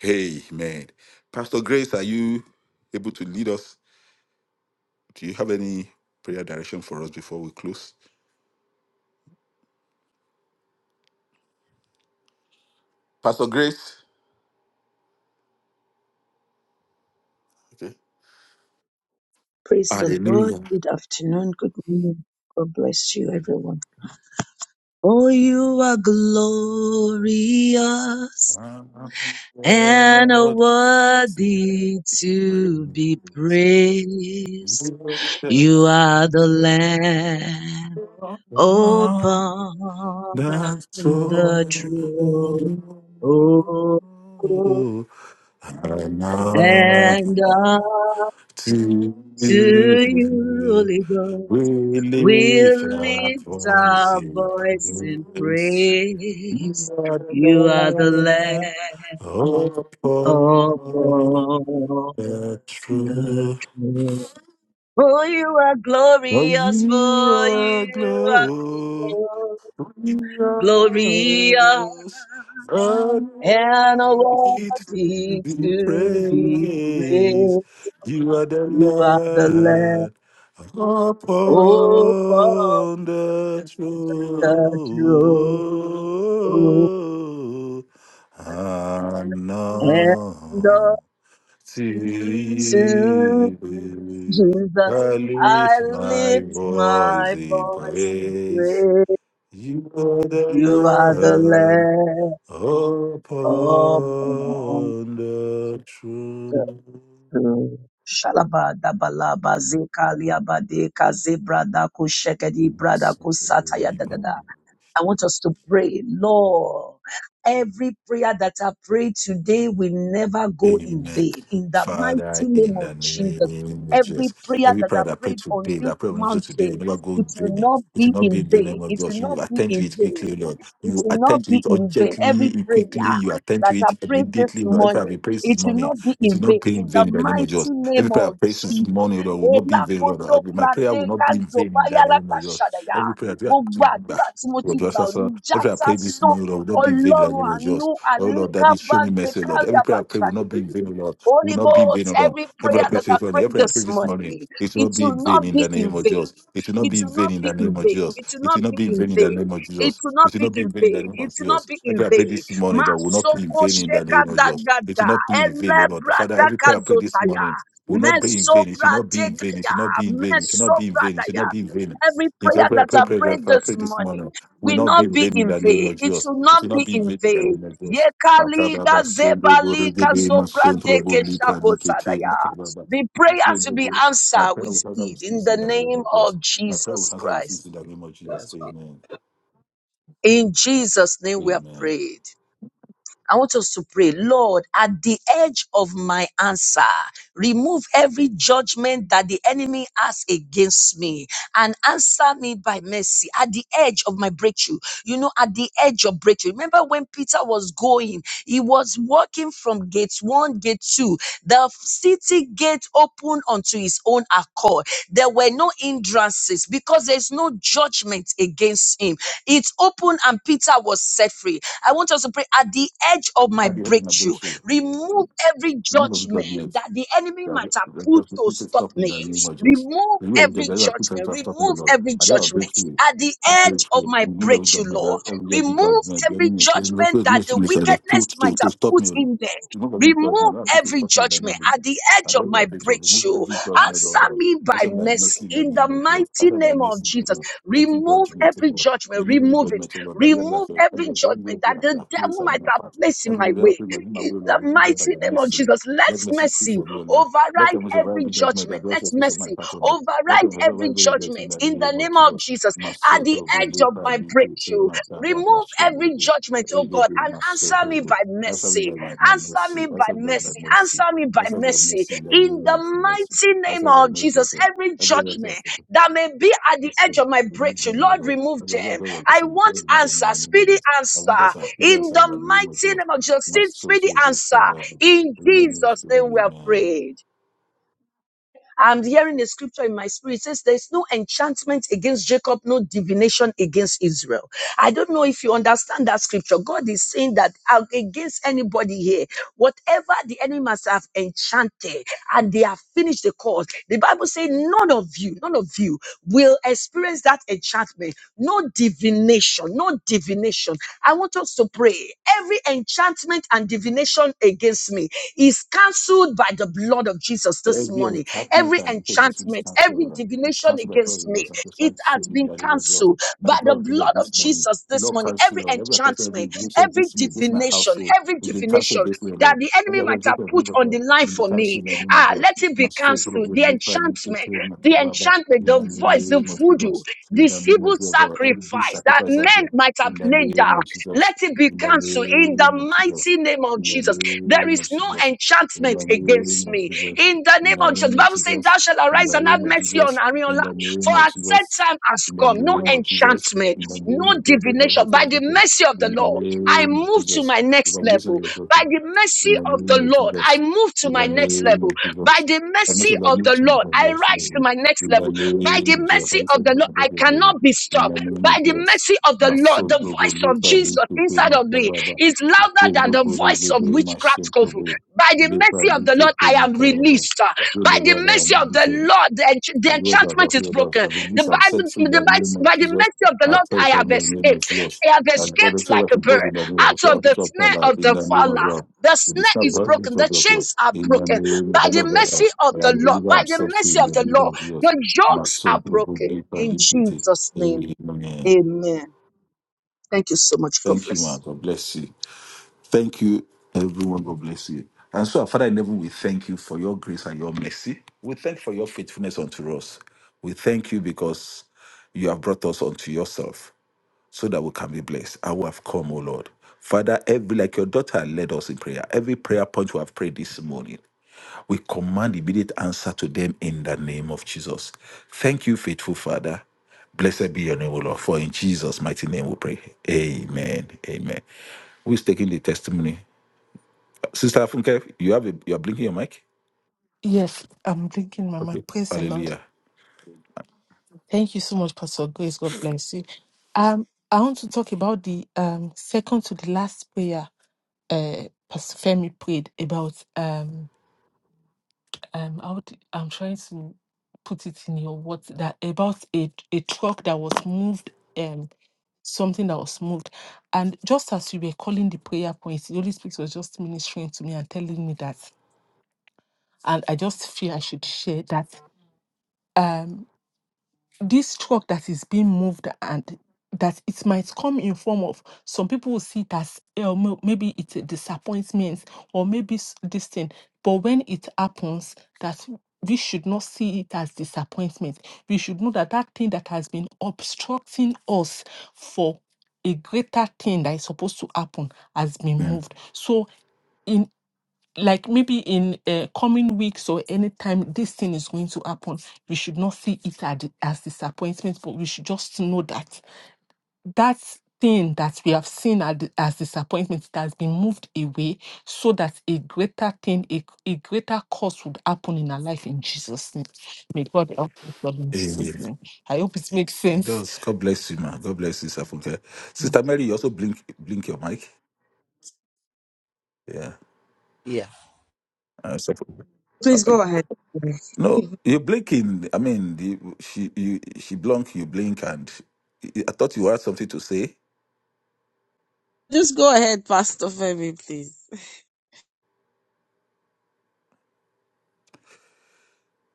[SPEAKER 4] Amen. Pastor Grace, are you able to lead us? Do you have any prayer direction for us before we close? Pastor Grace. Okay.
[SPEAKER 6] Praise the Lord.
[SPEAKER 4] Hallelujah.
[SPEAKER 6] Good afternoon. Good morning. God bless you, everyone. Oh, you are glorious
[SPEAKER 4] I'm
[SPEAKER 6] and
[SPEAKER 4] God to
[SPEAKER 6] worthy
[SPEAKER 4] praise.
[SPEAKER 6] to be
[SPEAKER 4] You
[SPEAKER 6] praised.
[SPEAKER 4] are the
[SPEAKER 6] You are the Lamb
[SPEAKER 4] God
[SPEAKER 6] upon
[SPEAKER 4] That's
[SPEAKER 6] the
[SPEAKER 4] so
[SPEAKER 6] throne.
[SPEAKER 4] holy.
[SPEAKER 6] Oh,
[SPEAKER 4] And
[SPEAKER 6] and up
[SPEAKER 4] to
[SPEAKER 6] to
[SPEAKER 4] you
[SPEAKER 6] you, Holy God.
[SPEAKER 4] we
[SPEAKER 6] We
[SPEAKER 4] lift our
[SPEAKER 6] lift
[SPEAKER 4] voice
[SPEAKER 6] our
[SPEAKER 4] in
[SPEAKER 6] voice in
[SPEAKER 4] praise.
[SPEAKER 6] praise.
[SPEAKER 4] You are
[SPEAKER 6] You are the
[SPEAKER 4] the
[SPEAKER 6] Lamb
[SPEAKER 4] Oh,
[SPEAKER 6] upon
[SPEAKER 4] for the
[SPEAKER 6] the
[SPEAKER 4] truth
[SPEAKER 6] throne. Oh, you are
[SPEAKER 4] of
[SPEAKER 6] glorious, for
[SPEAKER 4] your
[SPEAKER 6] you are
[SPEAKER 4] glorious
[SPEAKER 6] glo- glorious
[SPEAKER 4] and
[SPEAKER 6] and
[SPEAKER 4] worthy to
[SPEAKER 6] worthy
[SPEAKER 4] be
[SPEAKER 6] to be
[SPEAKER 4] praised.
[SPEAKER 6] praised.
[SPEAKER 4] You are the
[SPEAKER 6] You are the Lamb
[SPEAKER 4] Lord
[SPEAKER 6] upon
[SPEAKER 4] upon the
[SPEAKER 6] the throne.
[SPEAKER 4] throne.
[SPEAKER 6] And
[SPEAKER 4] Anon.
[SPEAKER 6] to
[SPEAKER 4] you.
[SPEAKER 6] Jesus.
[SPEAKER 4] I
[SPEAKER 6] I
[SPEAKER 4] lift my
[SPEAKER 6] lift
[SPEAKER 4] voice
[SPEAKER 6] my
[SPEAKER 4] in
[SPEAKER 6] voice and
[SPEAKER 4] praise.
[SPEAKER 6] pray.
[SPEAKER 4] You are the
[SPEAKER 6] You are the
[SPEAKER 4] Lamb
[SPEAKER 6] Lamb upon
[SPEAKER 4] upon the
[SPEAKER 6] the
[SPEAKER 4] throne.
[SPEAKER 6] throne. Shalaba dabalaba zeka liabade kaze brada kushekedi brada kusataya I want us to pray, Lord. Every prayer that I pray today will never go in
[SPEAKER 4] Amen.
[SPEAKER 6] vain. In the mighty
[SPEAKER 4] Father,
[SPEAKER 6] name
[SPEAKER 4] in the
[SPEAKER 6] of Jesus,
[SPEAKER 4] name of
[SPEAKER 6] every
[SPEAKER 4] Jesus,
[SPEAKER 6] prayer
[SPEAKER 4] every
[SPEAKER 6] that I
[SPEAKER 4] prayer that I pray
[SPEAKER 6] prayed on
[SPEAKER 4] today, that I
[SPEAKER 6] this
[SPEAKER 4] pray for today, will
[SPEAKER 6] mountain,
[SPEAKER 4] never go in
[SPEAKER 6] it will
[SPEAKER 4] vain.
[SPEAKER 6] not
[SPEAKER 4] It will
[SPEAKER 6] be
[SPEAKER 4] not be
[SPEAKER 6] in
[SPEAKER 4] in the
[SPEAKER 6] vain.
[SPEAKER 4] name of
[SPEAKER 6] It will
[SPEAKER 4] Jesus.
[SPEAKER 6] not
[SPEAKER 4] You
[SPEAKER 6] be
[SPEAKER 4] attend to
[SPEAKER 6] in
[SPEAKER 4] it
[SPEAKER 6] vain.
[SPEAKER 4] quickly, Lord.
[SPEAKER 6] It
[SPEAKER 4] You
[SPEAKER 6] will
[SPEAKER 4] attend
[SPEAKER 6] not
[SPEAKER 4] to
[SPEAKER 6] be
[SPEAKER 4] it
[SPEAKER 6] in vain. Every
[SPEAKER 4] urgently,
[SPEAKER 6] prayer
[SPEAKER 4] quickly. You attend to
[SPEAKER 6] that I
[SPEAKER 4] it
[SPEAKER 6] prayed this
[SPEAKER 4] immediately, Lord. Every prayer
[SPEAKER 6] morning,
[SPEAKER 4] we praise this
[SPEAKER 6] it will
[SPEAKER 4] morning,
[SPEAKER 6] not be
[SPEAKER 4] it will
[SPEAKER 6] in
[SPEAKER 4] not
[SPEAKER 6] vain.
[SPEAKER 4] be in
[SPEAKER 6] In the
[SPEAKER 4] vain in the name of
[SPEAKER 6] mighty
[SPEAKER 4] Jesus. Every
[SPEAKER 6] name
[SPEAKER 4] prayer I
[SPEAKER 6] of
[SPEAKER 4] praise this
[SPEAKER 6] Jesus.
[SPEAKER 4] morning, Lord, will not be in vain, Lord.
[SPEAKER 6] Elakoto
[SPEAKER 4] I- My prayer will not be
[SPEAKER 6] pradeka
[SPEAKER 4] in vain in the name of Jesus.
[SPEAKER 6] zobayalakashadaya.
[SPEAKER 4] Every prayer that I pray to
[SPEAKER 6] Gbogbo àdúrà tí mo ti
[SPEAKER 4] Lord, Lord,
[SPEAKER 6] gbà ò
[SPEAKER 4] Lord,
[SPEAKER 6] ní
[SPEAKER 4] Lord,
[SPEAKER 6] já
[SPEAKER 4] every prayer I pray this
[SPEAKER 6] sásán.
[SPEAKER 4] morning, Lord, will not be in vain in the
[SPEAKER 6] Ọlọ́run
[SPEAKER 4] name of Jesus.
[SPEAKER 6] àánú
[SPEAKER 4] Oh Lord, that
[SPEAKER 6] àníká
[SPEAKER 4] is show
[SPEAKER 6] bá
[SPEAKER 4] me
[SPEAKER 6] ṣe
[SPEAKER 4] mercy, Lord.
[SPEAKER 6] kárí
[SPEAKER 4] Every prayer I pray
[SPEAKER 6] àbàṣà
[SPEAKER 4] will not be in
[SPEAKER 6] dèdèdèdè.
[SPEAKER 4] vain, O Lord. It will
[SPEAKER 6] Holy
[SPEAKER 4] not be in vain,
[SPEAKER 6] Ghost,
[SPEAKER 4] O Lord.
[SPEAKER 6] every
[SPEAKER 4] Every prayer I
[SPEAKER 6] prayer
[SPEAKER 4] pray
[SPEAKER 6] that I
[SPEAKER 4] this morning, every
[SPEAKER 6] prayed
[SPEAKER 4] prayer I
[SPEAKER 6] this
[SPEAKER 4] pray this morning,
[SPEAKER 6] morning,
[SPEAKER 4] it will
[SPEAKER 6] it
[SPEAKER 4] not be in
[SPEAKER 6] will
[SPEAKER 4] vain
[SPEAKER 6] not
[SPEAKER 4] in
[SPEAKER 6] be
[SPEAKER 4] the
[SPEAKER 6] in
[SPEAKER 4] name of
[SPEAKER 6] vain.
[SPEAKER 4] Jesus. It will not
[SPEAKER 6] It
[SPEAKER 4] be in
[SPEAKER 6] will
[SPEAKER 4] vain
[SPEAKER 6] not
[SPEAKER 4] in
[SPEAKER 6] be
[SPEAKER 4] the
[SPEAKER 6] in
[SPEAKER 4] name of
[SPEAKER 6] vain.
[SPEAKER 4] Jesus.
[SPEAKER 6] It will
[SPEAKER 4] It will
[SPEAKER 6] not
[SPEAKER 4] not
[SPEAKER 6] be
[SPEAKER 4] be in
[SPEAKER 6] in
[SPEAKER 4] vain in the
[SPEAKER 6] vain.
[SPEAKER 4] name of
[SPEAKER 6] It
[SPEAKER 4] Jesus.
[SPEAKER 6] will not
[SPEAKER 4] It will
[SPEAKER 6] be
[SPEAKER 4] not be
[SPEAKER 6] in
[SPEAKER 4] in vain in
[SPEAKER 6] vain.
[SPEAKER 4] the name of
[SPEAKER 6] It will not
[SPEAKER 4] Jesus.
[SPEAKER 6] be
[SPEAKER 4] Every
[SPEAKER 6] in
[SPEAKER 4] prayer I pray
[SPEAKER 6] vain.
[SPEAKER 4] this morning, Lord, will not be in
[SPEAKER 6] Masoko
[SPEAKER 4] vain in the
[SPEAKER 6] sheka
[SPEAKER 4] name of
[SPEAKER 6] dagada,
[SPEAKER 4] Jesus.
[SPEAKER 6] da
[SPEAKER 4] It will
[SPEAKER 6] da.
[SPEAKER 4] not be in vain, O Lord.
[SPEAKER 6] Elebra
[SPEAKER 4] Father,
[SPEAKER 6] da
[SPEAKER 4] every prayer I pray this
[SPEAKER 6] kazotaya.
[SPEAKER 4] morning will not be in
[SPEAKER 6] Meso
[SPEAKER 4] vain. It will not be in vain. It
[SPEAKER 6] bradekaya.
[SPEAKER 4] will not be in vain. It will not be in vain. It will
[SPEAKER 6] Meso
[SPEAKER 4] not be in vain.
[SPEAKER 6] every
[SPEAKER 4] In every
[SPEAKER 6] prayer
[SPEAKER 4] prayer I
[SPEAKER 6] that
[SPEAKER 4] pray,
[SPEAKER 6] I
[SPEAKER 4] pray,
[SPEAKER 6] prayed
[SPEAKER 4] prayer I
[SPEAKER 6] this
[SPEAKER 4] pray this morning
[SPEAKER 6] morning
[SPEAKER 4] will
[SPEAKER 6] will
[SPEAKER 4] not be
[SPEAKER 6] not
[SPEAKER 4] in
[SPEAKER 6] be
[SPEAKER 4] vain in
[SPEAKER 6] in
[SPEAKER 4] the name
[SPEAKER 6] vain.
[SPEAKER 4] of
[SPEAKER 6] It
[SPEAKER 4] Jesus.
[SPEAKER 6] should
[SPEAKER 4] It
[SPEAKER 6] not
[SPEAKER 4] will not
[SPEAKER 6] be
[SPEAKER 4] be in
[SPEAKER 6] in
[SPEAKER 4] vain in the
[SPEAKER 6] vain.
[SPEAKER 4] name of Jesus. Makababa
[SPEAKER 6] Yekaliga
[SPEAKER 4] Sendrobo
[SPEAKER 6] zebalika
[SPEAKER 4] Regede Masendrobo
[SPEAKER 6] zopradeke
[SPEAKER 4] Lipra Likete
[SPEAKER 6] shakosadaya.
[SPEAKER 4] Makababa
[SPEAKER 6] The prayers will be
[SPEAKER 4] Sendrobo. My
[SPEAKER 6] answered
[SPEAKER 4] prayer
[SPEAKER 6] with
[SPEAKER 4] will answer
[SPEAKER 6] speed
[SPEAKER 4] with
[SPEAKER 6] in
[SPEAKER 4] this
[SPEAKER 6] the
[SPEAKER 4] in the name
[SPEAKER 6] name
[SPEAKER 4] of Jesus.
[SPEAKER 6] of
[SPEAKER 4] My prayer will
[SPEAKER 6] Jesus
[SPEAKER 4] answer with
[SPEAKER 6] Christ.
[SPEAKER 4] this in the name of Jesus. Amen.
[SPEAKER 6] In Jesus' name we have
[SPEAKER 4] Amen.
[SPEAKER 6] prayed. I want us to pray, Lord, at the edge of my answer, remove every judgment that the enemy has against me and answer me by mercy. At the edge of my breakthrough, you know, at the edge of breakthrough. Remember when Peter was going, he was walking from gate one, gate two. The city gate opened unto his own accord. There were no hindrances because there's no judgment against him. It opened, and Peter was set free. I want us to pray at the edge of my
[SPEAKER 4] At the head in the
[SPEAKER 6] breakthrough.
[SPEAKER 4] breakthrough,
[SPEAKER 6] Remove every
[SPEAKER 4] the move of
[SPEAKER 6] judgment
[SPEAKER 4] judgment,
[SPEAKER 6] that the enemy
[SPEAKER 4] the
[SPEAKER 6] might have
[SPEAKER 4] the
[SPEAKER 6] put
[SPEAKER 4] first
[SPEAKER 6] to
[SPEAKER 4] people to
[SPEAKER 6] stop
[SPEAKER 4] stop in the
[SPEAKER 6] me.
[SPEAKER 4] name of Jesus.
[SPEAKER 6] Remove
[SPEAKER 4] The move of
[SPEAKER 6] every
[SPEAKER 4] judgment, the people
[SPEAKER 6] judgment.
[SPEAKER 4] to stop in the
[SPEAKER 6] Remove
[SPEAKER 4] Lord.
[SPEAKER 6] every
[SPEAKER 4] At the head of
[SPEAKER 6] judgment
[SPEAKER 4] breakthrough,
[SPEAKER 6] at the
[SPEAKER 4] a
[SPEAKER 6] edge of
[SPEAKER 4] breakthrough, the
[SPEAKER 6] my
[SPEAKER 4] move of
[SPEAKER 6] breakthrough,
[SPEAKER 4] judgment,
[SPEAKER 6] Lord.
[SPEAKER 4] every year the
[SPEAKER 6] Remove
[SPEAKER 4] judgment, the
[SPEAKER 6] every
[SPEAKER 4] enemy, the enemy, the
[SPEAKER 6] judgment that
[SPEAKER 4] enemy, the
[SPEAKER 6] the
[SPEAKER 4] enemy, the enemy,
[SPEAKER 6] wickedness might have
[SPEAKER 4] the enemy, the
[SPEAKER 6] put
[SPEAKER 4] enemy,
[SPEAKER 6] in there.
[SPEAKER 4] remove every judgment.
[SPEAKER 6] Remove
[SPEAKER 4] Now people
[SPEAKER 6] every
[SPEAKER 4] talking in the name
[SPEAKER 6] judgment
[SPEAKER 4] of
[SPEAKER 6] at
[SPEAKER 4] God.
[SPEAKER 6] the edge
[SPEAKER 4] At the
[SPEAKER 6] of
[SPEAKER 4] end
[SPEAKER 6] my
[SPEAKER 4] of the day, so remove
[SPEAKER 6] breakthrough.
[SPEAKER 4] every judgment, O
[SPEAKER 6] Answer
[SPEAKER 4] Lord.
[SPEAKER 6] me by
[SPEAKER 4] Answer by
[SPEAKER 6] mercy
[SPEAKER 4] mercy in the
[SPEAKER 6] in the
[SPEAKER 4] name of God.
[SPEAKER 6] mighty
[SPEAKER 4] Answer by
[SPEAKER 6] name of
[SPEAKER 4] mercy in the
[SPEAKER 6] Jesus.
[SPEAKER 4] name of every
[SPEAKER 6] Remove
[SPEAKER 4] judgment, O
[SPEAKER 6] every
[SPEAKER 4] Lord.
[SPEAKER 6] judgment.
[SPEAKER 4] Remove every
[SPEAKER 6] Remove it
[SPEAKER 4] judgment, O Lord. That we have
[SPEAKER 6] Remove
[SPEAKER 4] to
[SPEAKER 6] every
[SPEAKER 4] every judgment,
[SPEAKER 6] judgment
[SPEAKER 4] we
[SPEAKER 6] that
[SPEAKER 4] have to
[SPEAKER 6] the
[SPEAKER 4] accuse
[SPEAKER 6] devil might
[SPEAKER 4] another
[SPEAKER 6] have
[SPEAKER 4] part.
[SPEAKER 6] placed in
[SPEAKER 4] Every
[SPEAKER 6] my
[SPEAKER 4] judgment, I
[SPEAKER 6] way.
[SPEAKER 4] pray, my my
[SPEAKER 6] In
[SPEAKER 4] will, Lord,
[SPEAKER 6] the
[SPEAKER 4] will be done by
[SPEAKER 6] mighty
[SPEAKER 4] your
[SPEAKER 6] name of
[SPEAKER 4] mercy.
[SPEAKER 6] Jesus, let
[SPEAKER 4] Let mercy speak
[SPEAKER 6] mercy
[SPEAKER 4] for me, O Lord. Let
[SPEAKER 6] override
[SPEAKER 4] them reserve
[SPEAKER 6] every
[SPEAKER 4] every judgment that
[SPEAKER 6] judgment.
[SPEAKER 4] draws
[SPEAKER 6] Let
[SPEAKER 4] your face of my
[SPEAKER 6] mercy
[SPEAKER 4] part, O Lord. Let
[SPEAKER 6] Override
[SPEAKER 4] them reserve
[SPEAKER 6] every
[SPEAKER 4] every judgment in
[SPEAKER 6] judgment
[SPEAKER 4] the
[SPEAKER 6] in the
[SPEAKER 4] name of
[SPEAKER 6] name of
[SPEAKER 4] Jesus.
[SPEAKER 6] Jesus. At the
[SPEAKER 4] Masoto,
[SPEAKER 6] edge of
[SPEAKER 4] Belupa,
[SPEAKER 6] my
[SPEAKER 4] Likete,
[SPEAKER 6] breakthrough,
[SPEAKER 4] Makaba,
[SPEAKER 6] remove every
[SPEAKER 4] Shenobu,
[SPEAKER 6] judgment, oh God,
[SPEAKER 4] Rebedu,
[SPEAKER 6] and answer me
[SPEAKER 4] Masoto,
[SPEAKER 6] by
[SPEAKER 4] I serve
[SPEAKER 6] mercy.
[SPEAKER 4] God like my
[SPEAKER 6] Answer
[SPEAKER 4] mercy.
[SPEAKER 6] me
[SPEAKER 4] I
[SPEAKER 6] by
[SPEAKER 4] serve God like
[SPEAKER 6] mercy.
[SPEAKER 4] mercy.
[SPEAKER 6] Answer me by
[SPEAKER 4] I serve God
[SPEAKER 6] mercy.
[SPEAKER 4] mercy in the
[SPEAKER 6] In
[SPEAKER 4] name
[SPEAKER 6] the
[SPEAKER 4] of Jesus.
[SPEAKER 6] mighty
[SPEAKER 4] I
[SPEAKER 6] name
[SPEAKER 4] serve God
[SPEAKER 6] of
[SPEAKER 4] no
[SPEAKER 6] Jesus,
[SPEAKER 4] weapon.
[SPEAKER 6] every
[SPEAKER 4] Every
[SPEAKER 6] judgment
[SPEAKER 4] righteous
[SPEAKER 6] that may be at the edge
[SPEAKER 4] person,
[SPEAKER 6] of my
[SPEAKER 4] we need
[SPEAKER 6] breakthrough,
[SPEAKER 4] them, O
[SPEAKER 6] Lord,
[SPEAKER 4] Lord.
[SPEAKER 6] remove
[SPEAKER 4] As we are
[SPEAKER 6] them.
[SPEAKER 4] God of us,
[SPEAKER 6] I
[SPEAKER 4] we
[SPEAKER 6] want
[SPEAKER 4] need them
[SPEAKER 6] answer,
[SPEAKER 4] in the name of
[SPEAKER 6] speedy
[SPEAKER 4] Jesus. I
[SPEAKER 6] answer.
[SPEAKER 4] want us our
[SPEAKER 6] In
[SPEAKER 4] visions in the
[SPEAKER 6] the
[SPEAKER 4] name of
[SPEAKER 6] mighty
[SPEAKER 4] Jesus.
[SPEAKER 6] name of Jesus,
[SPEAKER 4] My soul,
[SPEAKER 6] speedy
[SPEAKER 4] soul goes
[SPEAKER 6] answer.
[SPEAKER 4] to heaven.
[SPEAKER 6] In
[SPEAKER 4] In the name of
[SPEAKER 6] Jesus'
[SPEAKER 4] Jesus,
[SPEAKER 6] name we have
[SPEAKER 4] amen.
[SPEAKER 6] prayed. I'm hearing a scripture in my spirit. It says there's no enchantment against Jacob, no divination against Israel. I don't know if you understand that scripture. God is saying that uh, against anybody here, whatever the enemy must have enchanted and they have finished the course. The Bible says none of you, none of you will experience that enchantment. No divination, no divination. I want us to pray. Every enchantment and divination against me is cancelled by the blood of Jesus. Jesus
[SPEAKER 4] The
[SPEAKER 6] this
[SPEAKER 4] idea
[SPEAKER 6] morning.
[SPEAKER 4] of Chapman
[SPEAKER 6] Every
[SPEAKER 4] and the this is
[SPEAKER 6] enchantment, every
[SPEAKER 4] cancelled. It's
[SPEAKER 6] divination
[SPEAKER 4] cancelled by the blood
[SPEAKER 6] against
[SPEAKER 4] of
[SPEAKER 6] me,
[SPEAKER 4] Jesus. I'm just trying
[SPEAKER 6] it
[SPEAKER 4] to say
[SPEAKER 6] has
[SPEAKER 4] in
[SPEAKER 6] been
[SPEAKER 4] that of God.
[SPEAKER 6] cancelled
[SPEAKER 4] By the
[SPEAKER 6] by
[SPEAKER 4] blood
[SPEAKER 6] the
[SPEAKER 4] of Jesus
[SPEAKER 6] blood of
[SPEAKER 4] this morning,
[SPEAKER 6] Jesus
[SPEAKER 4] the
[SPEAKER 6] this
[SPEAKER 4] Lord
[SPEAKER 6] morning.
[SPEAKER 4] cancel
[SPEAKER 6] Every
[SPEAKER 4] you. Every person, every
[SPEAKER 6] enchantment,
[SPEAKER 4] individual,
[SPEAKER 6] every
[SPEAKER 4] this me, this my
[SPEAKER 6] divination,
[SPEAKER 4] household,
[SPEAKER 6] every
[SPEAKER 4] has been
[SPEAKER 6] divination
[SPEAKER 4] cancelled this way,
[SPEAKER 6] that
[SPEAKER 4] Lord.
[SPEAKER 6] the
[SPEAKER 4] Every
[SPEAKER 6] enemy
[SPEAKER 4] other
[SPEAKER 6] might have
[SPEAKER 4] greater of
[SPEAKER 6] put
[SPEAKER 4] heaven,
[SPEAKER 6] on the
[SPEAKER 4] Lord,
[SPEAKER 6] line
[SPEAKER 4] in the
[SPEAKER 6] for
[SPEAKER 4] council
[SPEAKER 6] me,
[SPEAKER 4] in the name of
[SPEAKER 6] ah,
[SPEAKER 4] Jesus.
[SPEAKER 6] let it be
[SPEAKER 4] My soul, God of
[SPEAKER 6] cancelled.
[SPEAKER 4] God,
[SPEAKER 6] The
[SPEAKER 4] give her and take
[SPEAKER 6] enchantment,
[SPEAKER 4] care of my
[SPEAKER 6] the
[SPEAKER 4] Kababa
[SPEAKER 6] enchantment,
[SPEAKER 4] in
[SPEAKER 6] the
[SPEAKER 4] the
[SPEAKER 6] voice, the
[SPEAKER 4] name of
[SPEAKER 6] voodoo,
[SPEAKER 4] Jesus. In the
[SPEAKER 6] this
[SPEAKER 4] name
[SPEAKER 6] evil
[SPEAKER 4] of Jesus, or every
[SPEAKER 6] sacrifice that
[SPEAKER 4] sacrifice
[SPEAKER 6] men
[SPEAKER 4] after
[SPEAKER 6] might have
[SPEAKER 4] in the
[SPEAKER 6] laid
[SPEAKER 4] name
[SPEAKER 6] down,
[SPEAKER 4] of Jesus.
[SPEAKER 6] let it be
[SPEAKER 4] In the
[SPEAKER 6] cancelled in the
[SPEAKER 4] name of Jesus.
[SPEAKER 6] mighty name of
[SPEAKER 4] In the
[SPEAKER 6] Jesus. There
[SPEAKER 4] name
[SPEAKER 6] is
[SPEAKER 4] of
[SPEAKER 6] no
[SPEAKER 4] Jesus. In the
[SPEAKER 6] enchantment
[SPEAKER 4] name
[SPEAKER 6] against
[SPEAKER 4] of
[SPEAKER 6] me.
[SPEAKER 4] Jesus
[SPEAKER 6] In the
[SPEAKER 4] in
[SPEAKER 6] name
[SPEAKER 4] the
[SPEAKER 6] of Jesus, the
[SPEAKER 4] name of
[SPEAKER 6] Bible says,
[SPEAKER 4] Jesus,
[SPEAKER 6] Thou shalt
[SPEAKER 4] in
[SPEAKER 6] arise
[SPEAKER 4] the
[SPEAKER 6] and have
[SPEAKER 4] name of
[SPEAKER 6] mercy on
[SPEAKER 4] Jesus, in
[SPEAKER 6] Ariola.
[SPEAKER 4] the
[SPEAKER 6] For
[SPEAKER 4] name of
[SPEAKER 6] a
[SPEAKER 4] Jesus,
[SPEAKER 6] set time has
[SPEAKER 4] in the
[SPEAKER 6] come. No
[SPEAKER 4] name of Jesus,
[SPEAKER 6] enchantment,
[SPEAKER 4] in the name
[SPEAKER 6] no
[SPEAKER 4] of the head of
[SPEAKER 6] divination.
[SPEAKER 4] heart
[SPEAKER 6] By
[SPEAKER 4] and
[SPEAKER 6] the
[SPEAKER 4] temple,
[SPEAKER 6] mercy of the
[SPEAKER 4] in the
[SPEAKER 6] Lord, I
[SPEAKER 4] name of
[SPEAKER 6] move to
[SPEAKER 4] Jesus,
[SPEAKER 6] my
[SPEAKER 4] In the
[SPEAKER 6] next
[SPEAKER 4] mercy of
[SPEAKER 6] level.
[SPEAKER 4] the
[SPEAKER 6] By
[SPEAKER 4] temple,
[SPEAKER 6] the mercy
[SPEAKER 4] in the
[SPEAKER 6] of
[SPEAKER 4] name
[SPEAKER 6] the
[SPEAKER 4] of
[SPEAKER 6] Lord, I
[SPEAKER 4] Jesus,
[SPEAKER 6] move to
[SPEAKER 4] in
[SPEAKER 6] my
[SPEAKER 4] the
[SPEAKER 6] next
[SPEAKER 4] name
[SPEAKER 6] level.
[SPEAKER 4] of
[SPEAKER 6] By
[SPEAKER 4] Jesus,
[SPEAKER 6] the
[SPEAKER 4] the
[SPEAKER 6] mercy
[SPEAKER 4] mercy of the
[SPEAKER 6] of the
[SPEAKER 4] meeting of
[SPEAKER 6] Lord,
[SPEAKER 4] the
[SPEAKER 6] I rise to
[SPEAKER 4] nation,
[SPEAKER 6] my next
[SPEAKER 4] in the
[SPEAKER 6] level. By
[SPEAKER 4] name
[SPEAKER 6] the
[SPEAKER 4] of Jesus, the
[SPEAKER 6] mercy
[SPEAKER 4] mercy
[SPEAKER 6] of the Lord,
[SPEAKER 4] of the
[SPEAKER 6] I
[SPEAKER 4] people,
[SPEAKER 6] cannot be
[SPEAKER 4] in the
[SPEAKER 6] stopped.
[SPEAKER 4] name
[SPEAKER 6] By
[SPEAKER 4] of
[SPEAKER 6] the
[SPEAKER 4] Jesus,
[SPEAKER 6] mercy of the
[SPEAKER 4] my
[SPEAKER 6] Lord,
[SPEAKER 4] soul,
[SPEAKER 6] the
[SPEAKER 4] the
[SPEAKER 6] voice of
[SPEAKER 4] Luther, the
[SPEAKER 6] Jesus
[SPEAKER 4] people,
[SPEAKER 6] inside
[SPEAKER 4] my
[SPEAKER 6] of me
[SPEAKER 4] Kavaba,
[SPEAKER 6] is
[SPEAKER 4] the
[SPEAKER 6] louder
[SPEAKER 4] King
[SPEAKER 6] than
[SPEAKER 4] of
[SPEAKER 6] the
[SPEAKER 4] the
[SPEAKER 6] voice of
[SPEAKER 4] Luther, my
[SPEAKER 6] witchcraft
[SPEAKER 4] soul,
[SPEAKER 6] coven.
[SPEAKER 4] the
[SPEAKER 6] By the
[SPEAKER 4] Luther,
[SPEAKER 6] mercy of
[SPEAKER 4] the
[SPEAKER 6] the Lord,
[SPEAKER 4] people,
[SPEAKER 6] I
[SPEAKER 4] my
[SPEAKER 6] am
[SPEAKER 4] Kavaba.
[SPEAKER 6] released. uh,
[SPEAKER 4] Dieu le
[SPEAKER 6] By the
[SPEAKER 4] roi là, on
[SPEAKER 6] mercy of
[SPEAKER 4] oublie
[SPEAKER 6] the
[SPEAKER 4] ça. Le
[SPEAKER 6] Lord, the, ench- the
[SPEAKER 4] roi là, le
[SPEAKER 6] enchantment is
[SPEAKER 4] roi là.
[SPEAKER 6] broken.
[SPEAKER 4] Avec lui,
[SPEAKER 6] The
[SPEAKER 4] ça me sert sous
[SPEAKER 6] Bible,
[SPEAKER 4] la
[SPEAKER 6] the,
[SPEAKER 4] nuit,
[SPEAKER 6] Bi-
[SPEAKER 4] mon
[SPEAKER 6] by the
[SPEAKER 4] Jesus.
[SPEAKER 6] mercy of the Lord,
[SPEAKER 4] Après, il
[SPEAKER 6] I
[SPEAKER 4] faut
[SPEAKER 6] have
[SPEAKER 4] bien venir, mon
[SPEAKER 6] escaped.
[SPEAKER 4] Jesus.
[SPEAKER 6] I have
[SPEAKER 4] And all the
[SPEAKER 6] escaped like
[SPEAKER 4] children of the
[SPEAKER 6] a
[SPEAKER 4] body
[SPEAKER 6] bird
[SPEAKER 4] that you have to
[SPEAKER 6] out
[SPEAKER 4] have
[SPEAKER 6] of
[SPEAKER 4] to
[SPEAKER 6] the
[SPEAKER 4] chop that
[SPEAKER 6] snare of
[SPEAKER 4] in
[SPEAKER 6] the
[SPEAKER 4] the name of
[SPEAKER 6] fowler.
[SPEAKER 4] God.
[SPEAKER 6] The
[SPEAKER 4] It is
[SPEAKER 6] snare
[SPEAKER 4] not
[SPEAKER 6] is
[SPEAKER 4] burden
[SPEAKER 6] broken.
[SPEAKER 4] for
[SPEAKER 6] The
[SPEAKER 4] the Lord.
[SPEAKER 6] chains are
[SPEAKER 4] In the
[SPEAKER 6] broken.
[SPEAKER 4] name of
[SPEAKER 6] By
[SPEAKER 4] the
[SPEAKER 6] the
[SPEAKER 4] Lord,
[SPEAKER 6] mercy of
[SPEAKER 4] I
[SPEAKER 6] the
[SPEAKER 4] am
[SPEAKER 6] Lord,
[SPEAKER 4] delivered,
[SPEAKER 6] by
[SPEAKER 4] I'm
[SPEAKER 6] the
[SPEAKER 4] set free
[SPEAKER 6] mercy
[SPEAKER 4] in
[SPEAKER 6] of
[SPEAKER 4] the
[SPEAKER 6] the
[SPEAKER 4] name
[SPEAKER 6] Lord,
[SPEAKER 4] of Jesus.
[SPEAKER 6] the
[SPEAKER 4] My
[SPEAKER 6] yokes
[SPEAKER 4] son,
[SPEAKER 6] are
[SPEAKER 4] provoke
[SPEAKER 6] broken.
[SPEAKER 4] deeper
[SPEAKER 6] In
[SPEAKER 4] liberty.
[SPEAKER 6] Jesus' name,
[SPEAKER 4] Amen.
[SPEAKER 6] amen. Thank you so much. God
[SPEAKER 4] Thank you, man.
[SPEAKER 6] bless.
[SPEAKER 4] God bless you. Thank you, everyone. God bless you. And so, our Father in heaven, we thank you for your grace and your mercy. We thank for your faithfulness unto us. We thank you because you have brought us unto yourself so that we can be blessed. I will have come, O Lord. Father, every like your daughter led us in prayer, every prayer point we have prayed this morning, we command immediate answer to them in the name of Jesus. Thank you, faithful Father. Blessed be your name, O Lord. For in Jesus' mighty name we pray. Amen. Amen. Who is taking the testimony? Sister Funke, you have a, you are blinking your mic?
[SPEAKER 5] Yes, I'm drinking, Mama.
[SPEAKER 4] Okay.
[SPEAKER 5] Praise the Lord.
[SPEAKER 4] Hallelujah.
[SPEAKER 5] Thank you so much, Pastor Grace. God bless you. Um, I want to talk about the um second to the last prayer uh Pastor Femi prayed about um um how do- I'm trying to put it in your words that about a, a truck that was moved um something that was moved and just as we were calling the prayer points the Holy Spirit was just ministering to me and telling me that and I just feel I should share that um. this truck that is being moved and that it might come in form of some people will see it as eh, oh, mo- maybe it's a disappointment or maybe s- this thing but when it happens that we should not see it as disappointment we should know that that thing that has been obstructing us for a greater thing that is supposed to happen has been
[SPEAKER 4] Amen.
[SPEAKER 5] moved so in like maybe in uh, coming weeks or anytime this thing is going to happen we should not see it at, as disappointment but we should just know that that thing that we have seen at, as disappointment it has been moved away so that a greater thing a, a greater cause would happen in our life in jesus name may god help us all in jesus
[SPEAKER 4] Amen.
[SPEAKER 5] name i hope it makes
[SPEAKER 4] It
[SPEAKER 5] sense
[SPEAKER 4] does. God bless you, man. God bless you, Sister Funke.
[SPEAKER 5] Mm.
[SPEAKER 4] Sister Mary, you also blink blink your mic. Yeah.
[SPEAKER 1] Yeah,
[SPEAKER 4] Uh, so
[SPEAKER 3] Please go ahead.
[SPEAKER 4] No, you blinking. I mean, the, she you she blunk, you blink, and I thought you had something to say.
[SPEAKER 3] Just go ahead, Pastor Femi, please.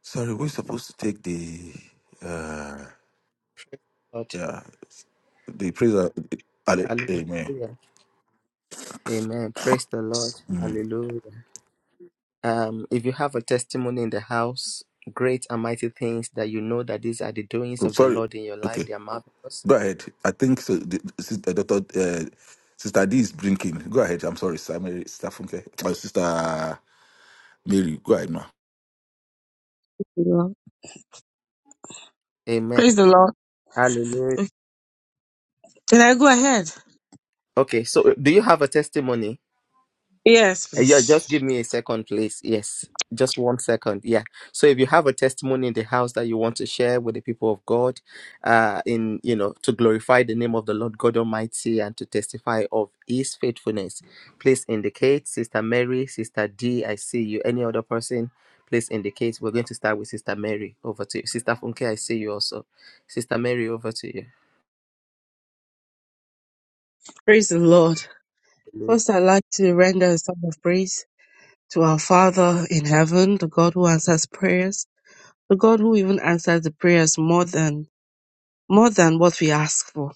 [SPEAKER 4] Sorry, we're supposed to take the uh
[SPEAKER 1] Lord.
[SPEAKER 4] yeah the praiser. Ale- Amen.
[SPEAKER 1] Hallelujah. Amen. Praise the Lord. Hallelujah. Um, if you have a testimony in the house, great and mighty things that you know that these are the doings
[SPEAKER 4] Oh,
[SPEAKER 1] of the
[SPEAKER 4] Sorry.
[SPEAKER 1] Lord in your life,
[SPEAKER 4] Okay,
[SPEAKER 1] they are marvelous.
[SPEAKER 4] go ahead. I think so. The, sister, Doctor, uh, Sister D is blinking. Go ahead. I'm sorry, Sister Mary, Sister Funke, my Sister Mary. Go ahead now.
[SPEAKER 3] Yeah.
[SPEAKER 1] Amen.
[SPEAKER 3] Praise the Lord.
[SPEAKER 1] Hallelujah.
[SPEAKER 3] Can I go ahead?
[SPEAKER 1] Okay, so uh, do you have a testimony?
[SPEAKER 3] Yes,
[SPEAKER 1] Uh, Yeah,
[SPEAKER 3] please.
[SPEAKER 1] just give me a second, please. Yes, just one second. Yeah. So if you have a testimony in the house that you want to share with the people of God, uh, in you know, to glorify the name of the Lord God Almighty and to testify of His faithfulness, please indicate. Sister Mary, Sister D, I see you. Any other person, please indicate. We're going to start with Sister Mary. Over to you, Sister Funke. I see you also. Sister Mary, over to you.
[SPEAKER 3] Praise the Lord. First, I'd like to render a song of praise to our Father in heaven, the God who answers prayers, the God who even answers the prayers more than more than what we ask for.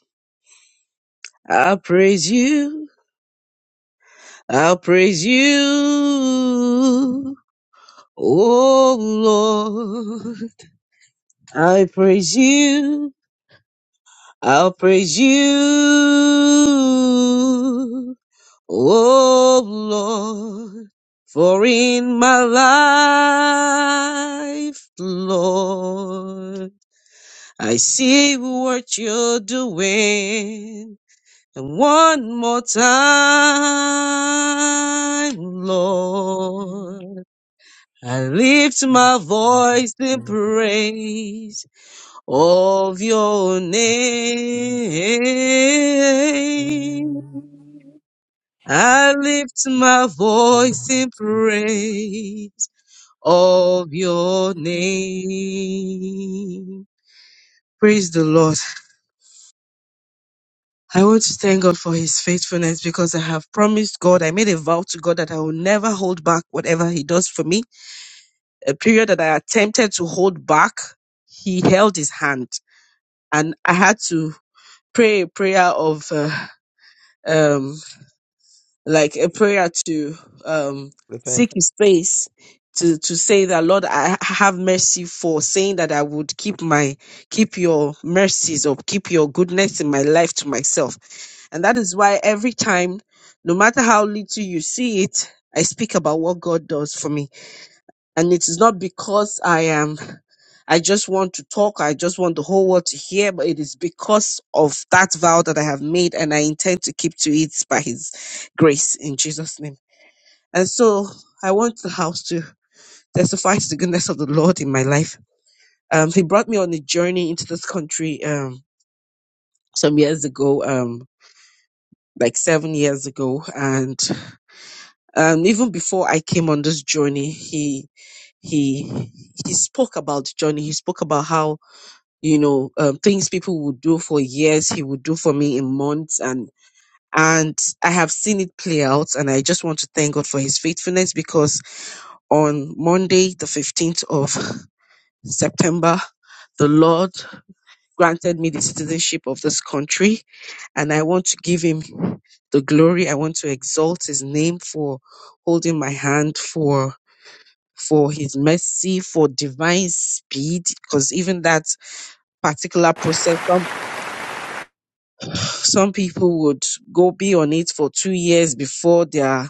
[SPEAKER 3] I'll praise you. I'll praise you. Oh Lord, I praise you. I'll praise you, oh Lord, for in my life, Lord, I see what you're doing. And one more time, Lord, I lift my voice in praise of your name. I lift my voice in praise of your name. Praise the Lord. I want to thank God for his faithfulness because I have promised God, I made a vow to God that I will never hold back whatever he does for me. A period that I attempted to hold back, he held his hand. And I had to pray a prayer of uh, um, like a prayer to um,
[SPEAKER 1] Repent.
[SPEAKER 3] seek His face, to to say that Lord, I ha- have mercy for saying that I would keep my keep Your mercies or keep Your goodness in my life to myself, and that is why every time, no matter how little you see it, I speak about what God does for me and it is not because I am I just want to talk, I just want the whole world to hear, but it is because of that vow that I have made and I intend to keep to it by his grace in Jesus' name. And so I want the house to testify to the goodness of the Lord in my life. Um he brought me on a journey into this country um some years ago, um like seven years ago. And um even before I came on this journey, he he he spoke about the journey. He spoke about how you know um, things people would do for years he would do for me in months and and i have seen it play out and i just want to thank god for his faithfulness because on monday the 15th of september the lord granted me the citizenship of this country and i want to give him the glory i want to exalt his name for holding my hand for for his mercy for divine speed because even that particular process Some people would go be on it for two years before their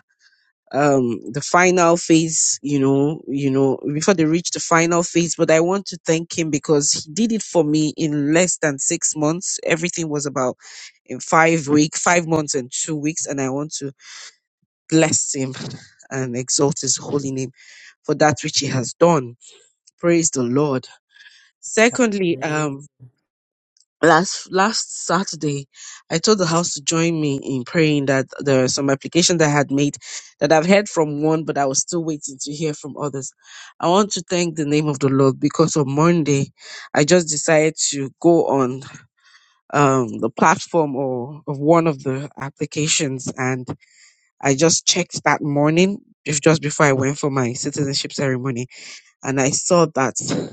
[SPEAKER 3] um the final phase you know you know before they reach the final phase but i want to thank him because he did it for me in less than six months everything was about in five week five months and two weeks and i want to bless him and exalt his holy name for that which he has done praise the lord secondly um. last last Saturday, I told the house to join me in praying that there are some applications that I had made that I've heard from one, but I was still waiting to hear from others. I want to thank the name of the Lord because on Monday, I just decided to go on um, the platform or of one of the applications, and I just checked that morning. if- Just before I went for my citizenship ceremony, and I saw that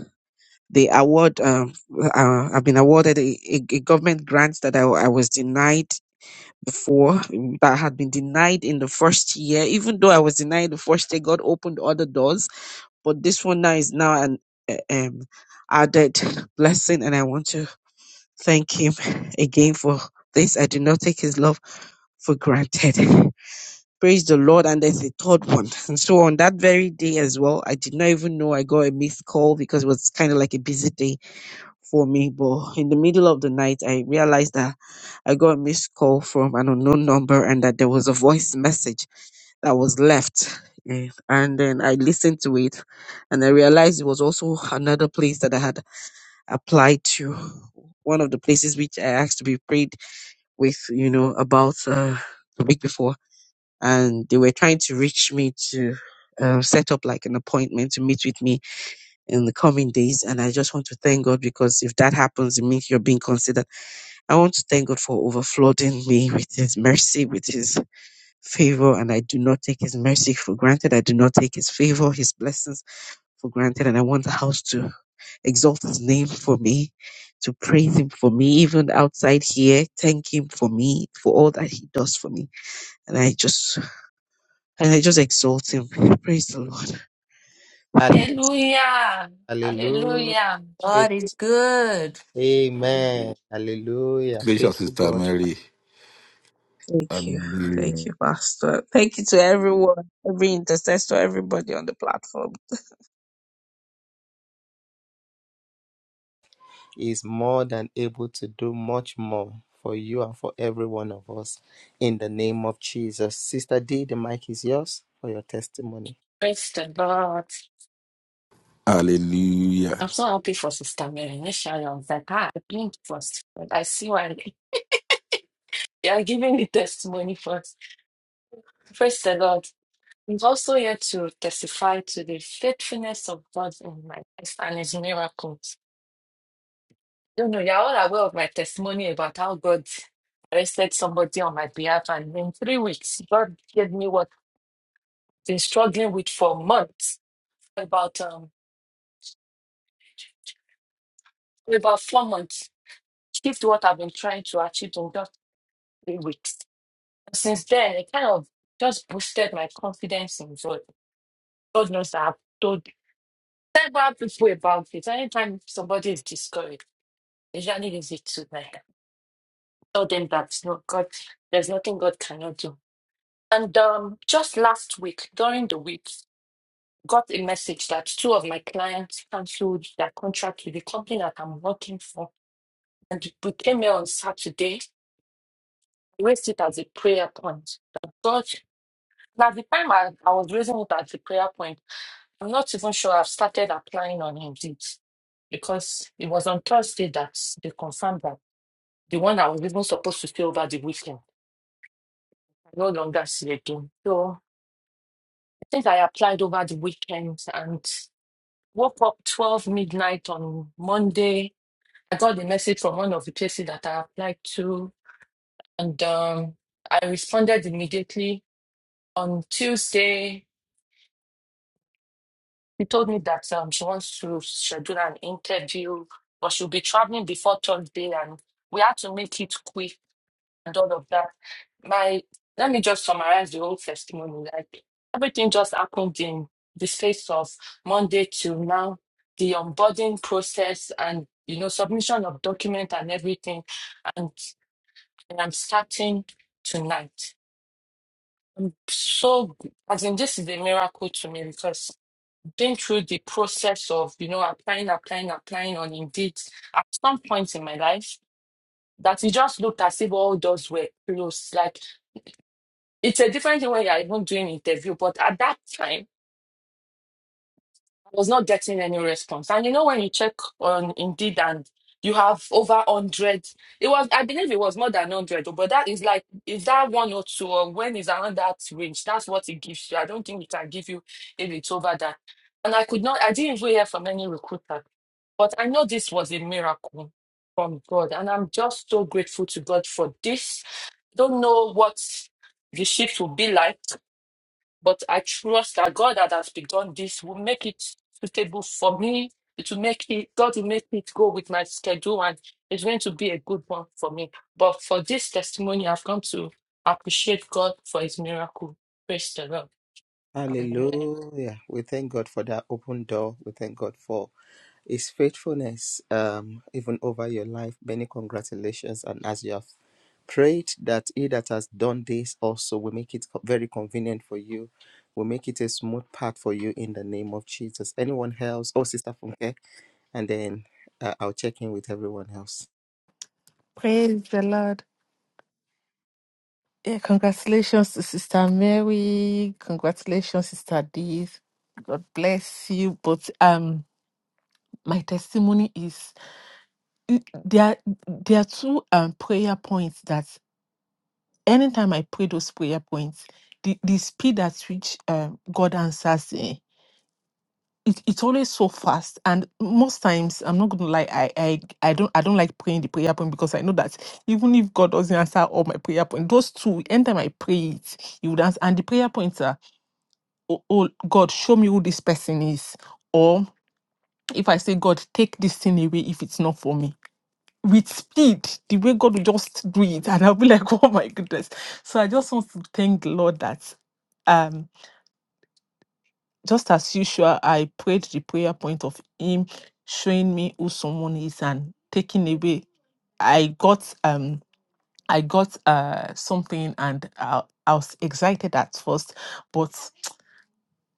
[SPEAKER 3] the award um, uh, I've been awarded a, a, a government grant that I, wa- I was denied before mm, that had been denied in the first year even though I was denied the first year God opened other doors but this one now is now an uh, um, added blessing and I want to thank him again for this I do not take his love for granted praise the Lord and there's a third one and so on that very day as well I did not even know I got a missed call because it was kind of like a busy day for me, but in the middle of the night, I realized that I got a missed call from an unknown number and that there was a voice message that was left. Eh, And then I listened to it and I realized it was also another place that I had applied to, one of the places which I asked to be prayed with, you know, about uh, the week before. And they were trying to reach me to uh, set up like an appointment to meet with me in the coming days. And I just want to thank God because if that happens, it means you're being considered I want to thank God for overflooding me with His mercy, with His favor, and I do not take His mercy for granted. I do not take His favor, His blessings for granted, and I want the house to exalt His name for me, to praise Him for me, even outside here. Thank Him for me for all that He does for me, and I just and I just exalt Him. Praise the Lord.
[SPEAKER 2] Hallelujah.
[SPEAKER 1] Hallelujah.
[SPEAKER 2] Hallelujah.
[SPEAKER 7] God is good.
[SPEAKER 1] Amen. Hallelujah.
[SPEAKER 4] Congratulations,
[SPEAKER 1] Faithful
[SPEAKER 4] Sister
[SPEAKER 1] God
[SPEAKER 4] Mary.
[SPEAKER 3] Thank you. Thank
[SPEAKER 4] Hallelujah.
[SPEAKER 3] you, Pastor. Thank you to everyone, every intercessor, everybody on the platform.
[SPEAKER 1] is more than able to do much more for you and for every one of us in the name of Jesus. Sister D, the mic is yours for your testimony.
[SPEAKER 2] Praise the Lord. I'm
[SPEAKER 4] Hallelujah.
[SPEAKER 2] so happy for Sister Mary. Initially, I was like, ah, I think first. But I see why they are giving the testimony first. Praise the Lord. I'm also here to testify to the faithfulness of God in my life and his miracles. You know, you're all aware of my testimony about how God arrested somebody on my behalf. And in three weeks, God gave me what I've been struggling with for months, about um about four months. shift what I've been trying to achieve in just three weeks. And since then, it kind of just boosted my confidence in God. God knows that I've told several people about it. Anytime somebody is discouraged, they usually leave it to them. Tell them that no God, there's nothing God cannot do. And um, just last week, during the week, got a message that two of my clients cancelled their contract with the company that I'm working for. And we came here on Saturday, raised it as a prayer point. Now, the time I, I was raising it at the prayer point, I'm not even sure I've started applying on Indeed because it was on Thursday that they confirmed that the one I was even supposed to stay over the weekend, I no longer see again. So I think I applied over the weekend and woke up 12 midnight on Monday. I got the message from one of the places that I applied to and um, I responded immediately on Tuesday. She told me that um, she wants to schedule an interview, but she'll be traveling before Thursday, and we had to make it quick and all of that. My, let me just summarize the whole testimony. Like everything just happened in the space of Monday till now. The onboarding process and you know submission of document and everything, and, and I'm starting tonight. So, as in, this is a miracle to me because been through the process of you know applying applying applying on indeed at some point in my life that it just looked as if all doors were closed like it's a different thing when you're even doing interview but at that time I was not getting any response. And you know, when you check on Indeed and you have over 100, it was, I believe it was more than 100, but that is like, is that one or two, or when is around that range? That's what it gives you. I don't think it can give you if it's over that. And I could not, I didn't even hear from any recruiter, but I know this was a miracle from God. And I'm just so grateful to God for this. Don't know what the shift will be like but I trust that God that has begun this will make it suitable for me. It will make it, God will make it go with my schedule and it's going to be a good one for me. But for this testimony, I've come to appreciate God for his miracle. Praise the Lord. Hallelujah.
[SPEAKER 1] Hallelujah. We thank God for that open door. We thank God for his faithfulness um, even over your life. Many congratulations. And as you have Prayed that he that has done this also will make it co- very convenient for you, will make it a smooth path for you in the name of Jesus. Anyone else? Oh, Sister Funke, and then uh, I'll check in with everyone else.
[SPEAKER 5] praise the lord Yeah, congratulations to Sister Mary. Congratulations, Sister Dee. God bless you. But um, my testimony is it- there. are- There are two um prayer points that anytime I pray those prayer points, the the speed at which um God answers eh, it, it's always so fast. And most times, I'm not gonna lie, I I I don't I don't like praying the prayer point because I know that even if God doesn't answer all my prayer points, those two anytime I pray it, He would answer. And the prayer points are. oh, oh God, show me who this person is. Or if I say, God, take this thing away if it's not for me. With speed, the way God will just do it. And I'll be like, oh my goodness. So I just want to thank the Lord that um just as usual, I prayed the prayer point of him showing me who someone is and taking away. I got um I got uh something and I, I was excited at first, but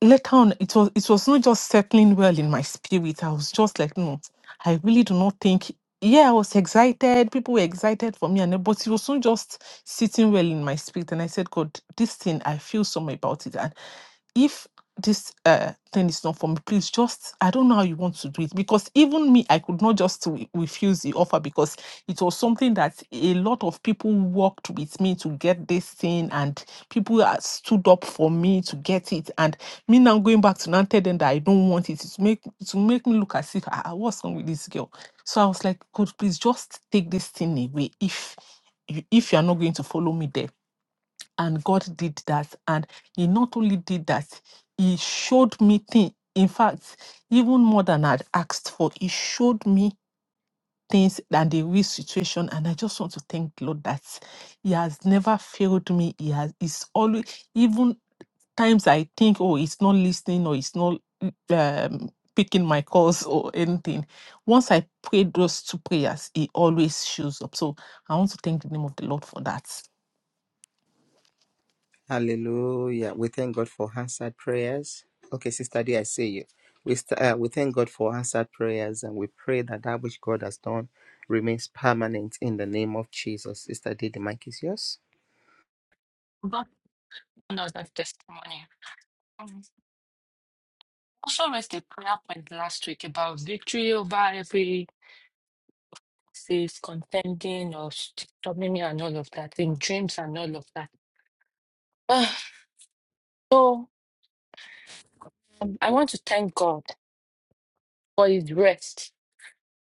[SPEAKER 5] later on it was it was not just settling well in my spirit i was just like no i really do not think yeah i was excited people were excited for me and but it was not just sitting well in my spirit and i said god this thing i feel some about it and if this uh thing is not for me please just i don't know how you want to do it because even me i could not just re- refuse the offer because it was something that a lot of people worked with me to get this thing and people uh, stood up for me to get it and me now going back to now and tell them that I don't want it to make to make me look as if I ah, what's wrong with this girl. So I was like, God, please just take this thing away if you- if you are not going to follow me there. And God did that, and He not only did that, He showed me things. In fact, even more than I'd asked for, He showed me things and the real situation. And I just want to thank the Lord that He has never failed me. He has. He's always even times I think, oh, it's not listening or it's not um, picking my calls or anything. Once I pray those two prayers, it always shows up. So I want to thank the name of the Lord for that.
[SPEAKER 1] Hallelujah. We thank God for answered prayers. Okay, Sister D, I see you. We, st- uh, we thank God for answered prayers and we pray that that which God has done remains permanent in the name of Jesus. Sister D, the mic is yours.
[SPEAKER 2] God, another testimony. Um, Also raised a prayer point last week about victory over every disease, contending or disturbing me and all of that, in dreams and all of that. Ah, so um, I want to thank God. for his rest.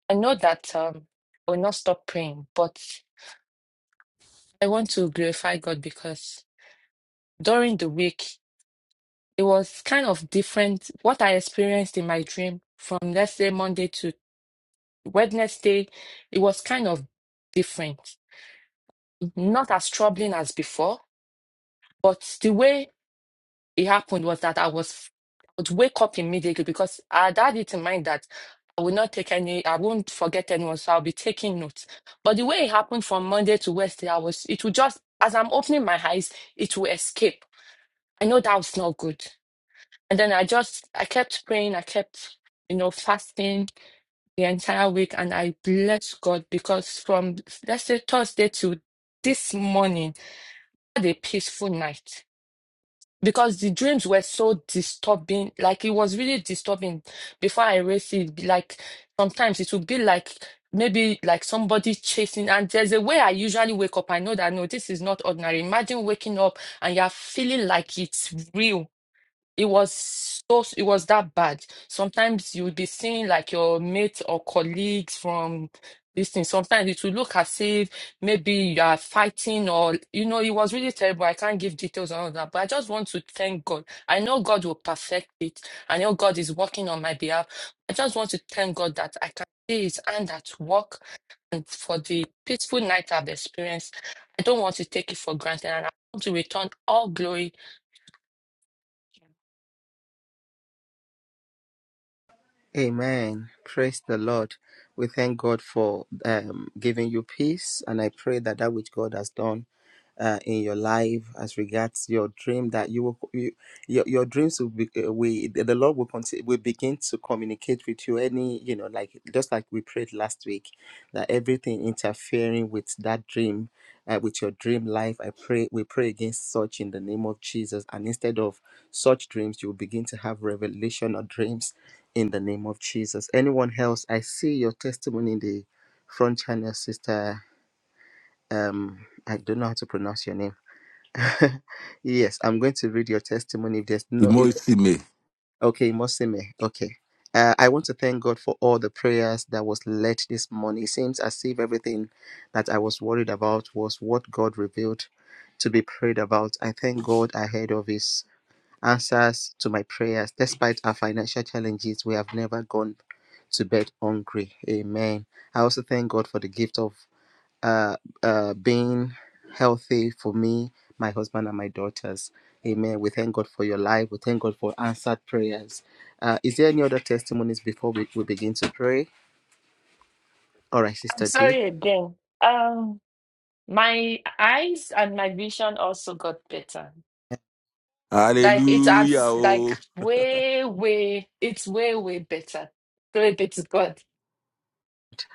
[SPEAKER 2] I know that um I will not stop praying, but I want to glorify God because during the week it was kind of different. What I experienced in my dream from let's say Monday to Wednesday, it was kind of different. Not as troubling as before, but the way it happened was that I was I would wake up immediately because I had had it in mind that I would not take any, I won't forget anyone, so I'll be taking notes. But the way it happened from Monday to Wednesday, I was it would just as I'm opening my eyes, it will escape. I know that was not good. And then I just I kept praying, I kept, you know, fasting the entire week and I blessed God because from let's say Thursday to this morning, I had a peaceful night because the dreams were so disturbing like it was really disturbing before i erased it be like sometimes it would be like maybe like somebody chasing and there's a way i usually wake up i know that no this is not ordinary imagine waking up and you're feeling like it's real it was so it was that bad. Sometimes you would be seeing like your mates or colleagues from this thing. Sometimes it would look as if maybe you are fighting or you know, it was really terrible. I can't give details on all that, but I just want to thank God. I know God will perfect it. I know God is working on my behalf. I just want to thank God that I can see his hand at work and for the peaceful night I've experienced. I don't want to take it for granted and I want to return all glory
[SPEAKER 1] Amen. Praise the Lord. We thank God for um, giving you peace, and I pray that that which God has done uh, in your life as regards your dream that you will you, your, your dreams will be uh, we the the lord will continue will begin to communicate with you any you know like just like we prayed last week that everything interfering with that dream uh, with your dream life i pray we pray against such in the name of jesus and instead of such dreams you will begin to have revelation or dreams in the name of jesus anyone else i see your testimony in the front channel sister um i don't know how to pronounce your name yes, I'm going to read your testimony. If there's no, is, okay, Mosime. Okay. Uh, I want to thank God for all the prayers that was led this morning. It seems as if everything that I was worried about was what God revealed to be prayed about. I thank God ahead of His answers to my prayers. Despite our financial challenges, we have never gone to bed hungry. Amen. I also thank God for the gift of uh, uh, being healthy for me, my husband, and my daughters. Amen. We thank God for your life. We thank God for answered prayers. Uh, is there any other testimonies before we, we begin to pray? All right,
[SPEAKER 2] I'm
[SPEAKER 1] Sister D.
[SPEAKER 2] sorry again. Um, my eyes and my vision also got better. Like it
[SPEAKER 4] Hallelujah.
[SPEAKER 2] has like
[SPEAKER 4] Oh,
[SPEAKER 2] way, way, it's way, way better. Glory be to God.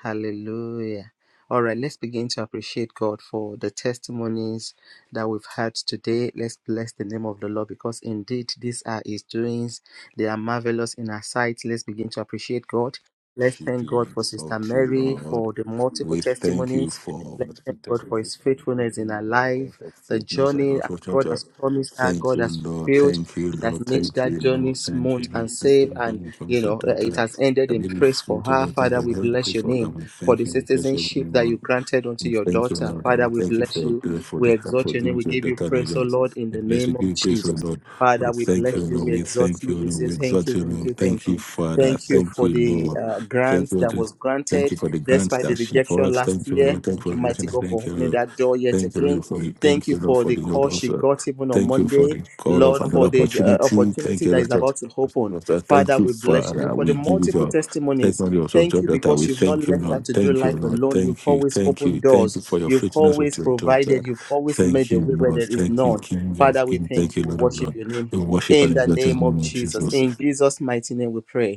[SPEAKER 1] God. Hallelujah. All right, let's begin to appreciate God for the testimonies that we've had today. Let's bless the name of the Lord because indeed these are His doings. They are marvelous in our sight. Let's begin to appreciate God. Let's
[SPEAKER 4] worship
[SPEAKER 1] thank
[SPEAKER 4] you,
[SPEAKER 1] God
[SPEAKER 4] we
[SPEAKER 1] for Sister
[SPEAKER 4] exalt you,
[SPEAKER 1] Mary
[SPEAKER 4] Lord.
[SPEAKER 1] for the multiple
[SPEAKER 4] We thank you
[SPEAKER 1] testimonies.
[SPEAKER 4] for
[SPEAKER 1] Let's thank
[SPEAKER 4] thank
[SPEAKER 1] God
[SPEAKER 4] you
[SPEAKER 1] for
[SPEAKER 4] for
[SPEAKER 1] His faithfulness in our
[SPEAKER 4] salvation, Lord.
[SPEAKER 1] life.
[SPEAKER 4] Thank you for
[SPEAKER 1] The
[SPEAKER 4] goodness and
[SPEAKER 1] journey
[SPEAKER 4] Lord. Thank
[SPEAKER 1] God
[SPEAKER 4] you,
[SPEAKER 1] has promised her,
[SPEAKER 4] Thank
[SPEAKER 1] God
[SPEAKER 4] you,
[SPEAKER 1] has
[SPEAKER 4] Lord.
[SPEAKER 1] fulfilled.
[SPEAKER 4] Thank you,
[SPEAKER 1] He has
[SPEAKER 4] Lord.
[SPEAKER 1] made
[SPEAKER 4] Thank
[SPEAKER 1] that
[SPEAKER 4] you,
[SPEAKER 1] journey
[SPEAKER 4] Lord. Thank
[SPEAKER 1] smooth
[SPEAKER 4] you,
[SPEAKER 1] and
[SPEAKER 4] Lord. Thank
[SPEAKER 1] safe,
[SPEAKER 4] you,
[SPEAKER 1] and
[SPEAKER 4] Lord.
[SPEAKER 1] you
[SPEAKER 4] Thank you,
[SPEAKER 1] know, uh, it
[SPEAKER 4] Lord.
[SPEAKER 1] has ended in praise for
[SPEAKER 4] Thank you,
[SPEAKER 1] her.
[SPEAKER 4] Lord.
[SPEAKER 1] Father, we
[SPEAKER 4] Thank you, Lord.
[SPEAKER 1] bless your
[SPEAKER 4] Thank you, Lord. Thank you, Lord. Thank you, Lord. Thank you, Lord. Thank you, Lord.
[SPEAKER 1] name for the
[SPEAKER 4] Thank you, Lord. Thank you,
[SPEAKER 1] citizenship that
[SPEAKER 4] Lord.
[SPEAKER 1] you granted unto
[SPEAKER 4] We
[SPEAKER 1] your
[SPEAKER 4] thank you,
[SPEAKER 1] daughter.
[SPEAKER 4] Lord. And
[SPEAKER 1] Father,
[SPEAKER 4] we
[SPEAKER 1] we
[SPEAKER 4] thank you for
[SPEAKER 1] bless
[SPEAKER 4] your
[SPEAKER 1] you.
[SPEAKER 4] good, for
[SPEAKER 1] We
[SPEAKER 4] the help
[SPEAKER 1] exalt
[SPEAKER 4] for
[SPEAKER 1] your name.
[SPEAKER 4] doing
[SPEAKER 1] We
[SPEAKER 4] to your
[SPEAKER 1] give you
[SPEAKER 4] daughter, Lord.
[SPEAKER 1] praise, O
[SPEAKER 4] Lord.
[SPEAKER 1] Lord, in
[SPEAKER 4] We
[SPEAKER 1] the
[SPEAKER 4] bless you.
[SPEAKER 1] name
[SPEAKER 4] Give
[SPEAKER 1] of
[SPEAKER 4] you praise, O
[SPEAKER 1] Jesus.
[SPEAKER 4] Lord.
[SPEAKER 1] Father,
[SPEAKER 4] We
[SPEAKER 1] we
[SPEAKER 4] thank you,
[SPEAKER 1] bless you.
[SPEAKER 4] Lord.
[SPEAKER 1] We
[SPEAKER 4] We
[SPEAKER 1] exalt
[SPEAKER 4] thank
[SPEAKER 1] you.
[SPEAKER 4] you,
[SPEAKER 1] We
[SPEAKER 4] Lord.
[SPEAKER 1] say
[SPEAKER 4] We
[SPEAKER 1] thank
[SPEAKER 4] exalt
[SPEAKER 1] you,
[SPEAKER 4] you,
[SPEAKER 1] thank you,
[SPEAKER 4] Lord.
[SPEAKER 1] thank
[SPEAKER 4] Thank you,
[SPEAKER 1] you.
[SPEAKER 4] Father.
[SPEAKER 1] Thank you
[SPEAKER 4] Thank
[SPEAKER 1] for
[SPEAKER 4] you,
[SPEAKER 1] the
[SPEAKER 4] Lord.
[SPEAKER 1] uh,
[SPEAKER 4] Thank
[SPEAKER 1] grant
[SPEAKER 4] you,
[SPEAKER 1] that
[SPEAKER 4] Lord.
[SPEAKER 1] was
[SPEAKER 4] Thank
[SPEAKER 1] granted
[SPEAKER 4] you for the grants
[SPEAKER 1] despite the
[SPEAKER 4] that she
[SPEAKER 1] rejection
[SPEAKER 4] got.
[SPEAKER 1] last
[SPEAKER 4] Thank you,
[SPEAKER 1] year.
[SPEAKER 4] Lord. Thank
[SPEAKER 1] Thank
[SPEAKER 4] you
[SPEAKER 1] you,
[SPEAKER 4] for the
[SPEAKER 1] mighty
[SPEAKER 4] blessing.
[SPEAKER 1] God, for
[SPEAKER 4] Thank you,
[SPEAKER 1] opening
[SPEAKER 4] Lord.
[SPEAKER 1] that door yet
[SPEAKER 4] Thank you,
[SPEAKER 1] again.
[SPEAKER 4] Lord, for the
[SPEAKER 1] Thank
[SPEAKER 4] thank
[SPEAKER 1] you
[SPEAKER 4] you, Lord,
[SPEAKER 1] for
[SPEAKER 4] for
[SPEAKER 1] the
[SPEAKER 4] the Lord
[SPEAKER 1] call she
[SPEAKER 4] also.
[SPEAKER 1] got even on
[SPEAKER 4] Thank you for
[SPEAKER 1] Monday,
[SPEAKER 4] the call of
[SPEAKER 1] Lord,
[SPEAKER 4] another
[SPEAKER 1] for the uh,
[SPEAKER 4] opportunity. Thank
[SPEAKER 1] opportunity
[SPEAKER 4] you,
[SPEAKER 1] that is
[SPEAKER 4] Lord.
[SPEAKER 1] about to open.
[SPEAKER 4] Lord,
[SPEAKER 1] Father,
[SPEAKER 4] Thank you,
[SPEAKER 1] we bless you
[SPEAKER 4] Father.
[SPEAKER 1] for the
[SPEAKER 4] We give it
[SPEAKER 1] multiple
[SPEAKER 4] up. Take
[SPEAKER 1] testimonies.
[SPEAKER 4] not yours of
[SPEAKER 1] Thank
[SPEAKER 4] your
[SPEAKER 1] you
[SPEAKER 4] daughter. We
[SPEAKER 1] because you've not
[SPEAKER 4] thank you,
[SPEAKER 1] left her
[SPEAKER 4] Lord.
[SPEAKER 1] to do
[SPEAKER 4] Thank you,
[SPEAKER 1] life
[SPEAKER 4] Lord.
[SPEAKER 1] alone. You've
[SPEAKER 4] Thank you.
[SPEAKER 1] always
[SPEAKER 4] Thank you.
[SPEAKER 1] opened
[SPEAKER 4] Thank you
[SPEAKER 1] doors.
[SPEAKER 4] for your
[SPEAKER 1] You've
[SPEAKER 4] faithfulness with
[SPEAKER 1] always
[SPEAKER 4] your daughter.
[SPEAKER 1] provided. You've always made
[SPEAKER 4] Thank
[SPEAKER 1] a
[SPEAKER 4] you,
[SPEAKER 1] way where
[SPEAKER 4] Lord.
[SPEAKER 1] there is
[SPEAKER 4] Thank you,
[SPEAKER 1] none.
[SPEAKER 4] King of
[SPEAKER 1] Father, we
[SPEAKER 4] Kings. Thank
[SPEAKER 1] thank you.
[SPEAKER 4] you,
[SPEAKER 1] We
[SPEAKER 4] Lord of
[SPEAKER 1] worship
[SPEAKER 4] Lords.
[SPEAKER 1] your name
[SPEAKER 4] We worship
[SPEAKER 1] in
[SPEAKER 4] and
[SPEAKER 1] the
[SPEAKER 4] exalt your
[SPEAKER 1] name of
[SPEAKER 4] name,
[SPEAKER 1] Jesus.
[SPEAKER 4] Jesus.
[SPEAKER 1] In Jesus' mighty name, we pray.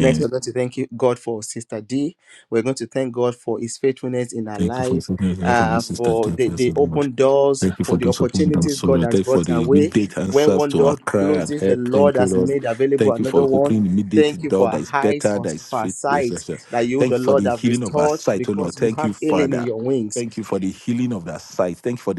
[SPEAKER 1] Next, we're going to thank you, God for Sister D. We're going to thank God for His faithfulness in our life, uh, for the, the open doors,
[SPEAKER 4] Thank,
[SPEAKER 1] for the opportunities God has brought our way. When one door closes, the Lord has made available
[SPEAKER 4] thank,
[SPEAKER 1] another one. Thank you for our eyes, for, for our sight, that you,
[SPEAKER 4] thank
[SPEAKER 1] the
[SPEAKER 4] you
[SPEAKER 1] Lord, have
[SPEAKER 4] for our
[SPEAKER 1] restored
[SPEAKER 4] sight, O
[SPEAKER 1] because you have healing
[SPEAKER 4] Lord.
[SPEAKER 1] in your wings.
[SPEAKER 4] Thank you.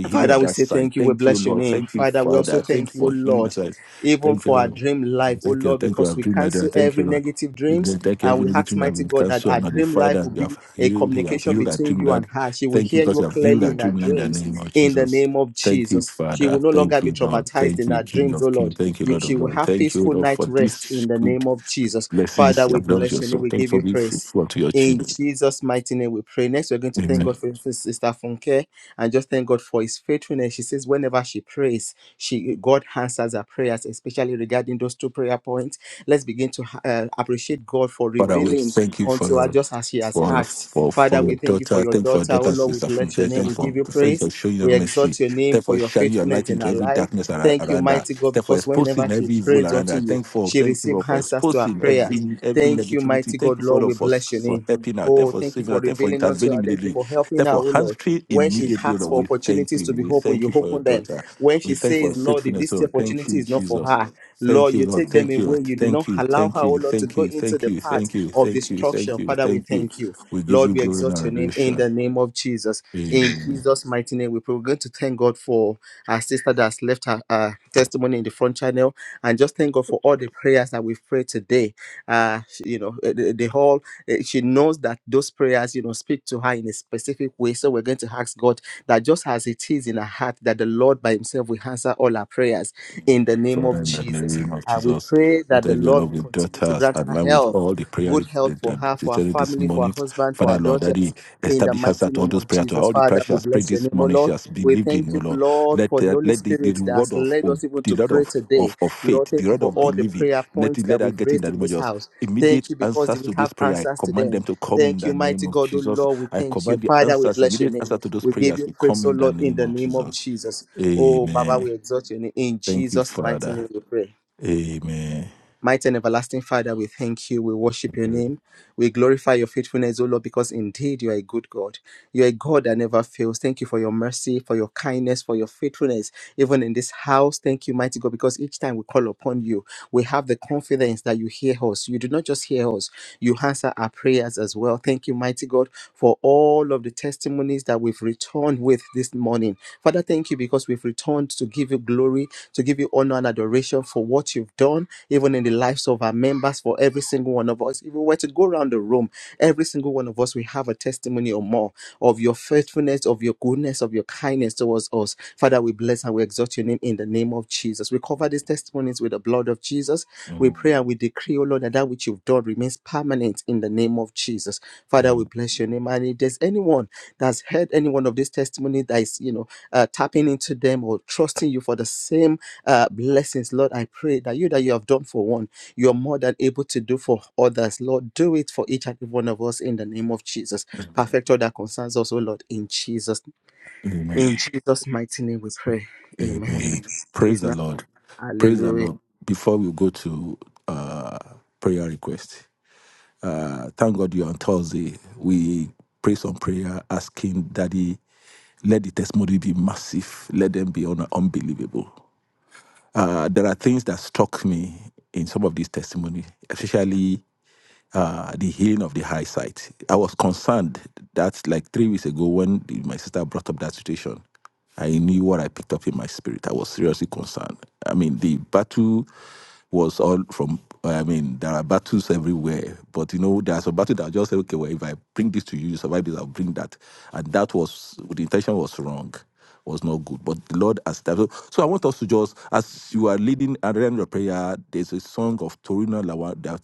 [SPEAKER 1] Father, we say thank you. We bless your name. Father, we also thank you, O Lord, even for our dream life, O Lord, because we cancel every negative
[SPEAKER 4] You
[SPEAKER 1] dreams
[SPEAKER 4] can take
[SPEAKER 1] and
[SPEAKER 4] every
[SPEAKER 1] we
[SPEAKER 4] negative
[SPEAKER 1] ask
[SPEAKER 4] that have
[SPEAKER 1] mighty
[SPEAKER 4] been
[SPEAKER 1] God that
[SPEAKER 4] cancelled
[SPEAKER 1] our
[SPEAKER 4] and
[SPEAKER 1] dream
[SPEAKER 4] nullified,
[SPEAKER 1] life will
[SPEAKER 4] and you
[SPEAKER 1] be
[SPEAKER 4] have
[SPEAKER 1] a
[SPEAKER 4] healed. He has
[SPEAKER 1] communication
[SPEAKER 4] healed our
[SPEAKER 1] between you and
[SPEAKER 4] dreamland.
[SPEAKER 1] her. She will
[SPEAKER 4] Thank you
[SPEAKER 1] hear
[SPEAKER 4] because
[SPEAKER 1] you
[SPEAKER 4] you have healed
[SPEAKER 1] clearly
[SPEAKER 4] our
[SPEAKER 1] in her
[SPEAKER 4] dreamland in the
[SPEAKER 1] dreams
[SPEAKER 4] name of
[SPEAKER 1] in the
[SPEAKER 4] Jesus.
[SPEAKER 1] name of
[SPEAKER 4] Thank you,
[SPEAKER 1] Jesus. She will
[SPEAKER 4] Father.
[SPEAKER 1] no longer
[SPEAKER 4] Thank
[SPEAKER 1] be
[SPEAKER 4] you, Lord.
[SPEAKER 1] traumatized
[SPEAKER 4] Thank
[SPEAKER 1] in
[SPEAKER 4] you,
[SPEAKER 1] her
[SPEAKER 4] King
[SPEAKER 1] dreams, O
[SPEAKER 4] of
[SPEAKER 1] Lord.
[SPEAKER 4] Kings. Thank you,
[SPEAKER 1] You-
[SPEAKER 4] Lord
[SPEAKER 1] she
[SPEAKER 4] of
[SPEAKER 1] will
[SPEAKER 4] Lords.
[SPEAKER 1] have
[SPEAKER 4] Thank you,
[SPEAKER 1] peaceful
[SPEAKER 4] Lord,
[SPEAKER 1] night
[SPEAKER 4] for
[SPEAKER 1] rest in
[SPEAKER 4] these
[SPEAKER 1] the
[SPEAKER 4] good
[SPEAKER 1] name of Jesus.
[SPEAKER 4] blessings
[SPEAKER 1] Father,
[SPEAKER 4] you
[SPEAKER 1] we
[SPEAKER 4] have done to
[SPEAKER 1] bless your name.
[SPEAKER 4] yourself.
[SPEAKER 1] We
[SPEAKER 4] Thank you
[SPEAKER 1] give
[SPEAKER 4] for
[SPEAKER 1] you
[SPEAKER 4] being
[SPEAKER 1] praise.
[SPEAKER 4] faithful to your
[SPEAKER 1] In
[SPEAKER 4] children.
[SPEAKER 1] Jesus' mighty name, we pray. Next, we're going to thank
[SPEAKER 4] Amen.
[SPEAKER 1] God for Sister Funke and just thank God for his faithfulness. She says whenever she prays, she God answers her prayers, especially regarding those two prayer points. Let's begin to uh, appreciate God for
[SPEAKER 4] Father, we
[SPEAKER 1] revealing
[SPEAKER 4] thank you
[SPEAKER 1] unto her
[SPEAKER 4] for
[SPEAKER 1] just as she has
[SPEAKER 4] for
[SPEAKER 1] asked.
[SPEAKER 4] for
[SPEAKER 1] Father,
[SPEAKER 4] for your
[SPEAKER 1] we thank you for
[SPEAKER 4] daughter.
[SPEAKER 1] your
[SPEAKER 4] Thank you for your
[SPEAKER 1] daughter. Oh
[SPEAKER 4] daughter,
[SPEAKER 1] Lord, we
[SPEAKER 4] Sister
[SPEAKER 1] bless your
[SPEAKER 4] Funke. Thank
[SPEAKER 1] name.
[SPEAKER 4] you
[SPEAKER 1] We
[SPEAKER 4] for
[SPEAKER 1] give you
[SPEAKER 4] thank you for
[SPEAKER 1] praise.
[SPEAKER 4] showing your
[SPEAKER 1] We
[SPEAKER 4] mercy.
[SPEAKER 1] exalt your name
[SPEAKER 4] Thank you
[SPEAKER 1] for
[SPEAKER 4] for
[SPEAKER 1] your
[SPEAKER 4] shining your
[SPEAKER 1] faithfulness
[SPEAKER 4] light
[SPEAKER 1] in
[SPEAKER 4] into
[SPEAKER 1] her
[SPEAKER 4] every
[SPEAKER 1] life.
[SPEAKER 4] darkness ar-
[SPEAKER 1] Thank you,
[SPEAKER 4] around her.
[SPEAKER 1] mighty God,
[SPEAKER 4] Thank you for
[SPEAKER 1] because whenever
[SPEAKER 4] exposing
[SPEAKER 1] she
[SPEAKER 4] every evil
[SPEAKER 1] prays
[SPEAKER 4] around
[SPEAKER 1] unto
[SPEAKER 4] her.
[SPEAKER 1] you,
[SPEAKER 4] Thank you for
[SPEAKER 1] she
[SPEAKER 4] thank you
[SPEAKER 1] receives
[SPEAKER 4] Lord, for
[SPEAKER 1] answers to her
[SPEAKER 4] exposing
[SPEAKER 1] prayers.
[SPEAKER 4] every every
[SPEAKER 1] Thank you,
[SPEAKER 4] negativity.
[SPEAKER 1] mighty
[SPEAKER 4] Thank
[SPEAKER 1] God,
[SPEAKER 4] you for
[SPEAKER 1] Lord. We
[SPEAKER 4] Lord, for
[SPEAKER 1] bless your
[SPEAKER 4] for
[SPEAKER 1] name.
[SPEAKER 4] helping her. Thank you
[SPEAKER 1] Oh,
[SPEAKER 4] for
[SPEAKER 1] thank you
[SPEAKER 4] saving her.
[SPEAKER 1] for
[SPEAKER 4] Thank you for
[SPEAKER 1] revealing unto
[SPEAKER 4] intervening
[SPEAKER 1] her. Thank you
[SPEAKER 4] immediately.
[SPEAKER 1] for
[SPEAKER 4] Thank
[SPEAKER 1] helping
[SPEAKER 4] you
[SPEAKER 1] her, oh
[SPEAKER 4] for
[SPEAKER 1] Lord.
[SPEAKER 4] answering
[SPEAKER 1] When she
[SPEAKER 4] immediately.
[SPEAKER 1] asks
[SPEAKER 4] Lord,
[SPEAKER 1] for
[SPEAKER 4] we thank
[SPEAKER 1] opportunities to
[SPEAKER 4] you.
[SPEAKER 1] be
[SPEAKER 4] We
[SPEAKER 1] open,
[SPEAKER 4] thank
[SPEAKER 1] you
[SPEAKER 4] you for your
[SPEAKER 1] open them.
[SPEAKER 4] daughter.
[SPEAKER 1] When
[SPEAKER 4] We
[SPEAKER 1] she
[SPEAKER 4] thank you for your
[SPEAKER 1] says, Lord, if
[SPEAKER 4] faithfulness.
[SPEAKER 1] this
[SPEAKER 4] Lord, thank
[SPEAKER 1] opportunity
[SPEAKER 4] you,
[SPEAKER 1] is not for
[SPEAKER 4] Jesus.
[SPEAKER 1] her,
[SPEAKER 4] Thank
[SPEAKER 1] Lord,
[SPEAKER 4] you,
[SPEAKER 1] you
[SPEAKER 4] Lord.
[SPEAKER 1] take them
[SPEAKER 4] Thank you.
[SPEAKER 1] away. You do not
[SPEAKER 4] Thank you.
[SPEAKER 1] allow her,
[SPEAKER 4] Thank
[SPEAKER 1] oh
[SPEAKER 4] you.
[SPEAKER 1] Lord, to
[SPEAKER 4] Thank
[SPEAKER 1] go
[SPEAKER 4] you.
[SPEAKER 1] into
[SPEAKER 4] Thank
[SPEAKER 1] the
[SPEAKER 4] you.
[SPEAKER 1] path
[SPEAKER 4] Thank you.
[SPEAKER 1] of
[SPEAKER 4] Thank you. Thank
[SPEAKER 1] destruction.
[SPEAKER 4] you.
[SPEAKER 1] Father, we
[SPEAKER 4] Thank you.
[SPEAKER 1] thank you.
[SPEAKER 4] We give
[SPEAKER 1] Lord,
[SPEAKER 4] you
[SPEAKER 1] we
[SPEAKER 4] glory and
[SPEAKER 1] exalt your name in
[SPEAKER 4] adoration.
[SPEAKER 1] the name of Jesus. In
[SPEAKER 4] Amen.
[SPEAKER 1] Jesus' mighty name, we pray. We're going to thank God for our sister that has left her uh, testimony in the front channel and just thank God for all the prayers that we've prayed today. Uh, you know, eh, they, they all eh, she knows that those prayers, you know, speak to her in a specific way. So we're going to ask God that just as it is in her heart, that the Lord by Himself will answer all our prayers in the
[SPEAKER 4] Amen.
[SPEAKER 1] name
[SPEAKER 4] Father,
[SPEAKER 1] of
[SPEAKER 4] in the
[SPEAKER 1] Jesus.
[SPEAKER 4] name of
[SPEAKER 1] And we
[SPEAKER 4] Jesus,
[SPEAKER 1] pray that the
[SPEAKER 4] that your
[SPEAKER 1] Lord
[SPEAKER 4] love
[SPEAKER 1] will
[SPEAKER 4] with
[SPEAKER 1] continue to
[SPEAKER 4] daughters
[SPEAKER 1] grant
[SPEAKER 4] and
[SPEAKER 1] her
[SPEAKER 4] now with
[SPEAKER 1] health,
[SPEAKER 4] all the prayer
[SPEAKER 1] good health
[SPEAKER 4] that
[SPEAKER 1] for
[SPEAKER 4] that-
[SPEAKER 1] her, for
[SPEAKER 4] that
[SPEAKER 1] her
[SPEAKER 4] you did this
[SPEAKER 1] family, for her
[SPEAKER 4] morning.
[SPEAKER 1] husband, for her
[SPEAKER 4] Father, Lord, that
[SPEAKER 1] daughters.
[SPEAKER 4] He
[SPEAKER 1] In the
[SPEAKER 4] establish us
[SPEAKER 1] mighty
[SPEAKER 4] at all
[SPEAKER 1] name
[SPEAKER 4] those
[SPEAKER 1] of
[SPEAKER 4] prayers, to
[SPEAKER 1] Jesus.
[SPEAKER 4] all the
[SPEAKER 1] Father,
[SPEAKER 4] prayers she
[SPEAKER 1] we
[SPEAKER 4] has prayed
[SPEAKER 1] bless your
[SPEAKER 4] this
[SPEAKER 1] name, O
[SPEAKER 4] morning, she
[SPEAKER 1] Lord.
[SPEAKER 4] has
[SPEAKER 1] We
[SPEAKER 4] believed in
[SPEAKER 1] thank
[SPEAKER 4] you,
[SPEAKER 1] you,
[SPEAKER 4] Lord.
[SPEAKER 1] Lord,
[SPEAKER 4] Let,
[SPEAKER 1] for the
[SPEAKER 4] uh,
[SPEAKER 1] Holy
[SPEAKER 4] let the, the
[SPEAKER 1] Spirit that
[SPEAKER 4] reward
[SPEAKER 1] has
[SPEAKER 4] of,
[SPEAKER 1] led
[SPEAKER 4] of
[SPEAKER 1] us even
[SPEAKER 4] the
[SPEAKER 1] to
[SPEAKER 4] Lord
[SPEAKER 1] pray
[SPEAKER 4] of,
[SPEAKER 1] today.
[SPEAKER 4] of, of
[SPEAKER 1] Lord,
[SPEAKER 4] faith, the
[SPEAKER 1] thank you
[SPEAKER 4] Lord
[SPEAKER 1] for
[SPEAKER 4] of
[SPEAKER 1] all the
[SPEAKER 4] believing,
[SPEAKER 1] prayer
[SPEAKER 4] let
[SPEAKER 1] points
[SPEAKER 4] it
[SPEAKER 1] that
[SPEAKER 4] let her
[SPEAKER 1] we've
[SPEAKER 4] get in
[SPEAKER 1] raised
[SPEAKER 4] the
[SPEAKER 1] in
[SPEAKER 4] name of
[SPEAKER 1] this
[SPEAKER 4] Jesus.
[SPEAKER 1] house. Thank
[SPEAKER 4] Immediate
[SPEAKER 1] you because they
[SPEAKER 4] answers
[SPEAKER 1] will
[SPEAKER 4] to
[SPEAKER 1] have
[SPEAKER 4] those prayers, I
[SPEAKER 1] answers to
[SPEAKER 4] command
[SPEAKER 1] them.
[SPEAKER 4] them to come in
[SPEAKER 1] Thank you,
[SPEAKER 4] the
[SPEAKER 1] mighty
[SPEAKER 4] name of
[SPEAKER 1] God, oh
[SPEAKER 4] Jesus.
[SPEAKER 1] Lord. We
[SPEAKER 4] I
[SPEAKER 1] thank you.
[SPEAKER 4] command the
[SPEAKER 1] Father, we
[SPEAKER 4] answers,
[SPEAKER 1] bless your
[SPEAKER 4] immediate
[SPEAKER 1] name.
[SPEAKER 4] answer to those
[SPEAKER 1] We give
[SPEAKER 4] prayers
[SPEAKER 1] you
[SPEAKER 4] to
[SPEAKER 1] praise,
[SPEAKER 4] come
[SPEAKER 1] oh
[SPEAKER 4] in the
[SPEAKER 1] Lord, in
[SPEAKER 4] name
[SPEAKER 1] the
[SPEAKER 4] of
[SPEAKER 1] name of
[SPEAKER 4] Jesus.
[SPEAKER 1] Jesus. Oh, Baba,
[SPEAKER 4] Amen.
[SPEAKER 1] we exalt your name. In
[SPEAKER 4] Thank you,
[SPEAKER 1] Jesus' mighty
[SPEAKER 4] Father.
[SPEAKER 1] name, we pray.
[SPEAKER 4] Amen.
[SPEAKER 1] Mighty and everlasting Father, we thank you. We worship your name. We glorify your faithfulness, O Lord, because indeed you are a good God. You are a God that never fails. Thank you for your mercy, for your kindness, for your faithfulness, even in this house. Thank you, mighty God, because each time we call upon you, we have the confidence that you hear us. You do not just hear us, you answer our prayers as well. Thank you, mighty God, for all of the testimonies that we've returned with this morning. Father, thank you because we've returned to give you glory, to give you honor and adoration for what you've done even in the lives of our members, for every single one of us. If we were to go around the room, every single one of us, we have a testimony or more of your faithfulness, of your goodness, of your kindness towards us. Father, we bless and we exalt your name in the name of Jesus. We cover these testimonies with the blood of Jesus. We
[SPEAKER 4] Amen.
[SPEAKER 1] pray and we decree, O Lord, that that which you've done remains permanent in the name of Jesus. Father, we bless your name. And if there's anyone that's heard any one of these testimonies that is, you know, uh, tapping into them or trusting you for the same uh, blessings, Lord, I pray that you that you have done for one, you are more than able to do for others. Lord, do it for each and every one of us in the name of Jesus. Perfect all that concerns us, oh Lord, in Jesus, in Jesus' mighty name we pray. Amen.
[SPEAKER 4] Amen. Praise
[SPEAKER 1] It's
[SPEAKER 4] the
[SPEAKER 1] not
[SPEAKER 4] Lord. Praise the
[SPEAKER 1] hallelujah.
[SPEAKER 4] Lord. Before we go to uh, prayer request, uh, thank God you're on Thursday. We pray some prayer asking Daddy, let the testimony be massive, let them be un- unbelievable. Uh, there are things that struck me in some of these testimony, especially uh, the healing of the high sight. I was concerned that like three weeks ago when the- my sister brought up that situation, I knew what I picked up in my spirit. I was seriously concerned. I mean, the battle was all from I mean, there are battles everywhere, but you know, there's a battle that I just say, okay, well, if I bring this to you, you survive this, I'll bring that. And that was the intention was wrong, was not good. But the Lord has so, so I want us to just as you are leading and in your prayer, there's a song of Torino Lawa that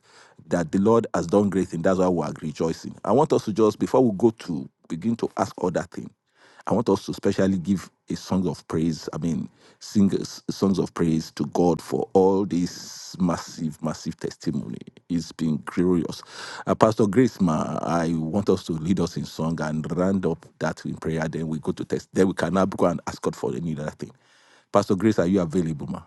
[SPEAKER 4] that the Lord has done great things. That's why we are rejoicing. I want us to just before we go to begin to ask other things. I want us to specially give a song of praise. I mean, sing songs of praise to God for all this massive, massive testimony. It's been glorious. Uh, Pastor Grace, ma, I want us to lead us in song and round up that in prayer. Then we go to test. Then we can now go and ask God for any other thing. Pastor Grace, are you available, ma?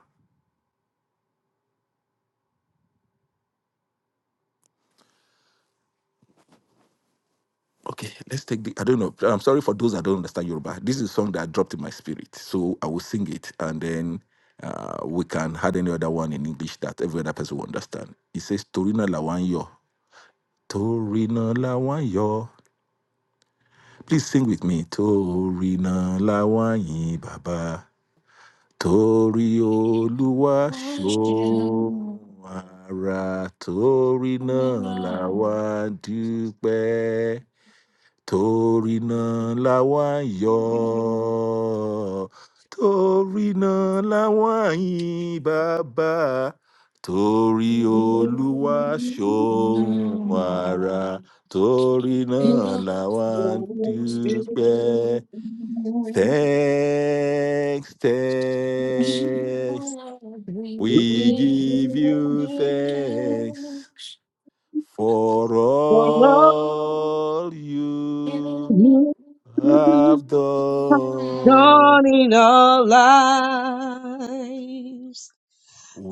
[SPEAKER 4] Okay, let's take the. I don't know. I'm sorry for those that don't understand Yoruba. This is a song that dropped in my spirit, so I will sing it, and then uh, we can add any other one in English that every other person will understand. It says Torino Lawanyo, Torino Lawanyo. Please sing with me. Torino Lawanyi Baba, Tori Oluwa Shoara, Torino Lawa Dupe. torí náà làwa ń yọ̀ torí náà làwa ń yìn bàbá torí olúwa ṣòun àrà torí náà làwa ń dúpẹ́ thanks thanks we give you
[SPEAKER 2] Be
[SPEAKER 4] thanks
[SPEAKER 2] a
[SPEAKER 4] for all you Abdo.
[SPEAKER 3] Dawn in our lives.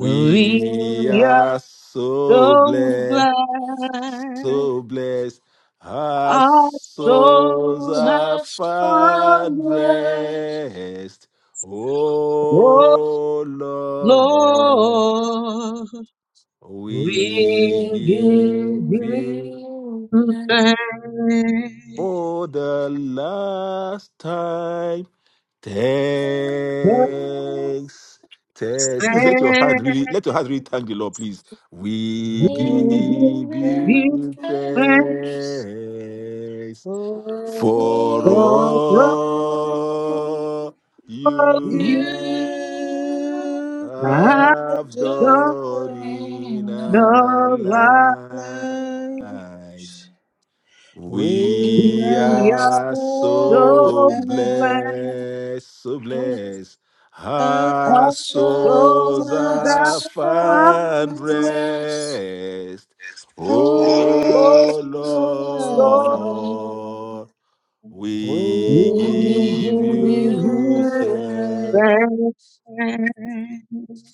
[SPEAKER 3] We are
[SPEAKER 4] are so
[SPEAKER 3] so
[SPEAKER 4] blessed,
[SPEAKER 3] glad
[SPEAKER 4] so blessed. Our
[SPEAKER 3] our
[SPEAKER 4] souls
[SPEAKER 3] soul has
[SPEAKER 4] are
[SPEAKER 3] found
[SPEAKER 4] found
[SPEAKER 3] you,
[SPEAKER 4] rest.
[SPEAKER 3] oh
[SPEAKER 4] Oh Lord,
[SPEAKER 3] Lord.
[SPEAKER 4] we
[SPEAKER 3] We give
[SPEAKER 4] give
[SPEAKER 3] you
[SPEAKER 4] you
[SPEAKER 3] thanks,
[SPEAKER 4] for the last time.
[SPEAKER 3] The
[SPEAKER 4] Thanks. thanks. Please let your hand really let your
[SPEAKER 3] thanks.
[SPEAKER 4] hand really thank the Lord, please.
[SPEAKER 3] We
[SPEAKER 4] We
[SPEAKER 3] give
[SPEAKER 4] give
[SPEAKER 3] you
[SPEAKER 4] you
[SPEAKER 3] thanks
[SPEAKER 4] thanks for
[SPEAKER 3] for
[SPEAKER 4] all
[SPEAKER 3] all you
[SPEAKER 4] you
[SPEAKER 3] have
[SPEAKER 4] have
[SPEAKER 3] done.
[SPEAKER 4] done in
[SPEAKER 3] No
[SPEAKER 4] our
[SPEAKER 3] light,
[SPEAKER 4] lives.
[SPEAKER 1] We
[SPEAKER 4] We
[SPEAKER 3] we are
[SPEAKER 4] are so
[SPEAKER 3] so glad.
[SPEAKER 4] blessed, so blessed.
[SPEAKER 1] Oh, as
[SPEAKER 4] Our
[SPEAKER 3] Of
[SPEAKER 4] souls
[SPEAKER 3] those
[SPEAKER 1] others
[SPEAKER 2] soul
[SPEAKER 3] that
[SPEAKER 4] are
[SPEAKER 1] follow,
[SPEAKER 3] found
[SPEAKER 4] found
[SPEAKER 3] you,
[SPEAKER 2] Rest
[SPEAKER 4] rest.
[SPEAKER 2] on
[SPEAKER 3] oh
[SPEAKER 4] Oh
[SPEAKER 3] Lord,
[SPEAKER 2] us.
[SPEAKER 4] Lord,
[SPEAKER 2] We
[SPEAKER 3] we
[SPEAKER 4] we give
[SPEAKER 2] give you
[SPEAKER 3] give
[SPEAKER 4] you
[SPEAKER 3] you
[SPEAKER 2] praise.
[SPEAKER 4] thanks.
[SPEAKER 3] thanks.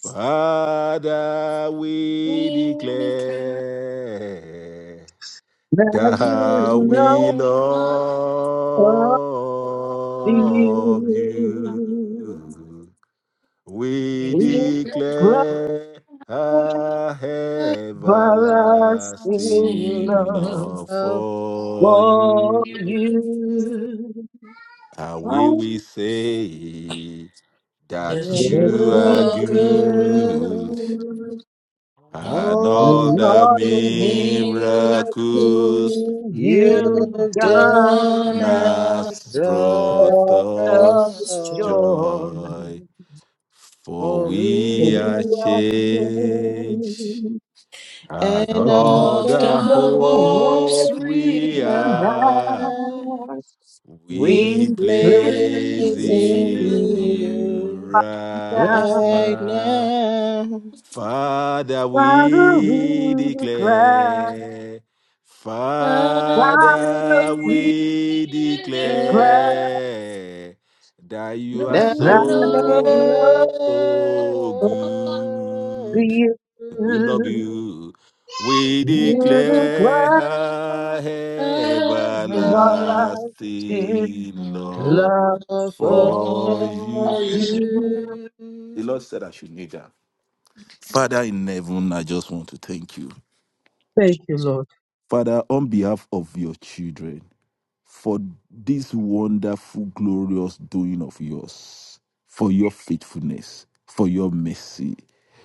[SPEAKER 4] Father,
[SPEAKER 2] We
[SPEAKER 4] we
[SPEAKER 2] declare
[SPEAKER 4] declare.
[SPEAKER 3] That
[SPEAKER 2] that
[SPEAKER 4] That
[SPEAKER 3] you
[SPEAKER 4] we
[SPEAKER 3] love
[SPEAKER 2] you are
[SPEAKER 4] love you.
[SPEAKER 3] you.
[SPEAKER 4] We
[SPEAKER 2] amazing.
[SPEAKER 3] We glorify
[SPEAKER 4] declare our
[SPEAKER 3] us
[SPEAKER 2] I'll
[SPEAKER 3] in
[SPEAKER 4] everlasting
[SPEAKER 2] sing
[SPEAKER 3] love
[SPEAKER 4] love
[SPEAKER 1] how
[SPEAKER 4] for
[SPEAKER 2] for
[SPEAKER 3] for
[SPEAKER 4] you.
[SPEAKER 2] you
[SPEAKER 3] you.
[SPEAKER 4] And we will say
[SPEAKER 1] do
[SPEAKER 4] that
[SPEAKER 2] that
[SPEAKER 3] If
[SPEAKER 4] you
[SPEAKER 3] you
[SPEAKER 1] you
[SPEAKER 2] you
[SPEAKER 4] are
[SPEAKER 2] are
[SPEAKER 3] are here,
[SPEAKER 2] good.
[SPEAKER 4] good.
[SPEAKER 2] No
[SPEAKER 4] and
[SPEAKER 1] All
[SPEAKER 4] all
[SPEAKER 3] we
[SPEAKER 4] the
[SPEAKER 3] are the
[SPEAKER 1] the
[SPEAKER 4] miracles
[SPEAKER 2] miracles
[SPEAKER 3] miracle
[SPEAKER 1] You've
[SPEAKER 4] you
[SPEAKER 3] you've
[SPEAKER 2] you've
[SPEAKER 4] done
[SPEAKER 2] done
[SPEAKER 3] done
[SPEAKER 1] done us,
[SPEAKER 4] has
[SPEAKER 2] us
[SPEAKER 4] brought
[SPEAKER 3] for
[SPEAKER 1] brothers,
[SPEAKER 3] us
[SPEAKER 2] Just
[SPEAKER 4] us
[SPEAKER 2] to
[SPEAKER 1] so,
[SPEAKER 3] joy.
[SPEAKER 4] joy, for
[SPEAKER 1] for
[SPEAKER 4] we
[SPEAKER 1] we
[SPEAKER 4] are
[SPEAKER 3] We
[SPEAKER 2] dream
[SPEAKER 3] are here,
[SPEAKER 4] changed, and
[SPEAKER 1] and
[SPEAKER 3] we
[SPEAKER 1] all
[SPEAKER 4] all
[SPEAKER 2] of the
[SPEAKER 1] the
[SPEAKER 4] the
[SPEAKER 3] know
[SPEAKER 2] hopes
[SPEAKER 1] hopes
[SPEAKER 4] hope we
[SPEAKER 1] we
[SPEAKER 2] we
[SPEAKER 3] in
[SPEAKER 2] have
[SPEAKER 4] have,
[SPEAKER 1] have.
[SPEAKER 3] us,
[SPEAKER 1] We
[SPEAKER 4] we place
[SPEAKER 1] place
[SPEAKER 2] in
[SPEAKER 1] in
[SPEAKER 4] in
[SPEAKER 3] replacing
[SPEAKER 2] you.
[SPEAKER 4] you
[SPEAKER 1] you
[SPEAKER 4] right
[SPEAKER 3] now.
[SPEAKER 1] right
[SPEAKER 4] now.
[SPEAKER 1] now.
[SPEAKER 4] Father,
[SPEAKER 3] Father,
[SPEAKER 4] we
[SPEAKER 3] we declare,
[SPEAKER 4] declare.
[SPEAKER 1] Now
[SPEAKER 3] Father,
[SPEAKER 4] Father,
[SPEAKER 3] we
[SPEAKER 1] we
[SPEAKER 4] we
[SPEAKER 2] In the
[SPEAKER 3] declare.
[SPEAKER 2] night,
[SPEAKER 4] declare that you are
[SPEAKER 2] Not
[SPEAKER 3] I
[SPEAKER 1] love
[SPEAKER 2] in
[SPEAKER 3] give
[SPEAKER 2] love,
[SPEAKER 3] love
[SPEAKER 1] you.
[SPEAKER 4] so
[SPEAKER 3] to
[SPEAKER 4] good.
[SPEAKER 3] you.
[SPEAKER 4] We love you. We
[SPEAKER 2] we
[SPEAKER 3] You're
[SPEAKER 2] just
[SPEAKER 3] the
[SPEAKER 4] declare
[SPEAKER 3] glass
[SPEAKER 2] let hope
[SPEAKER 3] of our
[SPEAKER 2] everywhere.
[SPEAKER 3] life. It's
[SPEAKER 4] everlasting love
[SPEAKER 3] love
[SPEAKER 1] Love
[SPEAKER 3] for
[SPEAKER 4] for you.
[SPEAKER 2] Oh,
[SPEAKER 3] you.
[SPEAKER 4] The
[SPEAKER 1] Oh,
[SPEAKER 4] Lord said I should kneel down. Father in heaven, I just want to thank you.
[SPEAKER 3] Thank you, Lord.
[SPEAKER 4] Father, on behalf of your children, for this wonderful, glorious doing of yours, for your faithfulness, for your mercy,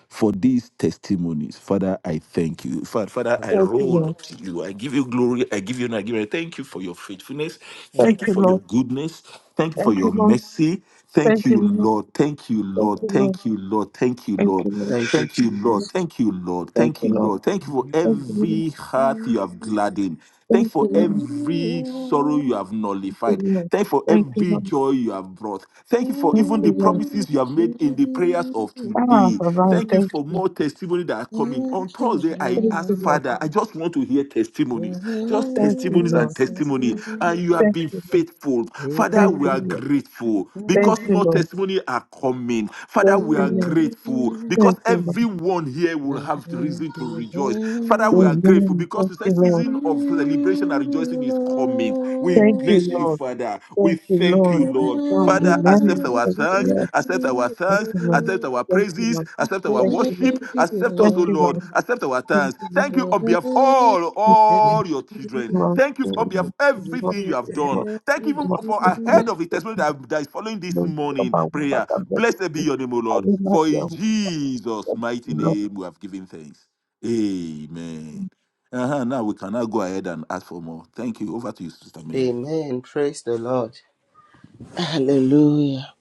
[SPEAKER 4] for these testimonies. Father, I thank you. Fa- Father, I
[SPEAKER 3] Thank you,
[SPEAKER 4] roll
[SPEAKER 3] Lord.
[SPEAKER 4] up to you. I give you glory. I give you and I give you. Thank you for your faithfulness.
[SPEAKER 3] Thank
[SPEAKER 4] Thank you
[SPEAKER 3] you,
[SPEAKER 4] for your
[SPEAKER 3] Lord.
[SPEAKER 4] goodness. Thank you for
[SPEAKER 3] Thank you,
[SPEAKER 4] your
[SPEAKER 3] Lord.
[SPEAKER 4] mercy. Thank
[SPEAKER 3] Thank you,
[SPEAKER 4] you,
[SPEAKER 3] Lord.
[SPEAKER 4] Lord. Thank you,
[SPEAKER 3] Thank
[SPEAKER 4] Lord.
[SPEAKER 3] you, Lord.
[SPEAKER 4] Thank you, Lord. Thank you,
[SPEAKER 3] Thank you, Lord. Thank
[SPEAKER 4] Lord.
[SPEAKER 3] you, Lord.
[SPEAKER 1] Thank you,
[SPEAKER 4] Thank you,
[SPEAKER 1] Jesus.
[SPEAKER 4] Lord. Thank you, Lord.
[SPEAKER 3] Thank
[SPEAKER 4] Thank
[SPEAKER 3] you,
[SPEAKER 4] you,
[SPEAKER 3] Lord.
[SPEAKER 4] Lord. Thank you for
[SPEAKER 3] Thank you, Lord.
[SPEAKER 4] every heart you have gladdened. Thank
[SPEAKER 3] Thank you,
[SPEAKER 4] for every sorrow you have nullified.
[SPEAKER 3] Lord.
[SPEAKER 4] Thank for
[SPEAKER 3] Thank you,
[SPEAKER 4] every
[SPEAKER 3] Lord.
[SPEAKER 4] joy you have brought. Thank you for
[SPEAKER 3] Thank
[SPEAKER 4] even the
[SPEAKER 3] you, Lord.
[SPEAKER 4] promises you have made in the prayers of
[SPEAKER 3] Ah,
[SPEAKER 4] today.
[SPEAKER 3] all right.
[SPEAKER 4] Thank you
[SPEAKER 3] Thank
[SPEAKER 4] for
[SPEAKER 3] you.
[SPEAKER 4] more testimony that are coming. On Thursday, I
[SPEAKER 3] Thank
[SPEAKER 4] asked
[SPEAKER 3] you, Lord.
[SPEAKER 4] Father, I just want to hear testimonies, just
[SPEAKER 3] Thank you,
[SPEAKER 4] testimonies and
[SPEAKER 3] Lord.
[SPEAKER 4] testimony. And you have
[SPEAKER 3] Thank
[SPEAKER 4] been
[SPEAKER 3] you, Lord.
[SPEAKER 4] faithful. Father,
[SPEAKER 3] Thank
[SPEAKER 4] we
[SPEAKER 3] you,
[SPEAKER 1] Amen.
[SPEAKER 4] are
[SPEAKER 3] Lord.
[SPEAKER 4] grateful
[SPEAKER 3] Thank
[SPEAKER 4] because
[SPEAKER 3] you,
[SPEAKER 4] more
[SPEAKER 3] Lord.
[SPEAKER 4] testimony are coming. Father,
[SPEAKER 3] Thank
[SPEAKER 4] we
[SPEAKER 3] you,
[SPEAKER 4] are
[SPEAKER 3] Lord.
[SPEAKER 4] grateful
[SPEAKER 3] Thank
[SPEAKER 4] because
[SPEAKER 3] you, Lord.
[SPEAKER 4] everyone here will have reason to rejoice. Father, we are grateful grateful
[SPEAKER 3] Amen.
[SPEAKER 4] because
[SPEAKER 3] Thank
[SPEAKER 4] it's a
[SPEAKER 3] you, Lord.
[SPEAKER 4] season of celebration and rejoicing is coming. We
[SPEAKER 3] Thank
[SPEAKER 4] bless
[SPEAKER 3] you,
[SPEAKER 4] you,
[SPEAKER 3] Lord.
[SPEAKER 4] Father. We
[SPEAKER 3] Thank you,
[SPEAKER 4] thank you,
[SPEAKER 3] Lord. Yes,
[SPEAKER 4] Lord.
[SPEAKER 3] Lord.
[SPEAKER 4] Father, accept
[SPEAKER 3] Amen.
[SPEAKER 4] our
[SPEAKER 3] Thank you,
[SPEAKER 4] thanks,
[SPEAKER 3] Lord.
[SPEAKER 4] accept our
[SPEAKER 3] Thank
[SPEAKER 4] thanks,
[SPEAKER 3] you, Lord.
[SPEAKER 4] accept our
[SPEAKER 3] Thank you,
[SPEAKER 4] praises,
[SPEAKER 3] Lord.
[SPEAKER 4] accept our
[SPEAKER 3] Thank you, Lord.
[SPEAKER 4] worship, accept us,
[SPEAKER 3] Thank
[SPEAKER 4] O
[SPEAKER 3] you,
[SPEAKER 4] Lord,
[SPEAKER 3] Lord.
[SPEAKER 4] accept our
[SPEAKER 3] Thank
[SPEAKER 4] thanks.
[SPEAKER 3] you,
[SPEAKER 4] Thank
[SPEAKER 3] Lord.
[SPEAKER 4] you on behalf of all,
[SPEAKER 3] Thank you, Lord.
[SPEAKER 4] all your children.
[SPEAKER 3] Lord,
[SPEAKER 4] Thank you on
[SPEAKER 3] Lord, Lord,
[SPEAKER 4] behalf of
[SPEAKER 3] Lord, Lord,
[SPEAKER 4] everything you have done.
[SPEAKER 3] Lord,
[SPEAKER 4] Thank you for ahead of the testimony that that is following this
[SPEAKER 3] Lord,
[SPEAKER 4] morning
[SPEAKER 3] Lord,
[SPEAKER 4] prayer.
[SPEAKER 3] Lord,
[SPEAKER 4] Blessed be
[SPEAKER 3] Lord.
[SPEAKER 4] your name, O
[SPEAKER 3] I
[SPEAKER 4] Lord.
[SPEAKER 3] will not
[SPEAKER 4] For
[SPEAKER 3] be
[SPEAKER 4] in
[SPEAKER 3] able
[SPEAKER 4] Jesus'
[SPEAKER 3] to
[SPEAKER 4] mighty
[SPEAKER 3] Lord.
[SPEAKER 4] name we have given thanks. Amen. Uh-huh, now we cannot go ahead and ask for more. Thank you. Over to you, Sister Mary.
[SPEAKER 1] Praise the Lord.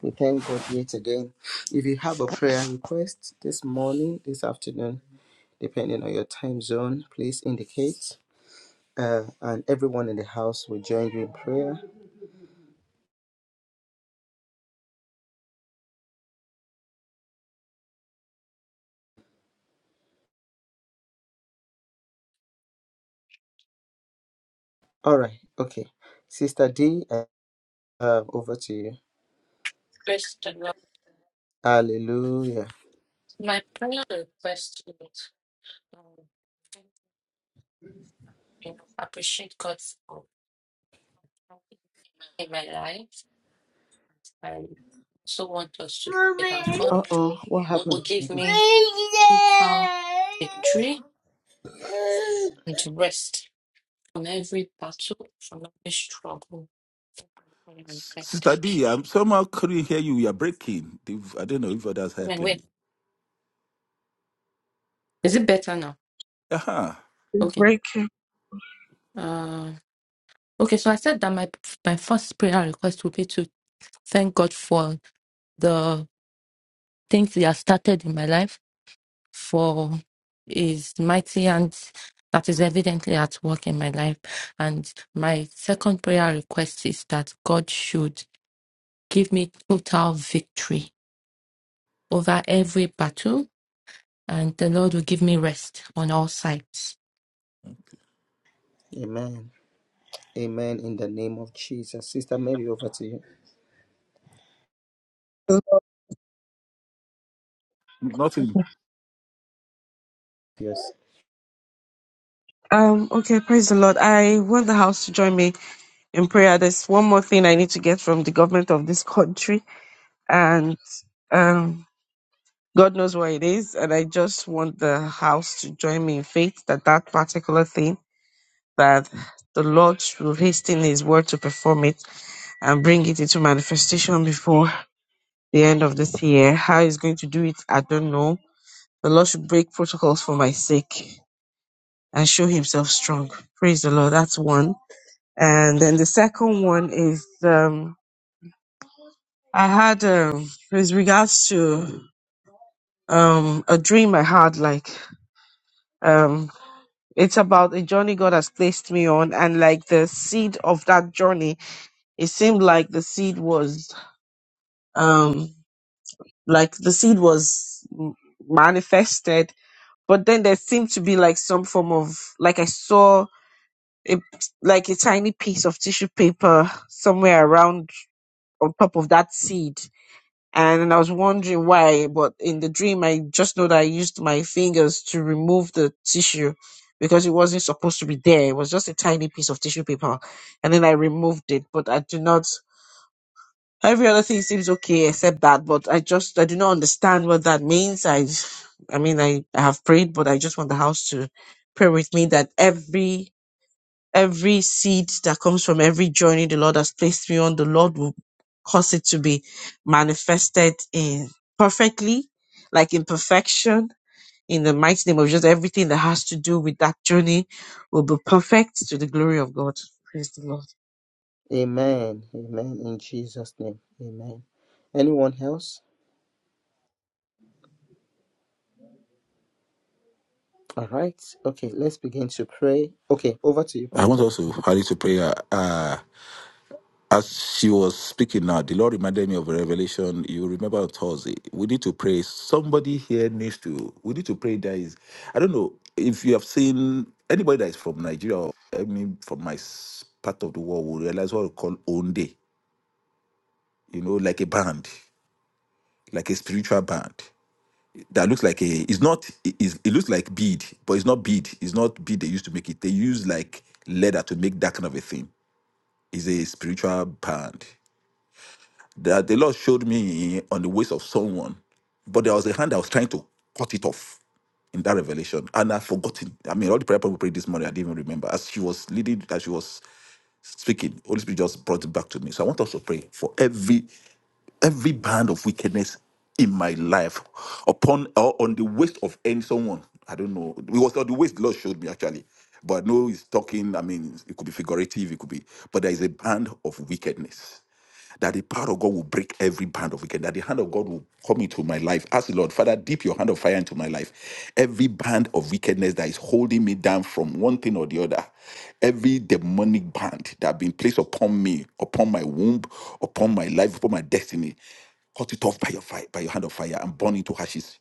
[SPEAKER 1] We thank God yet again. If you have a prayer request this afternoon, depending on your time zone, please indicate the one in the house join. All right. Okay. Sister D, uh, over to you.
[SPEAKER 2] Christian,
[SPEAKER 1] Hallelujah.
[SPEAKER 2] my prayer request is um, I appreciate God for in my life. I also want us to pray and God
[SPEAKER 1] Uh oh, what happened?
[SPEAKER 2] will give me total victory and rest from every battle, from every struggle. And
[SPEAKER 4] S-
[SPEAKER 2] rest.
[SPEAKER 4] Sister
[SPEAKER 2] Thank
[SPEAKER 4] D, I'm somehow couldn't hear you. You are breaking. If- I don't know if others
[SPEAKER 2] you.
[SPEAKER 4] heard
[SPEAKER 2] Amen. Wait,
[SPEAKER 4] clearly.
[SPEAKER 2] is it better now?
[SPEAKER 4] Uh-huh.
[SPEAKER 2] Okay.
[SPEAKER 3] Break. it.
[SPEAKER 2] Uh, okay. So I said that my my first prayer request would be to thank God for the things He has started in my life for is mighty and that is evidently at work in my life. And my second prayer request is that God should give me total victory over every battle and the Lord will give me rest on all sides.
[SPEAKER 1] Amen. Amen. In the name of Jesus. Sister Mary, over to you. Yes.
[SPEAKER 3] Um, okay, praise the Lord. I want the house to join me in prayer. There's one more thing I need to get from the government of this country. and Um, God knows what it is, and I just want the house to join me in faith that that particular thing that the Lord will hasten His word to perform it and bring it into manifestation before the end of this year. How He's going to do it, I don't know. The Lord should break protocols for my sake and show Himself strong. Praise the Lord. That's one. And then the second one is um, I had um, with regards to um, a dream I had like. um It's about a journey God has placed me on, and like the seed of that journey, it seemed like the seed was, um, like the seed was m- manifested, but then there seemed to be like some form of, like I saw a, like a tiny piece of tissue paper somewhere around on top of that seed and then I was wondering why, but in the dream, I just know that I used my fingers to remove the tissue because it wasn't supposed to be there. It was just a tiny piece of tissue paper, and then I removed it, but I do not. Every other thing seems okay except that, but I just I do not understand what that means. I, I mean, I, I have prayed, but I just want the house to pray with me that every every seed that comes from every journey the Lord has placed me on, the Lord will cause it to be manifested in perfectly, like in perfection. In the mighty name of Jesus, everything that has to do with that journey will be perfect to the glory of God. Praise the Lord.
[SPEAKER 1] Amen. Amen. In Jesus' name. Amen. Anyone else? All right. Okay. Let's begin to pray. Okay. Over to you,
[SPEAKER 4] I want
[SPEAKER 1] Pastor
[SPEAKER 4] also
[SPEAKER 1] Lukman.
[SPEAKER 4] hurry to prayer. Uh, uh, as she was speaking now, the Lord reminded me of a revelation. You remember on Thursday. We need to pray. Somebody here needs to, we need to pray. That is, I don't know if you have seen anybody that is from Nigeria or I mean from my s- part of the world will realize what we call own day, you know, like a band. like a spiritual band that looks like a it's not it, it's- it looks like bead but it's not bead it's not bead they used to make it they use like leather to make that kind of a thing it's a spiritual band that the lord showed me on the waist of someone but there was a hand that was trying to cut it off in that revelation and i've forgotten i mean all the prayer people prayed this morning i didn't even remember as she was leading as she was speaking holy spirit just brought it back to me so i want us to pray for every every band of wickedness in my life upon or on the waist of any someone. I don't know. It was on the waist the Lord showed me actually. But no, he's talking. I mean, it could be figurative, it could be, but there is a band of wickedness that the power of God will break every band of wickedness, that the hand of God will come into my life. Ask the Lord, Father, dip your hand of fire into my life. Every band of wickedness that is holding me down from one thing or the other, every demonic band that has been placed upon me, upon my womb, upon my life, upon my destiny, cut it off by your fire, by your hand of fire and burn into ashes.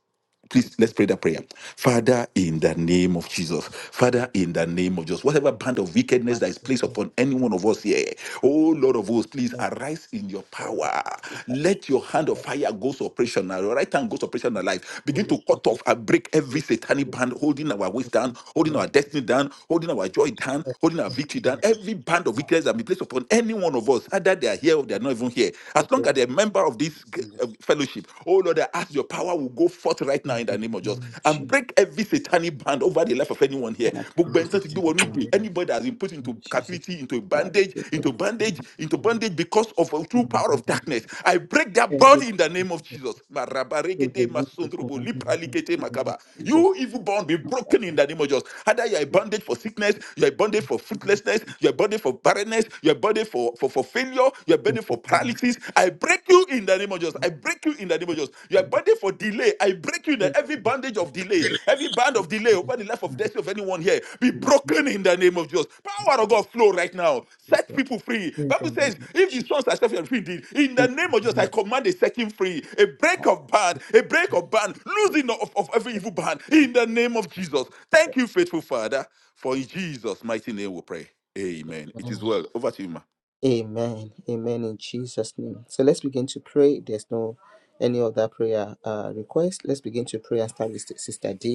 [SPEAKER 4] Please let's pray that prayer. Father, in the name of Jesus. Father, in the name of Jesus. Whatever band of
[SPEAKER 1] My
[SPEAKER 4] wickedness that is placed
[SPEAKER 1] goodness,
[SPEAKER 4] upon any one of us here, oh Lord of hosts, please
[SPEAKER 1] what
[SPEAKER 4] arise in your
[SPEAKER 1] the heck
[SPEAKER 4] power. Let your
[SPEAKER 1] is
[SPEAKER 4] hand of
[SPEAKER 1] that?
[SPEAKER 4] fire go to
[SPEAKER 1] This
[SPEAKER 4] operational. Your right hand goes
[SPEAKER 1] is a
[SPEAKER 4] operational life. Begin
[SPEAKER 1] full of
[SPEAKER 4] to cut
[SPEAKER 1] abuse.
[SPEAKER 4] off and break
[SPEAKER 1] This
[SPEAKER 4] every
[SPEAKER 1] is a
[SPEAKER 4] satanic
[SPEAKER 1] full
[SPEAKER 4] band holding our waist
[SPEAKER 1] of
[SPEAKER 4] down,
[SPEAKER 1] abuse.
[SPEAKER 4] holding
[SPEAKER 1] Lord,
[SPEAKER 4] our destiny down, holding our joy down,
[SPEAKER 1] help
[SPEAKER 4] holding our
[SPEAKER 1] me,
[SPEAKER 4] victory down. Every band of
[SPEAKER 1] God,
[SPEAKER 4] wickedness that be placed upon any one of us, either they are here or they are not even here.
[SPEAKER 1] for
[SPEAKER 4] As long
[SPEAKER 1] your
[SPEAKER 4] as they're a member of this
[SPEAKER 1] Jesus.
[SPEAKER 4] uh, fellowship worship. Oh Lord, I ask your power will go forth right now
[SPEAKER 1] In
[SPEAKER 4] in the
[SPEAKER 1] the
[SPEAKER 4] name of Jesus
[SPEAKER 1] name of
[SPEAKER 4] and
[SPEAKER 1] Jesus.
[SPEAKER 4] break every satanic band over the life of anyone here.
[SPEAKER 1] And I
[SPEAKER 4] Gbogbo
[SPEAKER 1] praise
[SPEAKER 4] ẹni tó
[SPEAKER 1] the
[SPEAKER 4] do
[SPEAKER 1] name
[SPEAKER 4] what
[SPEAKER 1] of
[SPEAKER 4] we do.
[SPEAKER 1] the
[SPEAKER 4] Anybody that has been put
[SPEAKER 1] Lord
[SPEAKER 4] into
[SPEAKER 1] Jesus.
[SPEAKER 4] captivity, into
[SPEAKER 1] Father,
[SPEAKER 4] bondage,
[SPEAKER 1] we thank
[SPEAKER 4] into
[SPEAKER 1] you
[SPEAKER 4] bondage, into
[SPEAKER 1] and we
[SPEAKER 4] bondage because of a
[SPEAKER 1] thank
[SPEAKER 4] true
[SPEAKER 1] you and
[SPEAKER 4] power
[SPEAKER 1] we
[SPEAKER 4] of darkness. I break that bond in the name of Jesus.
[SPEAKER 1] Praise
[SPEAKER 4] Marabaregede
[SPEAKER 1] the Lord, we call
[SPEAKER 4] masondrobo,
[SPEAKER 1] on you Lord, in
[SPEAKER 4] lipralikete
[SPEAKER 1] the name of
[SPEAKER 4] makaba.
[SPEAKER 1] Jesus.
[SPEAKER 4] You evil bond be
[SPEAKER 1] my God,
[SPEAKER 4] broken
[SPEAKER 1] I
[SPEAKER 4] in
[SPEAKER 1] thank
[SPEAKER 4] the name of Jesus. Either you are bondage for sickness, you are bondage for
[SPEAKER 1] you, Lord,
[SPEAKER 4] fruitlessness, you are bondage for barrenness, you are bondage for, for, for failure, you are bondage for
[SPEAKER 1] thank you,
[SPEAKER 4] paralysis, I break you in the name of Jesus. I break you in the name of Jesus. You are
[SPEAKER 1] Lord,
[SPEAKER 4] bonded for delay. I break you in the, every bondage of delay, every band of delay over the life of destiny of anyone here. Be broken in the name of Jesus. Power of God flow right now. Set people free.
[SPEAKER 1] in the
[SPEAKER 4] Bible
[SPEAKER 1] name
[SPEAKER 4] says,
[SPEAKER 1] of
[SPEAKER 4] if the
[SPEAKER 1] Jesus.
[SPEAKER 4] sons are set free, indeed, in the name of Jesus, I command a setting free, a break of band, a break of band, losing of, of every evil band in the name of Jesus. Thank you, faithful Father, for in Jesus' mighty name we pray. Amen. It is well. Over to you, ma.
[SPEAKER 1] Amen. Amen in Jesus' name. So let's begin to pray. There's no any other prayer uh, request. Let's begin to pray and start with Sister D.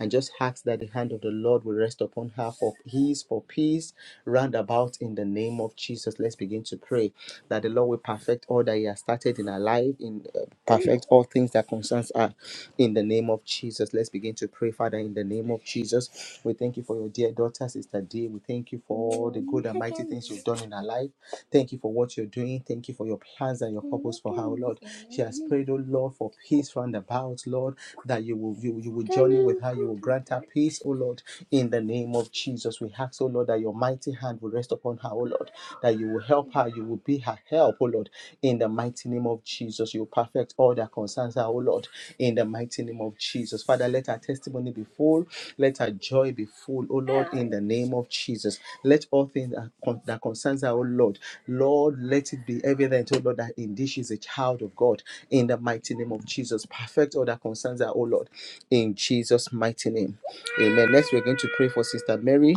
[SPEAKER 1] and just ask that the hand of the Lord will rest upon her for peace, for peace round about in the name of Jesus. Let's begin to pray that the Lord will perfect all that He has started in her life, in uh, perfect all things that concerns her in the name of Jesus. Let's begin to pray, Father, in the name of Jesus. We thank you for your dear daughter, Sister Dee. We thank you for all the good and mighty things you've done in her life. Thank you for what you're doing. Thank you for your plans and your purpose for her, oh Lord. She has prayed, oh Lord, for peace round about, Lord that you will you, you will journey with her, you will grant her peace, oh Lord, in the name of Jesus. We ask, oh Lord, that your mighty hand will rest upon her, oh Lord, that you will help her, you will be her help, oh Lord, in the mighty name of Jesus. You perfect all that concerns her, oh Lord, in the mighty name of Jesus. Father, let her taste full, let her joy be full, oh Lord, in Jesus. Let all things that, con- that concerns her, oh Lord, Lord is evident, oh Lord, that indeed she's a child of God in the mighty name of Jesus. Perfect all that concerns her, oh Lord, in Jesus' mighty name. Amen. Next, we're going to pray for Sister Mary.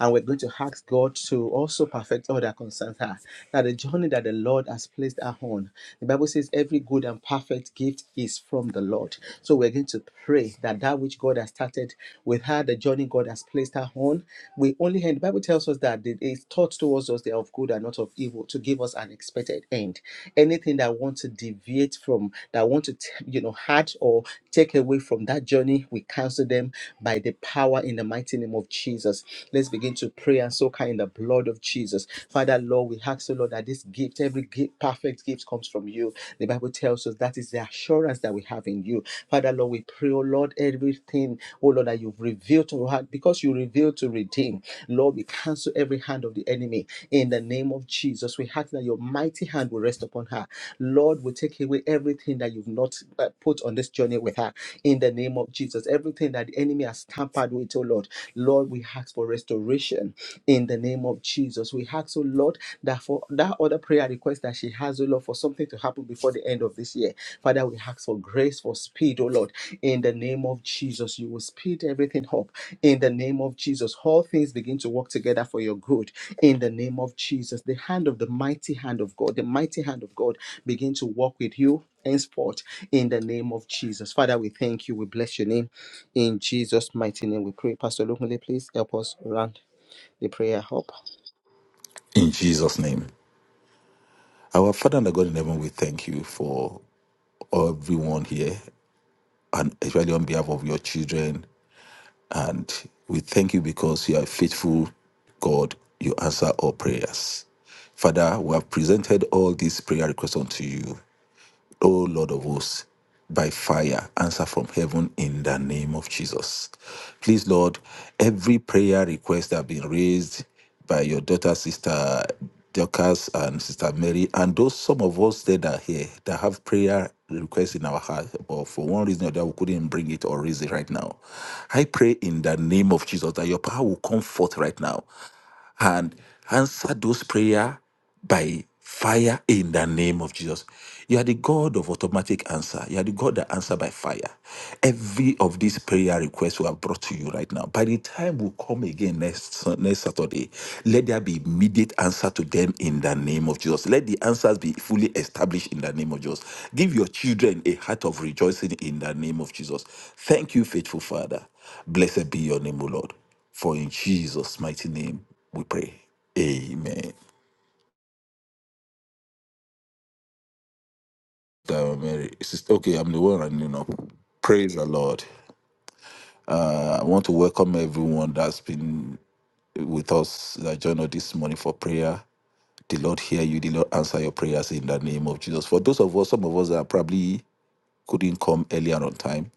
[SPEAKER 1] And we're going to ask God to also perfect all that concerns her. That the journey that the Lord has placed her on, the Bible says, every good and perfect gift is from the Lord. So we're going to pray that that which God has started with her, the journey God has placed her on, we only end. The Bible tells us that it is taught towards us they are of good and not of evil to give us an expected end. Anything that wants to deviate from, that wants to, you know, hurt or take away from that journey, we cancel them by the power in the mighty name of Jesus. Let's begin to pray and soak her in the blood of Jesus. Father, Lord, we ask, O Lord, that this gift, every gift, perfect gift comes from you. The Bible tells us that is the assurance that we have in you. Father, Lord, we pray, O Lord, everything, O Lord, that you've revealed to her, because you revealed to redeem. Lord, we cancel every hand of the enemy in the name of Jesus. We ask that your mighty hand will rest upon her. Lord, we take away everything that you've not uh, put on this journey with her in the name of Jesus. Everything that the enemy has tampered with, oh Lord. Lord, we ask for restoration in the name of Jesus. We ask, oh Lord, that for that other prayer request that she has, oh Lord, for something to happen before the end of this year. Father, we ask for grace, for speed, oh Lord, in the name of Jesus. You will speed everything up in the name of Jesus. All things begin to work together for your good in the name of Jesus. The hand of the mighty hand of God, the mighty hand of God begin to work with you henceforth in the name of Jesus. Father, we thank you. We bless your name. In Jesus' mighty name we pray. Pastor Lokunle, please help us round the prayer up.
[SPEAKER 4] In Jesus' name. Our Father and our God in heaven, we thank you for everyone here, and especially on behalf of your children. And we thank you because you are faithful, God. You answer all prayers. Father, we have presented all these prayer requests unto you. O Lord of hosts, by fire, answer from heaven in the name of Jesus. Please, Lord, every prayer request that have been raised by your daughter, sister Dorcas and sister Mary, and those some of us that are here that have prayer requests in our heart, but for one reason or the other, we couldn't bring it or raise it right now. I pray in the name of Jesus that your power will come forth right now and answer those prayer by fire in the name of Jesus. You are the God of automatic answer. You are the God that answer by fire. Every of these prayer requests we have brought to you right now, by the time we come again next, next Saturday, let there be immediate answer to them in the name of Jesus. Let the answers be fully established in the name of Jesus. Give your children a heart of rejoicing in the name of Jesus. Thank you, faithful Father. Blessed be your name, O Lord. For in Jesus' mighty name we pray. Amen. God, Mary. Sister, okay, I'm the one running up. Praise the Lord. Uh, I want to welcome everyone that's been with us that joined us this morning for prayer. The Lord hear you, the Lord answer your prayers in the name of Jesus. For those of us, some of us that probably couldn't come earlier on time,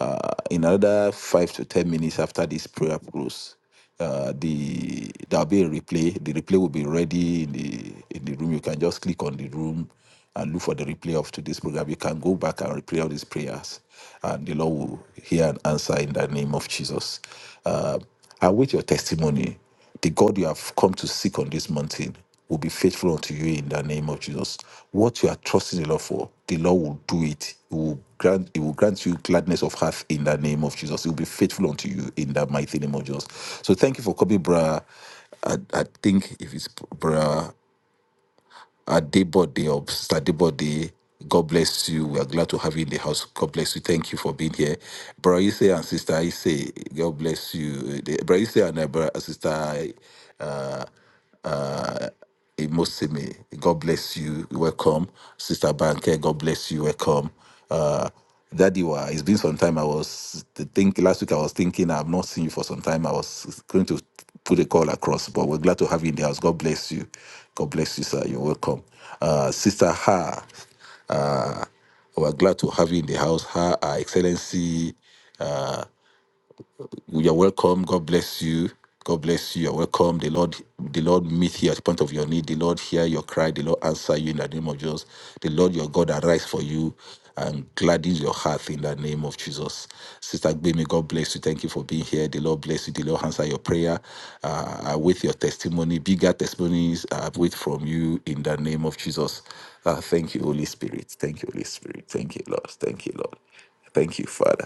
[SPEAKER 4] Uh, in another five to ten minutes after this prayer close, uh, the there'll be a replay. The replay will be ready in the in the room. You can just click on the room and look for the replay of today's program. You can go back and replay all these prayers, and the Lord will hear and answer in the name of Jesus. Uh, I wait your testimony. The God you have come to seek on this mountain will be faithful unto you in the name of Jesus. What you are trusting the Lord for, the Lord will do it. He will grant, he will grant you gladness of heart in the name of Jesus. He will be faithful unto you in the mighty name of Jesus. So thank you for coming, brother. I, I think if it's brother. Adibody or Sister Adibody. God bless you. We are glad to have you in the house. God bless you. Thank you for being here. brother Ise and Sister Ise, God bless you. The- Bro Ise and uh, Bro- Sister uh, uh, Imosimi, God bless you. Welcome. Sister Banke, God bless you. Welcome. Uh, Daddy, wa, it's been some time. I was to think last week. I was thinking I've not seen you for some time. I was going to put a call across, but we're glad to have you in the house. God bless you. God bless you, sir. You're welcome, uh, Sister Ha. Uh, we're glad to have you in the house, Ha, Her Excellency. uh, you're welcome. God bless you. God bless you. You're welcome. The Lord, the Lord meet you at the point of your need. The Lord hear your cry. The Lord answer you in the name of Jesus. The Lord your God arise for you and gladdens your heart in the name of Jesus. Sister Gbemi, God bless you. Thank you for being here. The Lord bless you. The Lord answer your prayer. Uh, I wait your testimony. Bigger testimonies I wait from you in the name of Jesus. Uh, thank you, Holy Spirit. Thank you, Holy Spirit. Thank you, Lord. Thank you, Lord. Thank you, Father.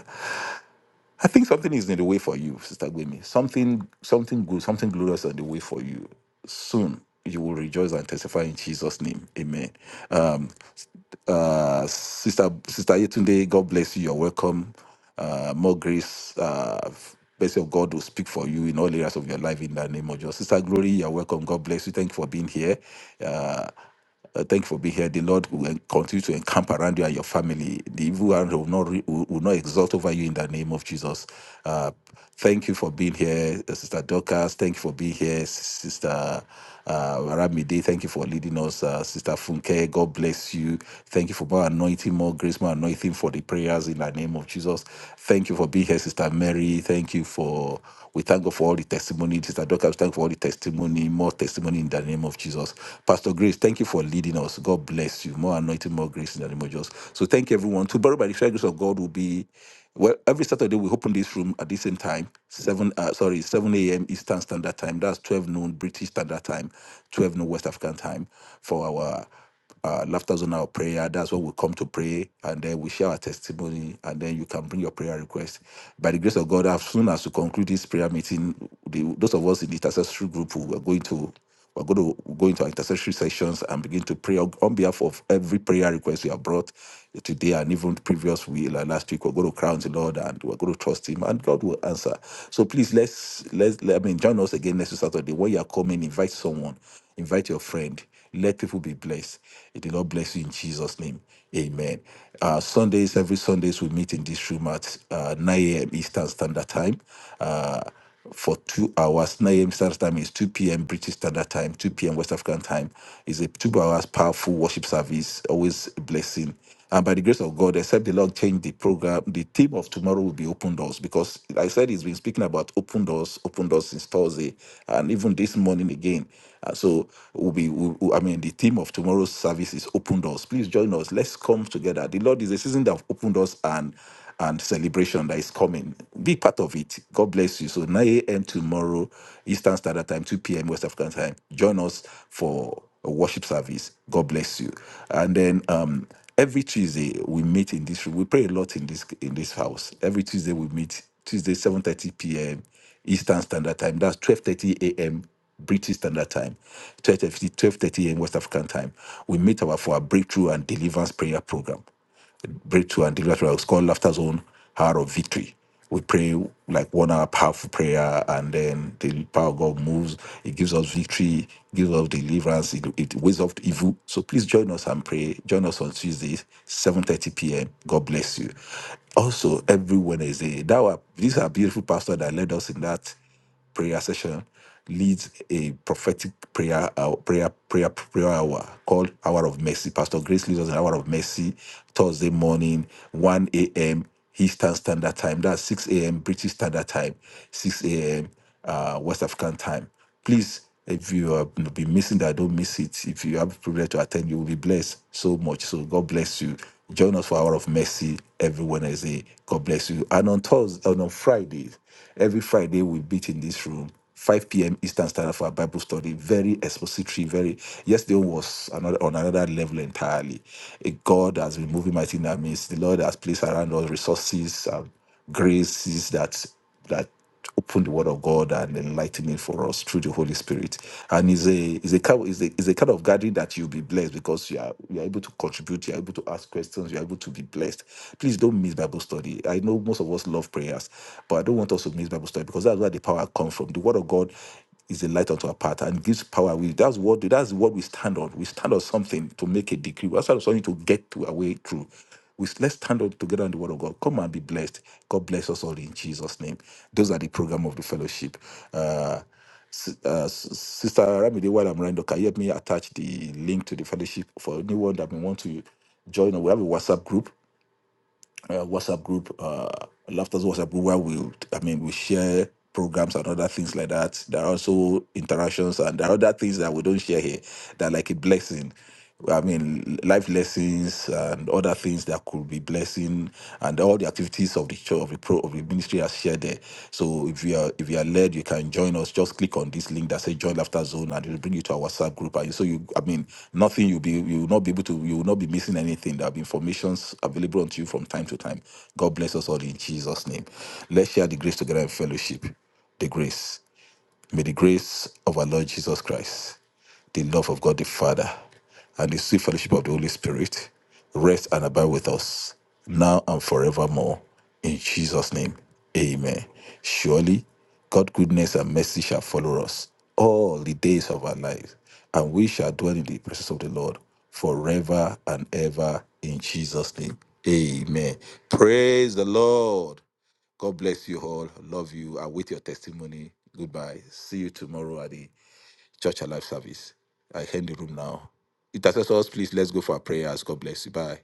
[SPEAKER 4] I think something is in the way for you, Sister Gwemi. Something, something good, something glorious on the way for you. Soon you will rejoice and testify in Jesus' name. Amen. Um, uh, Sister Sister Yetunde, God bless you. You're welcome. Uh, more grace. Uh, Blessing of God will speak for you in all areas of your life in the name of Jesus. Sister Glory, you're welcome. God bless you. Thank you for being here. Uh, uh, thank you for being here. The Lord will en- continue to encamp around you and your family. The evil one will not re- will, will not exalt over you in the name of Jesus. Uh, thank you for being here, uh, Sister Dorcas. Thank you for being here, Sister. Uh, Ramide, thank you for leading us. Uh, Sister Funke, God bless you. Thank you for more anointing, more grace, more anointing for the prayers in the name of Jesus. Thank you for being here, Sister Mary. Thank you for, we thank God for all the testimony. Sister Dorcas, thank you for all the testimony, more testimony in the name of Jesus. Pastor Grace, thank you for leading us. God bless you. More anointing, more grace in the name of Jesus. So thank you, everyone. Tomorrow, by the grace of God, will be well, every Saturday we open this room at the same time, seven uh, sorry, seven a.m. Eastern Standard Time. That's twelve noon British Standard Time, twelve noon West African Time for our uh, laughter zone, our prayer. That's what we come to pray, and then we share our testimony, and then you can bring your prayer request. By the grace of God, as soon as we conclude this prayer meeting, the, those of us in the intercessory group who are going to we're going to go into our intercessory sessions and begin to pray on behalf of every prayer request you have brought today and even previous week, like last week. We're going to crown the Lord and we're going to trust Him, and God will answer. So please let's let's let, I mean join us again next Saturday. When you are coming, invite someone, invite your friend. Let people be blessed. May the Lord bless you in Jesus' name. Amen. Uh, Sundays, every Sundays we meet in this room at uh, 9 a.m. Eastern Standard Time. Uh, for two hours. 9 a.m. Standard Time is 2 p.m. British Standard Time, 2 p.m. West African Time. It's a two hours powerful worship service, always a blessing. And by the grace of God, except the Lord change the program, the theme of tomorrow will be open doors because like I said, he's been speaking about open doors, open doors since Thursday, and even this morning again. Uh, so we'll be, we'll- we'll- I mean, the theme of tomorrow's service is open doors. Please join us. Let's come together. The Lord is a season that opened doors and and celebration that is coming. Be part of it. God bless you. So 9 a.m. tomorrow, Eastern Standard Time, 2 p.m. West African Time. Join us for a worship service. God bless you. And then um, every Tuesday we meet in this room. We pray a lot in this in this house. Every Tuesday we meet. Tuesday 7:30 p.m. Eastern Standard Time. That's 12:30 a.m. British Standard Time, 12:30 12:30 a.m. West African Time. We meet our for our breakthrough and deliverance prayer program breakthrough and deliverance. It's called Laughter Zone Hour of Victory. We pray like one hour powerful prayer, and then the power of God moves. It gives us victory, gives us deliverance, it, it weighs off evil. So please join us and pray. Join us on Tuesdays, 7:30 p.m. God bless you. Also, every Wednesday, that were, these are beautiful pastors that led us in that prayer session leads a prophetic prayer uh, prayer prayer prayer hour called Hour of Mercy. Pastor Grace leads us an Hour of Mercy Thursday morning, 1 a.m. Eastern Standard Time. That's 6 a.m. British Standard Time, 6 a.m uh, West African time. Please, if you have been missing that, don't miss it. If you have the privilege to attend, you will be blessed so much. So God bless you. Join us for Hour of Mercy every Wednesday. God bless you. And on Thursday, and on Fridays, every Friday we meet in this room. 5 p.m. Eastern Standard for our Bible study. Very expository. Very yesterday was another on another level entirely. Eh, God has been moving mighty in our midst. The Lord has placed around us resources and graces that that open the word of God and enlighten it for us through the Holy Spirit. And is a is a kind is a is a kind of gathering that you'll be blessed because you are you are able to contribute, you are able to ask questions, you are able to be blessed. Please don't miss Bible study. I know most of us love prayers, but I don't want us to miss Bible study because that's where the power comes from. The word of God is a light unto our path and gives power. We that's what that's what we stand on. We stand on something to make a decree. That's what something to get to our way through. We let's stand up together on the word of God. Come and be blessed. God bless us all in Jesus' name. Those are the program of the fellowship. Uh, S- uh, S- Sister Ramide, while I'm around, can you help me attach the link to the fellowship for anyone that may want to join? We have a WhatsApp group uh, WhatsApp group, uh, Laughter's WhatsApp group, where we, I mean, we share programs and other things like that. There are also interactions and there are other things that we don't share here that are like a blessing. I mean, life lessons and other things that could be blessing, and all the activities of the church, of the pro, of the ministry commentary are shared there. So if you are if you are led, you can join us. Just click on this link that says join laughter zone and it will bring you to our WhatsApp group. And so you I mean nothing you'll be you will not be able to you will not be missing anything. There'll be informations available unto you from time to time. God bless us all in Jesus' name. Let's share the grace together in fellowship. The grace. May the grace of our Lord Jesus Christ, the love of God the Father, and the sweet fellowship of the Holy Spirit rest and abide with us now and forevermore. In Jesus' name, amen. Surely, God's goodness and mercy shall follow us all the days of our lives, and we shall dwell in the presence of the Lord forever and ever. In Jesus' name, amen. Praise the Lord. God bless you all. Love you. I wait your testimony. Goodbye. See you tomorrow at the Church Alive service. I end the room now. Intercessors, please let's go for our prayers. God bless you. Bye.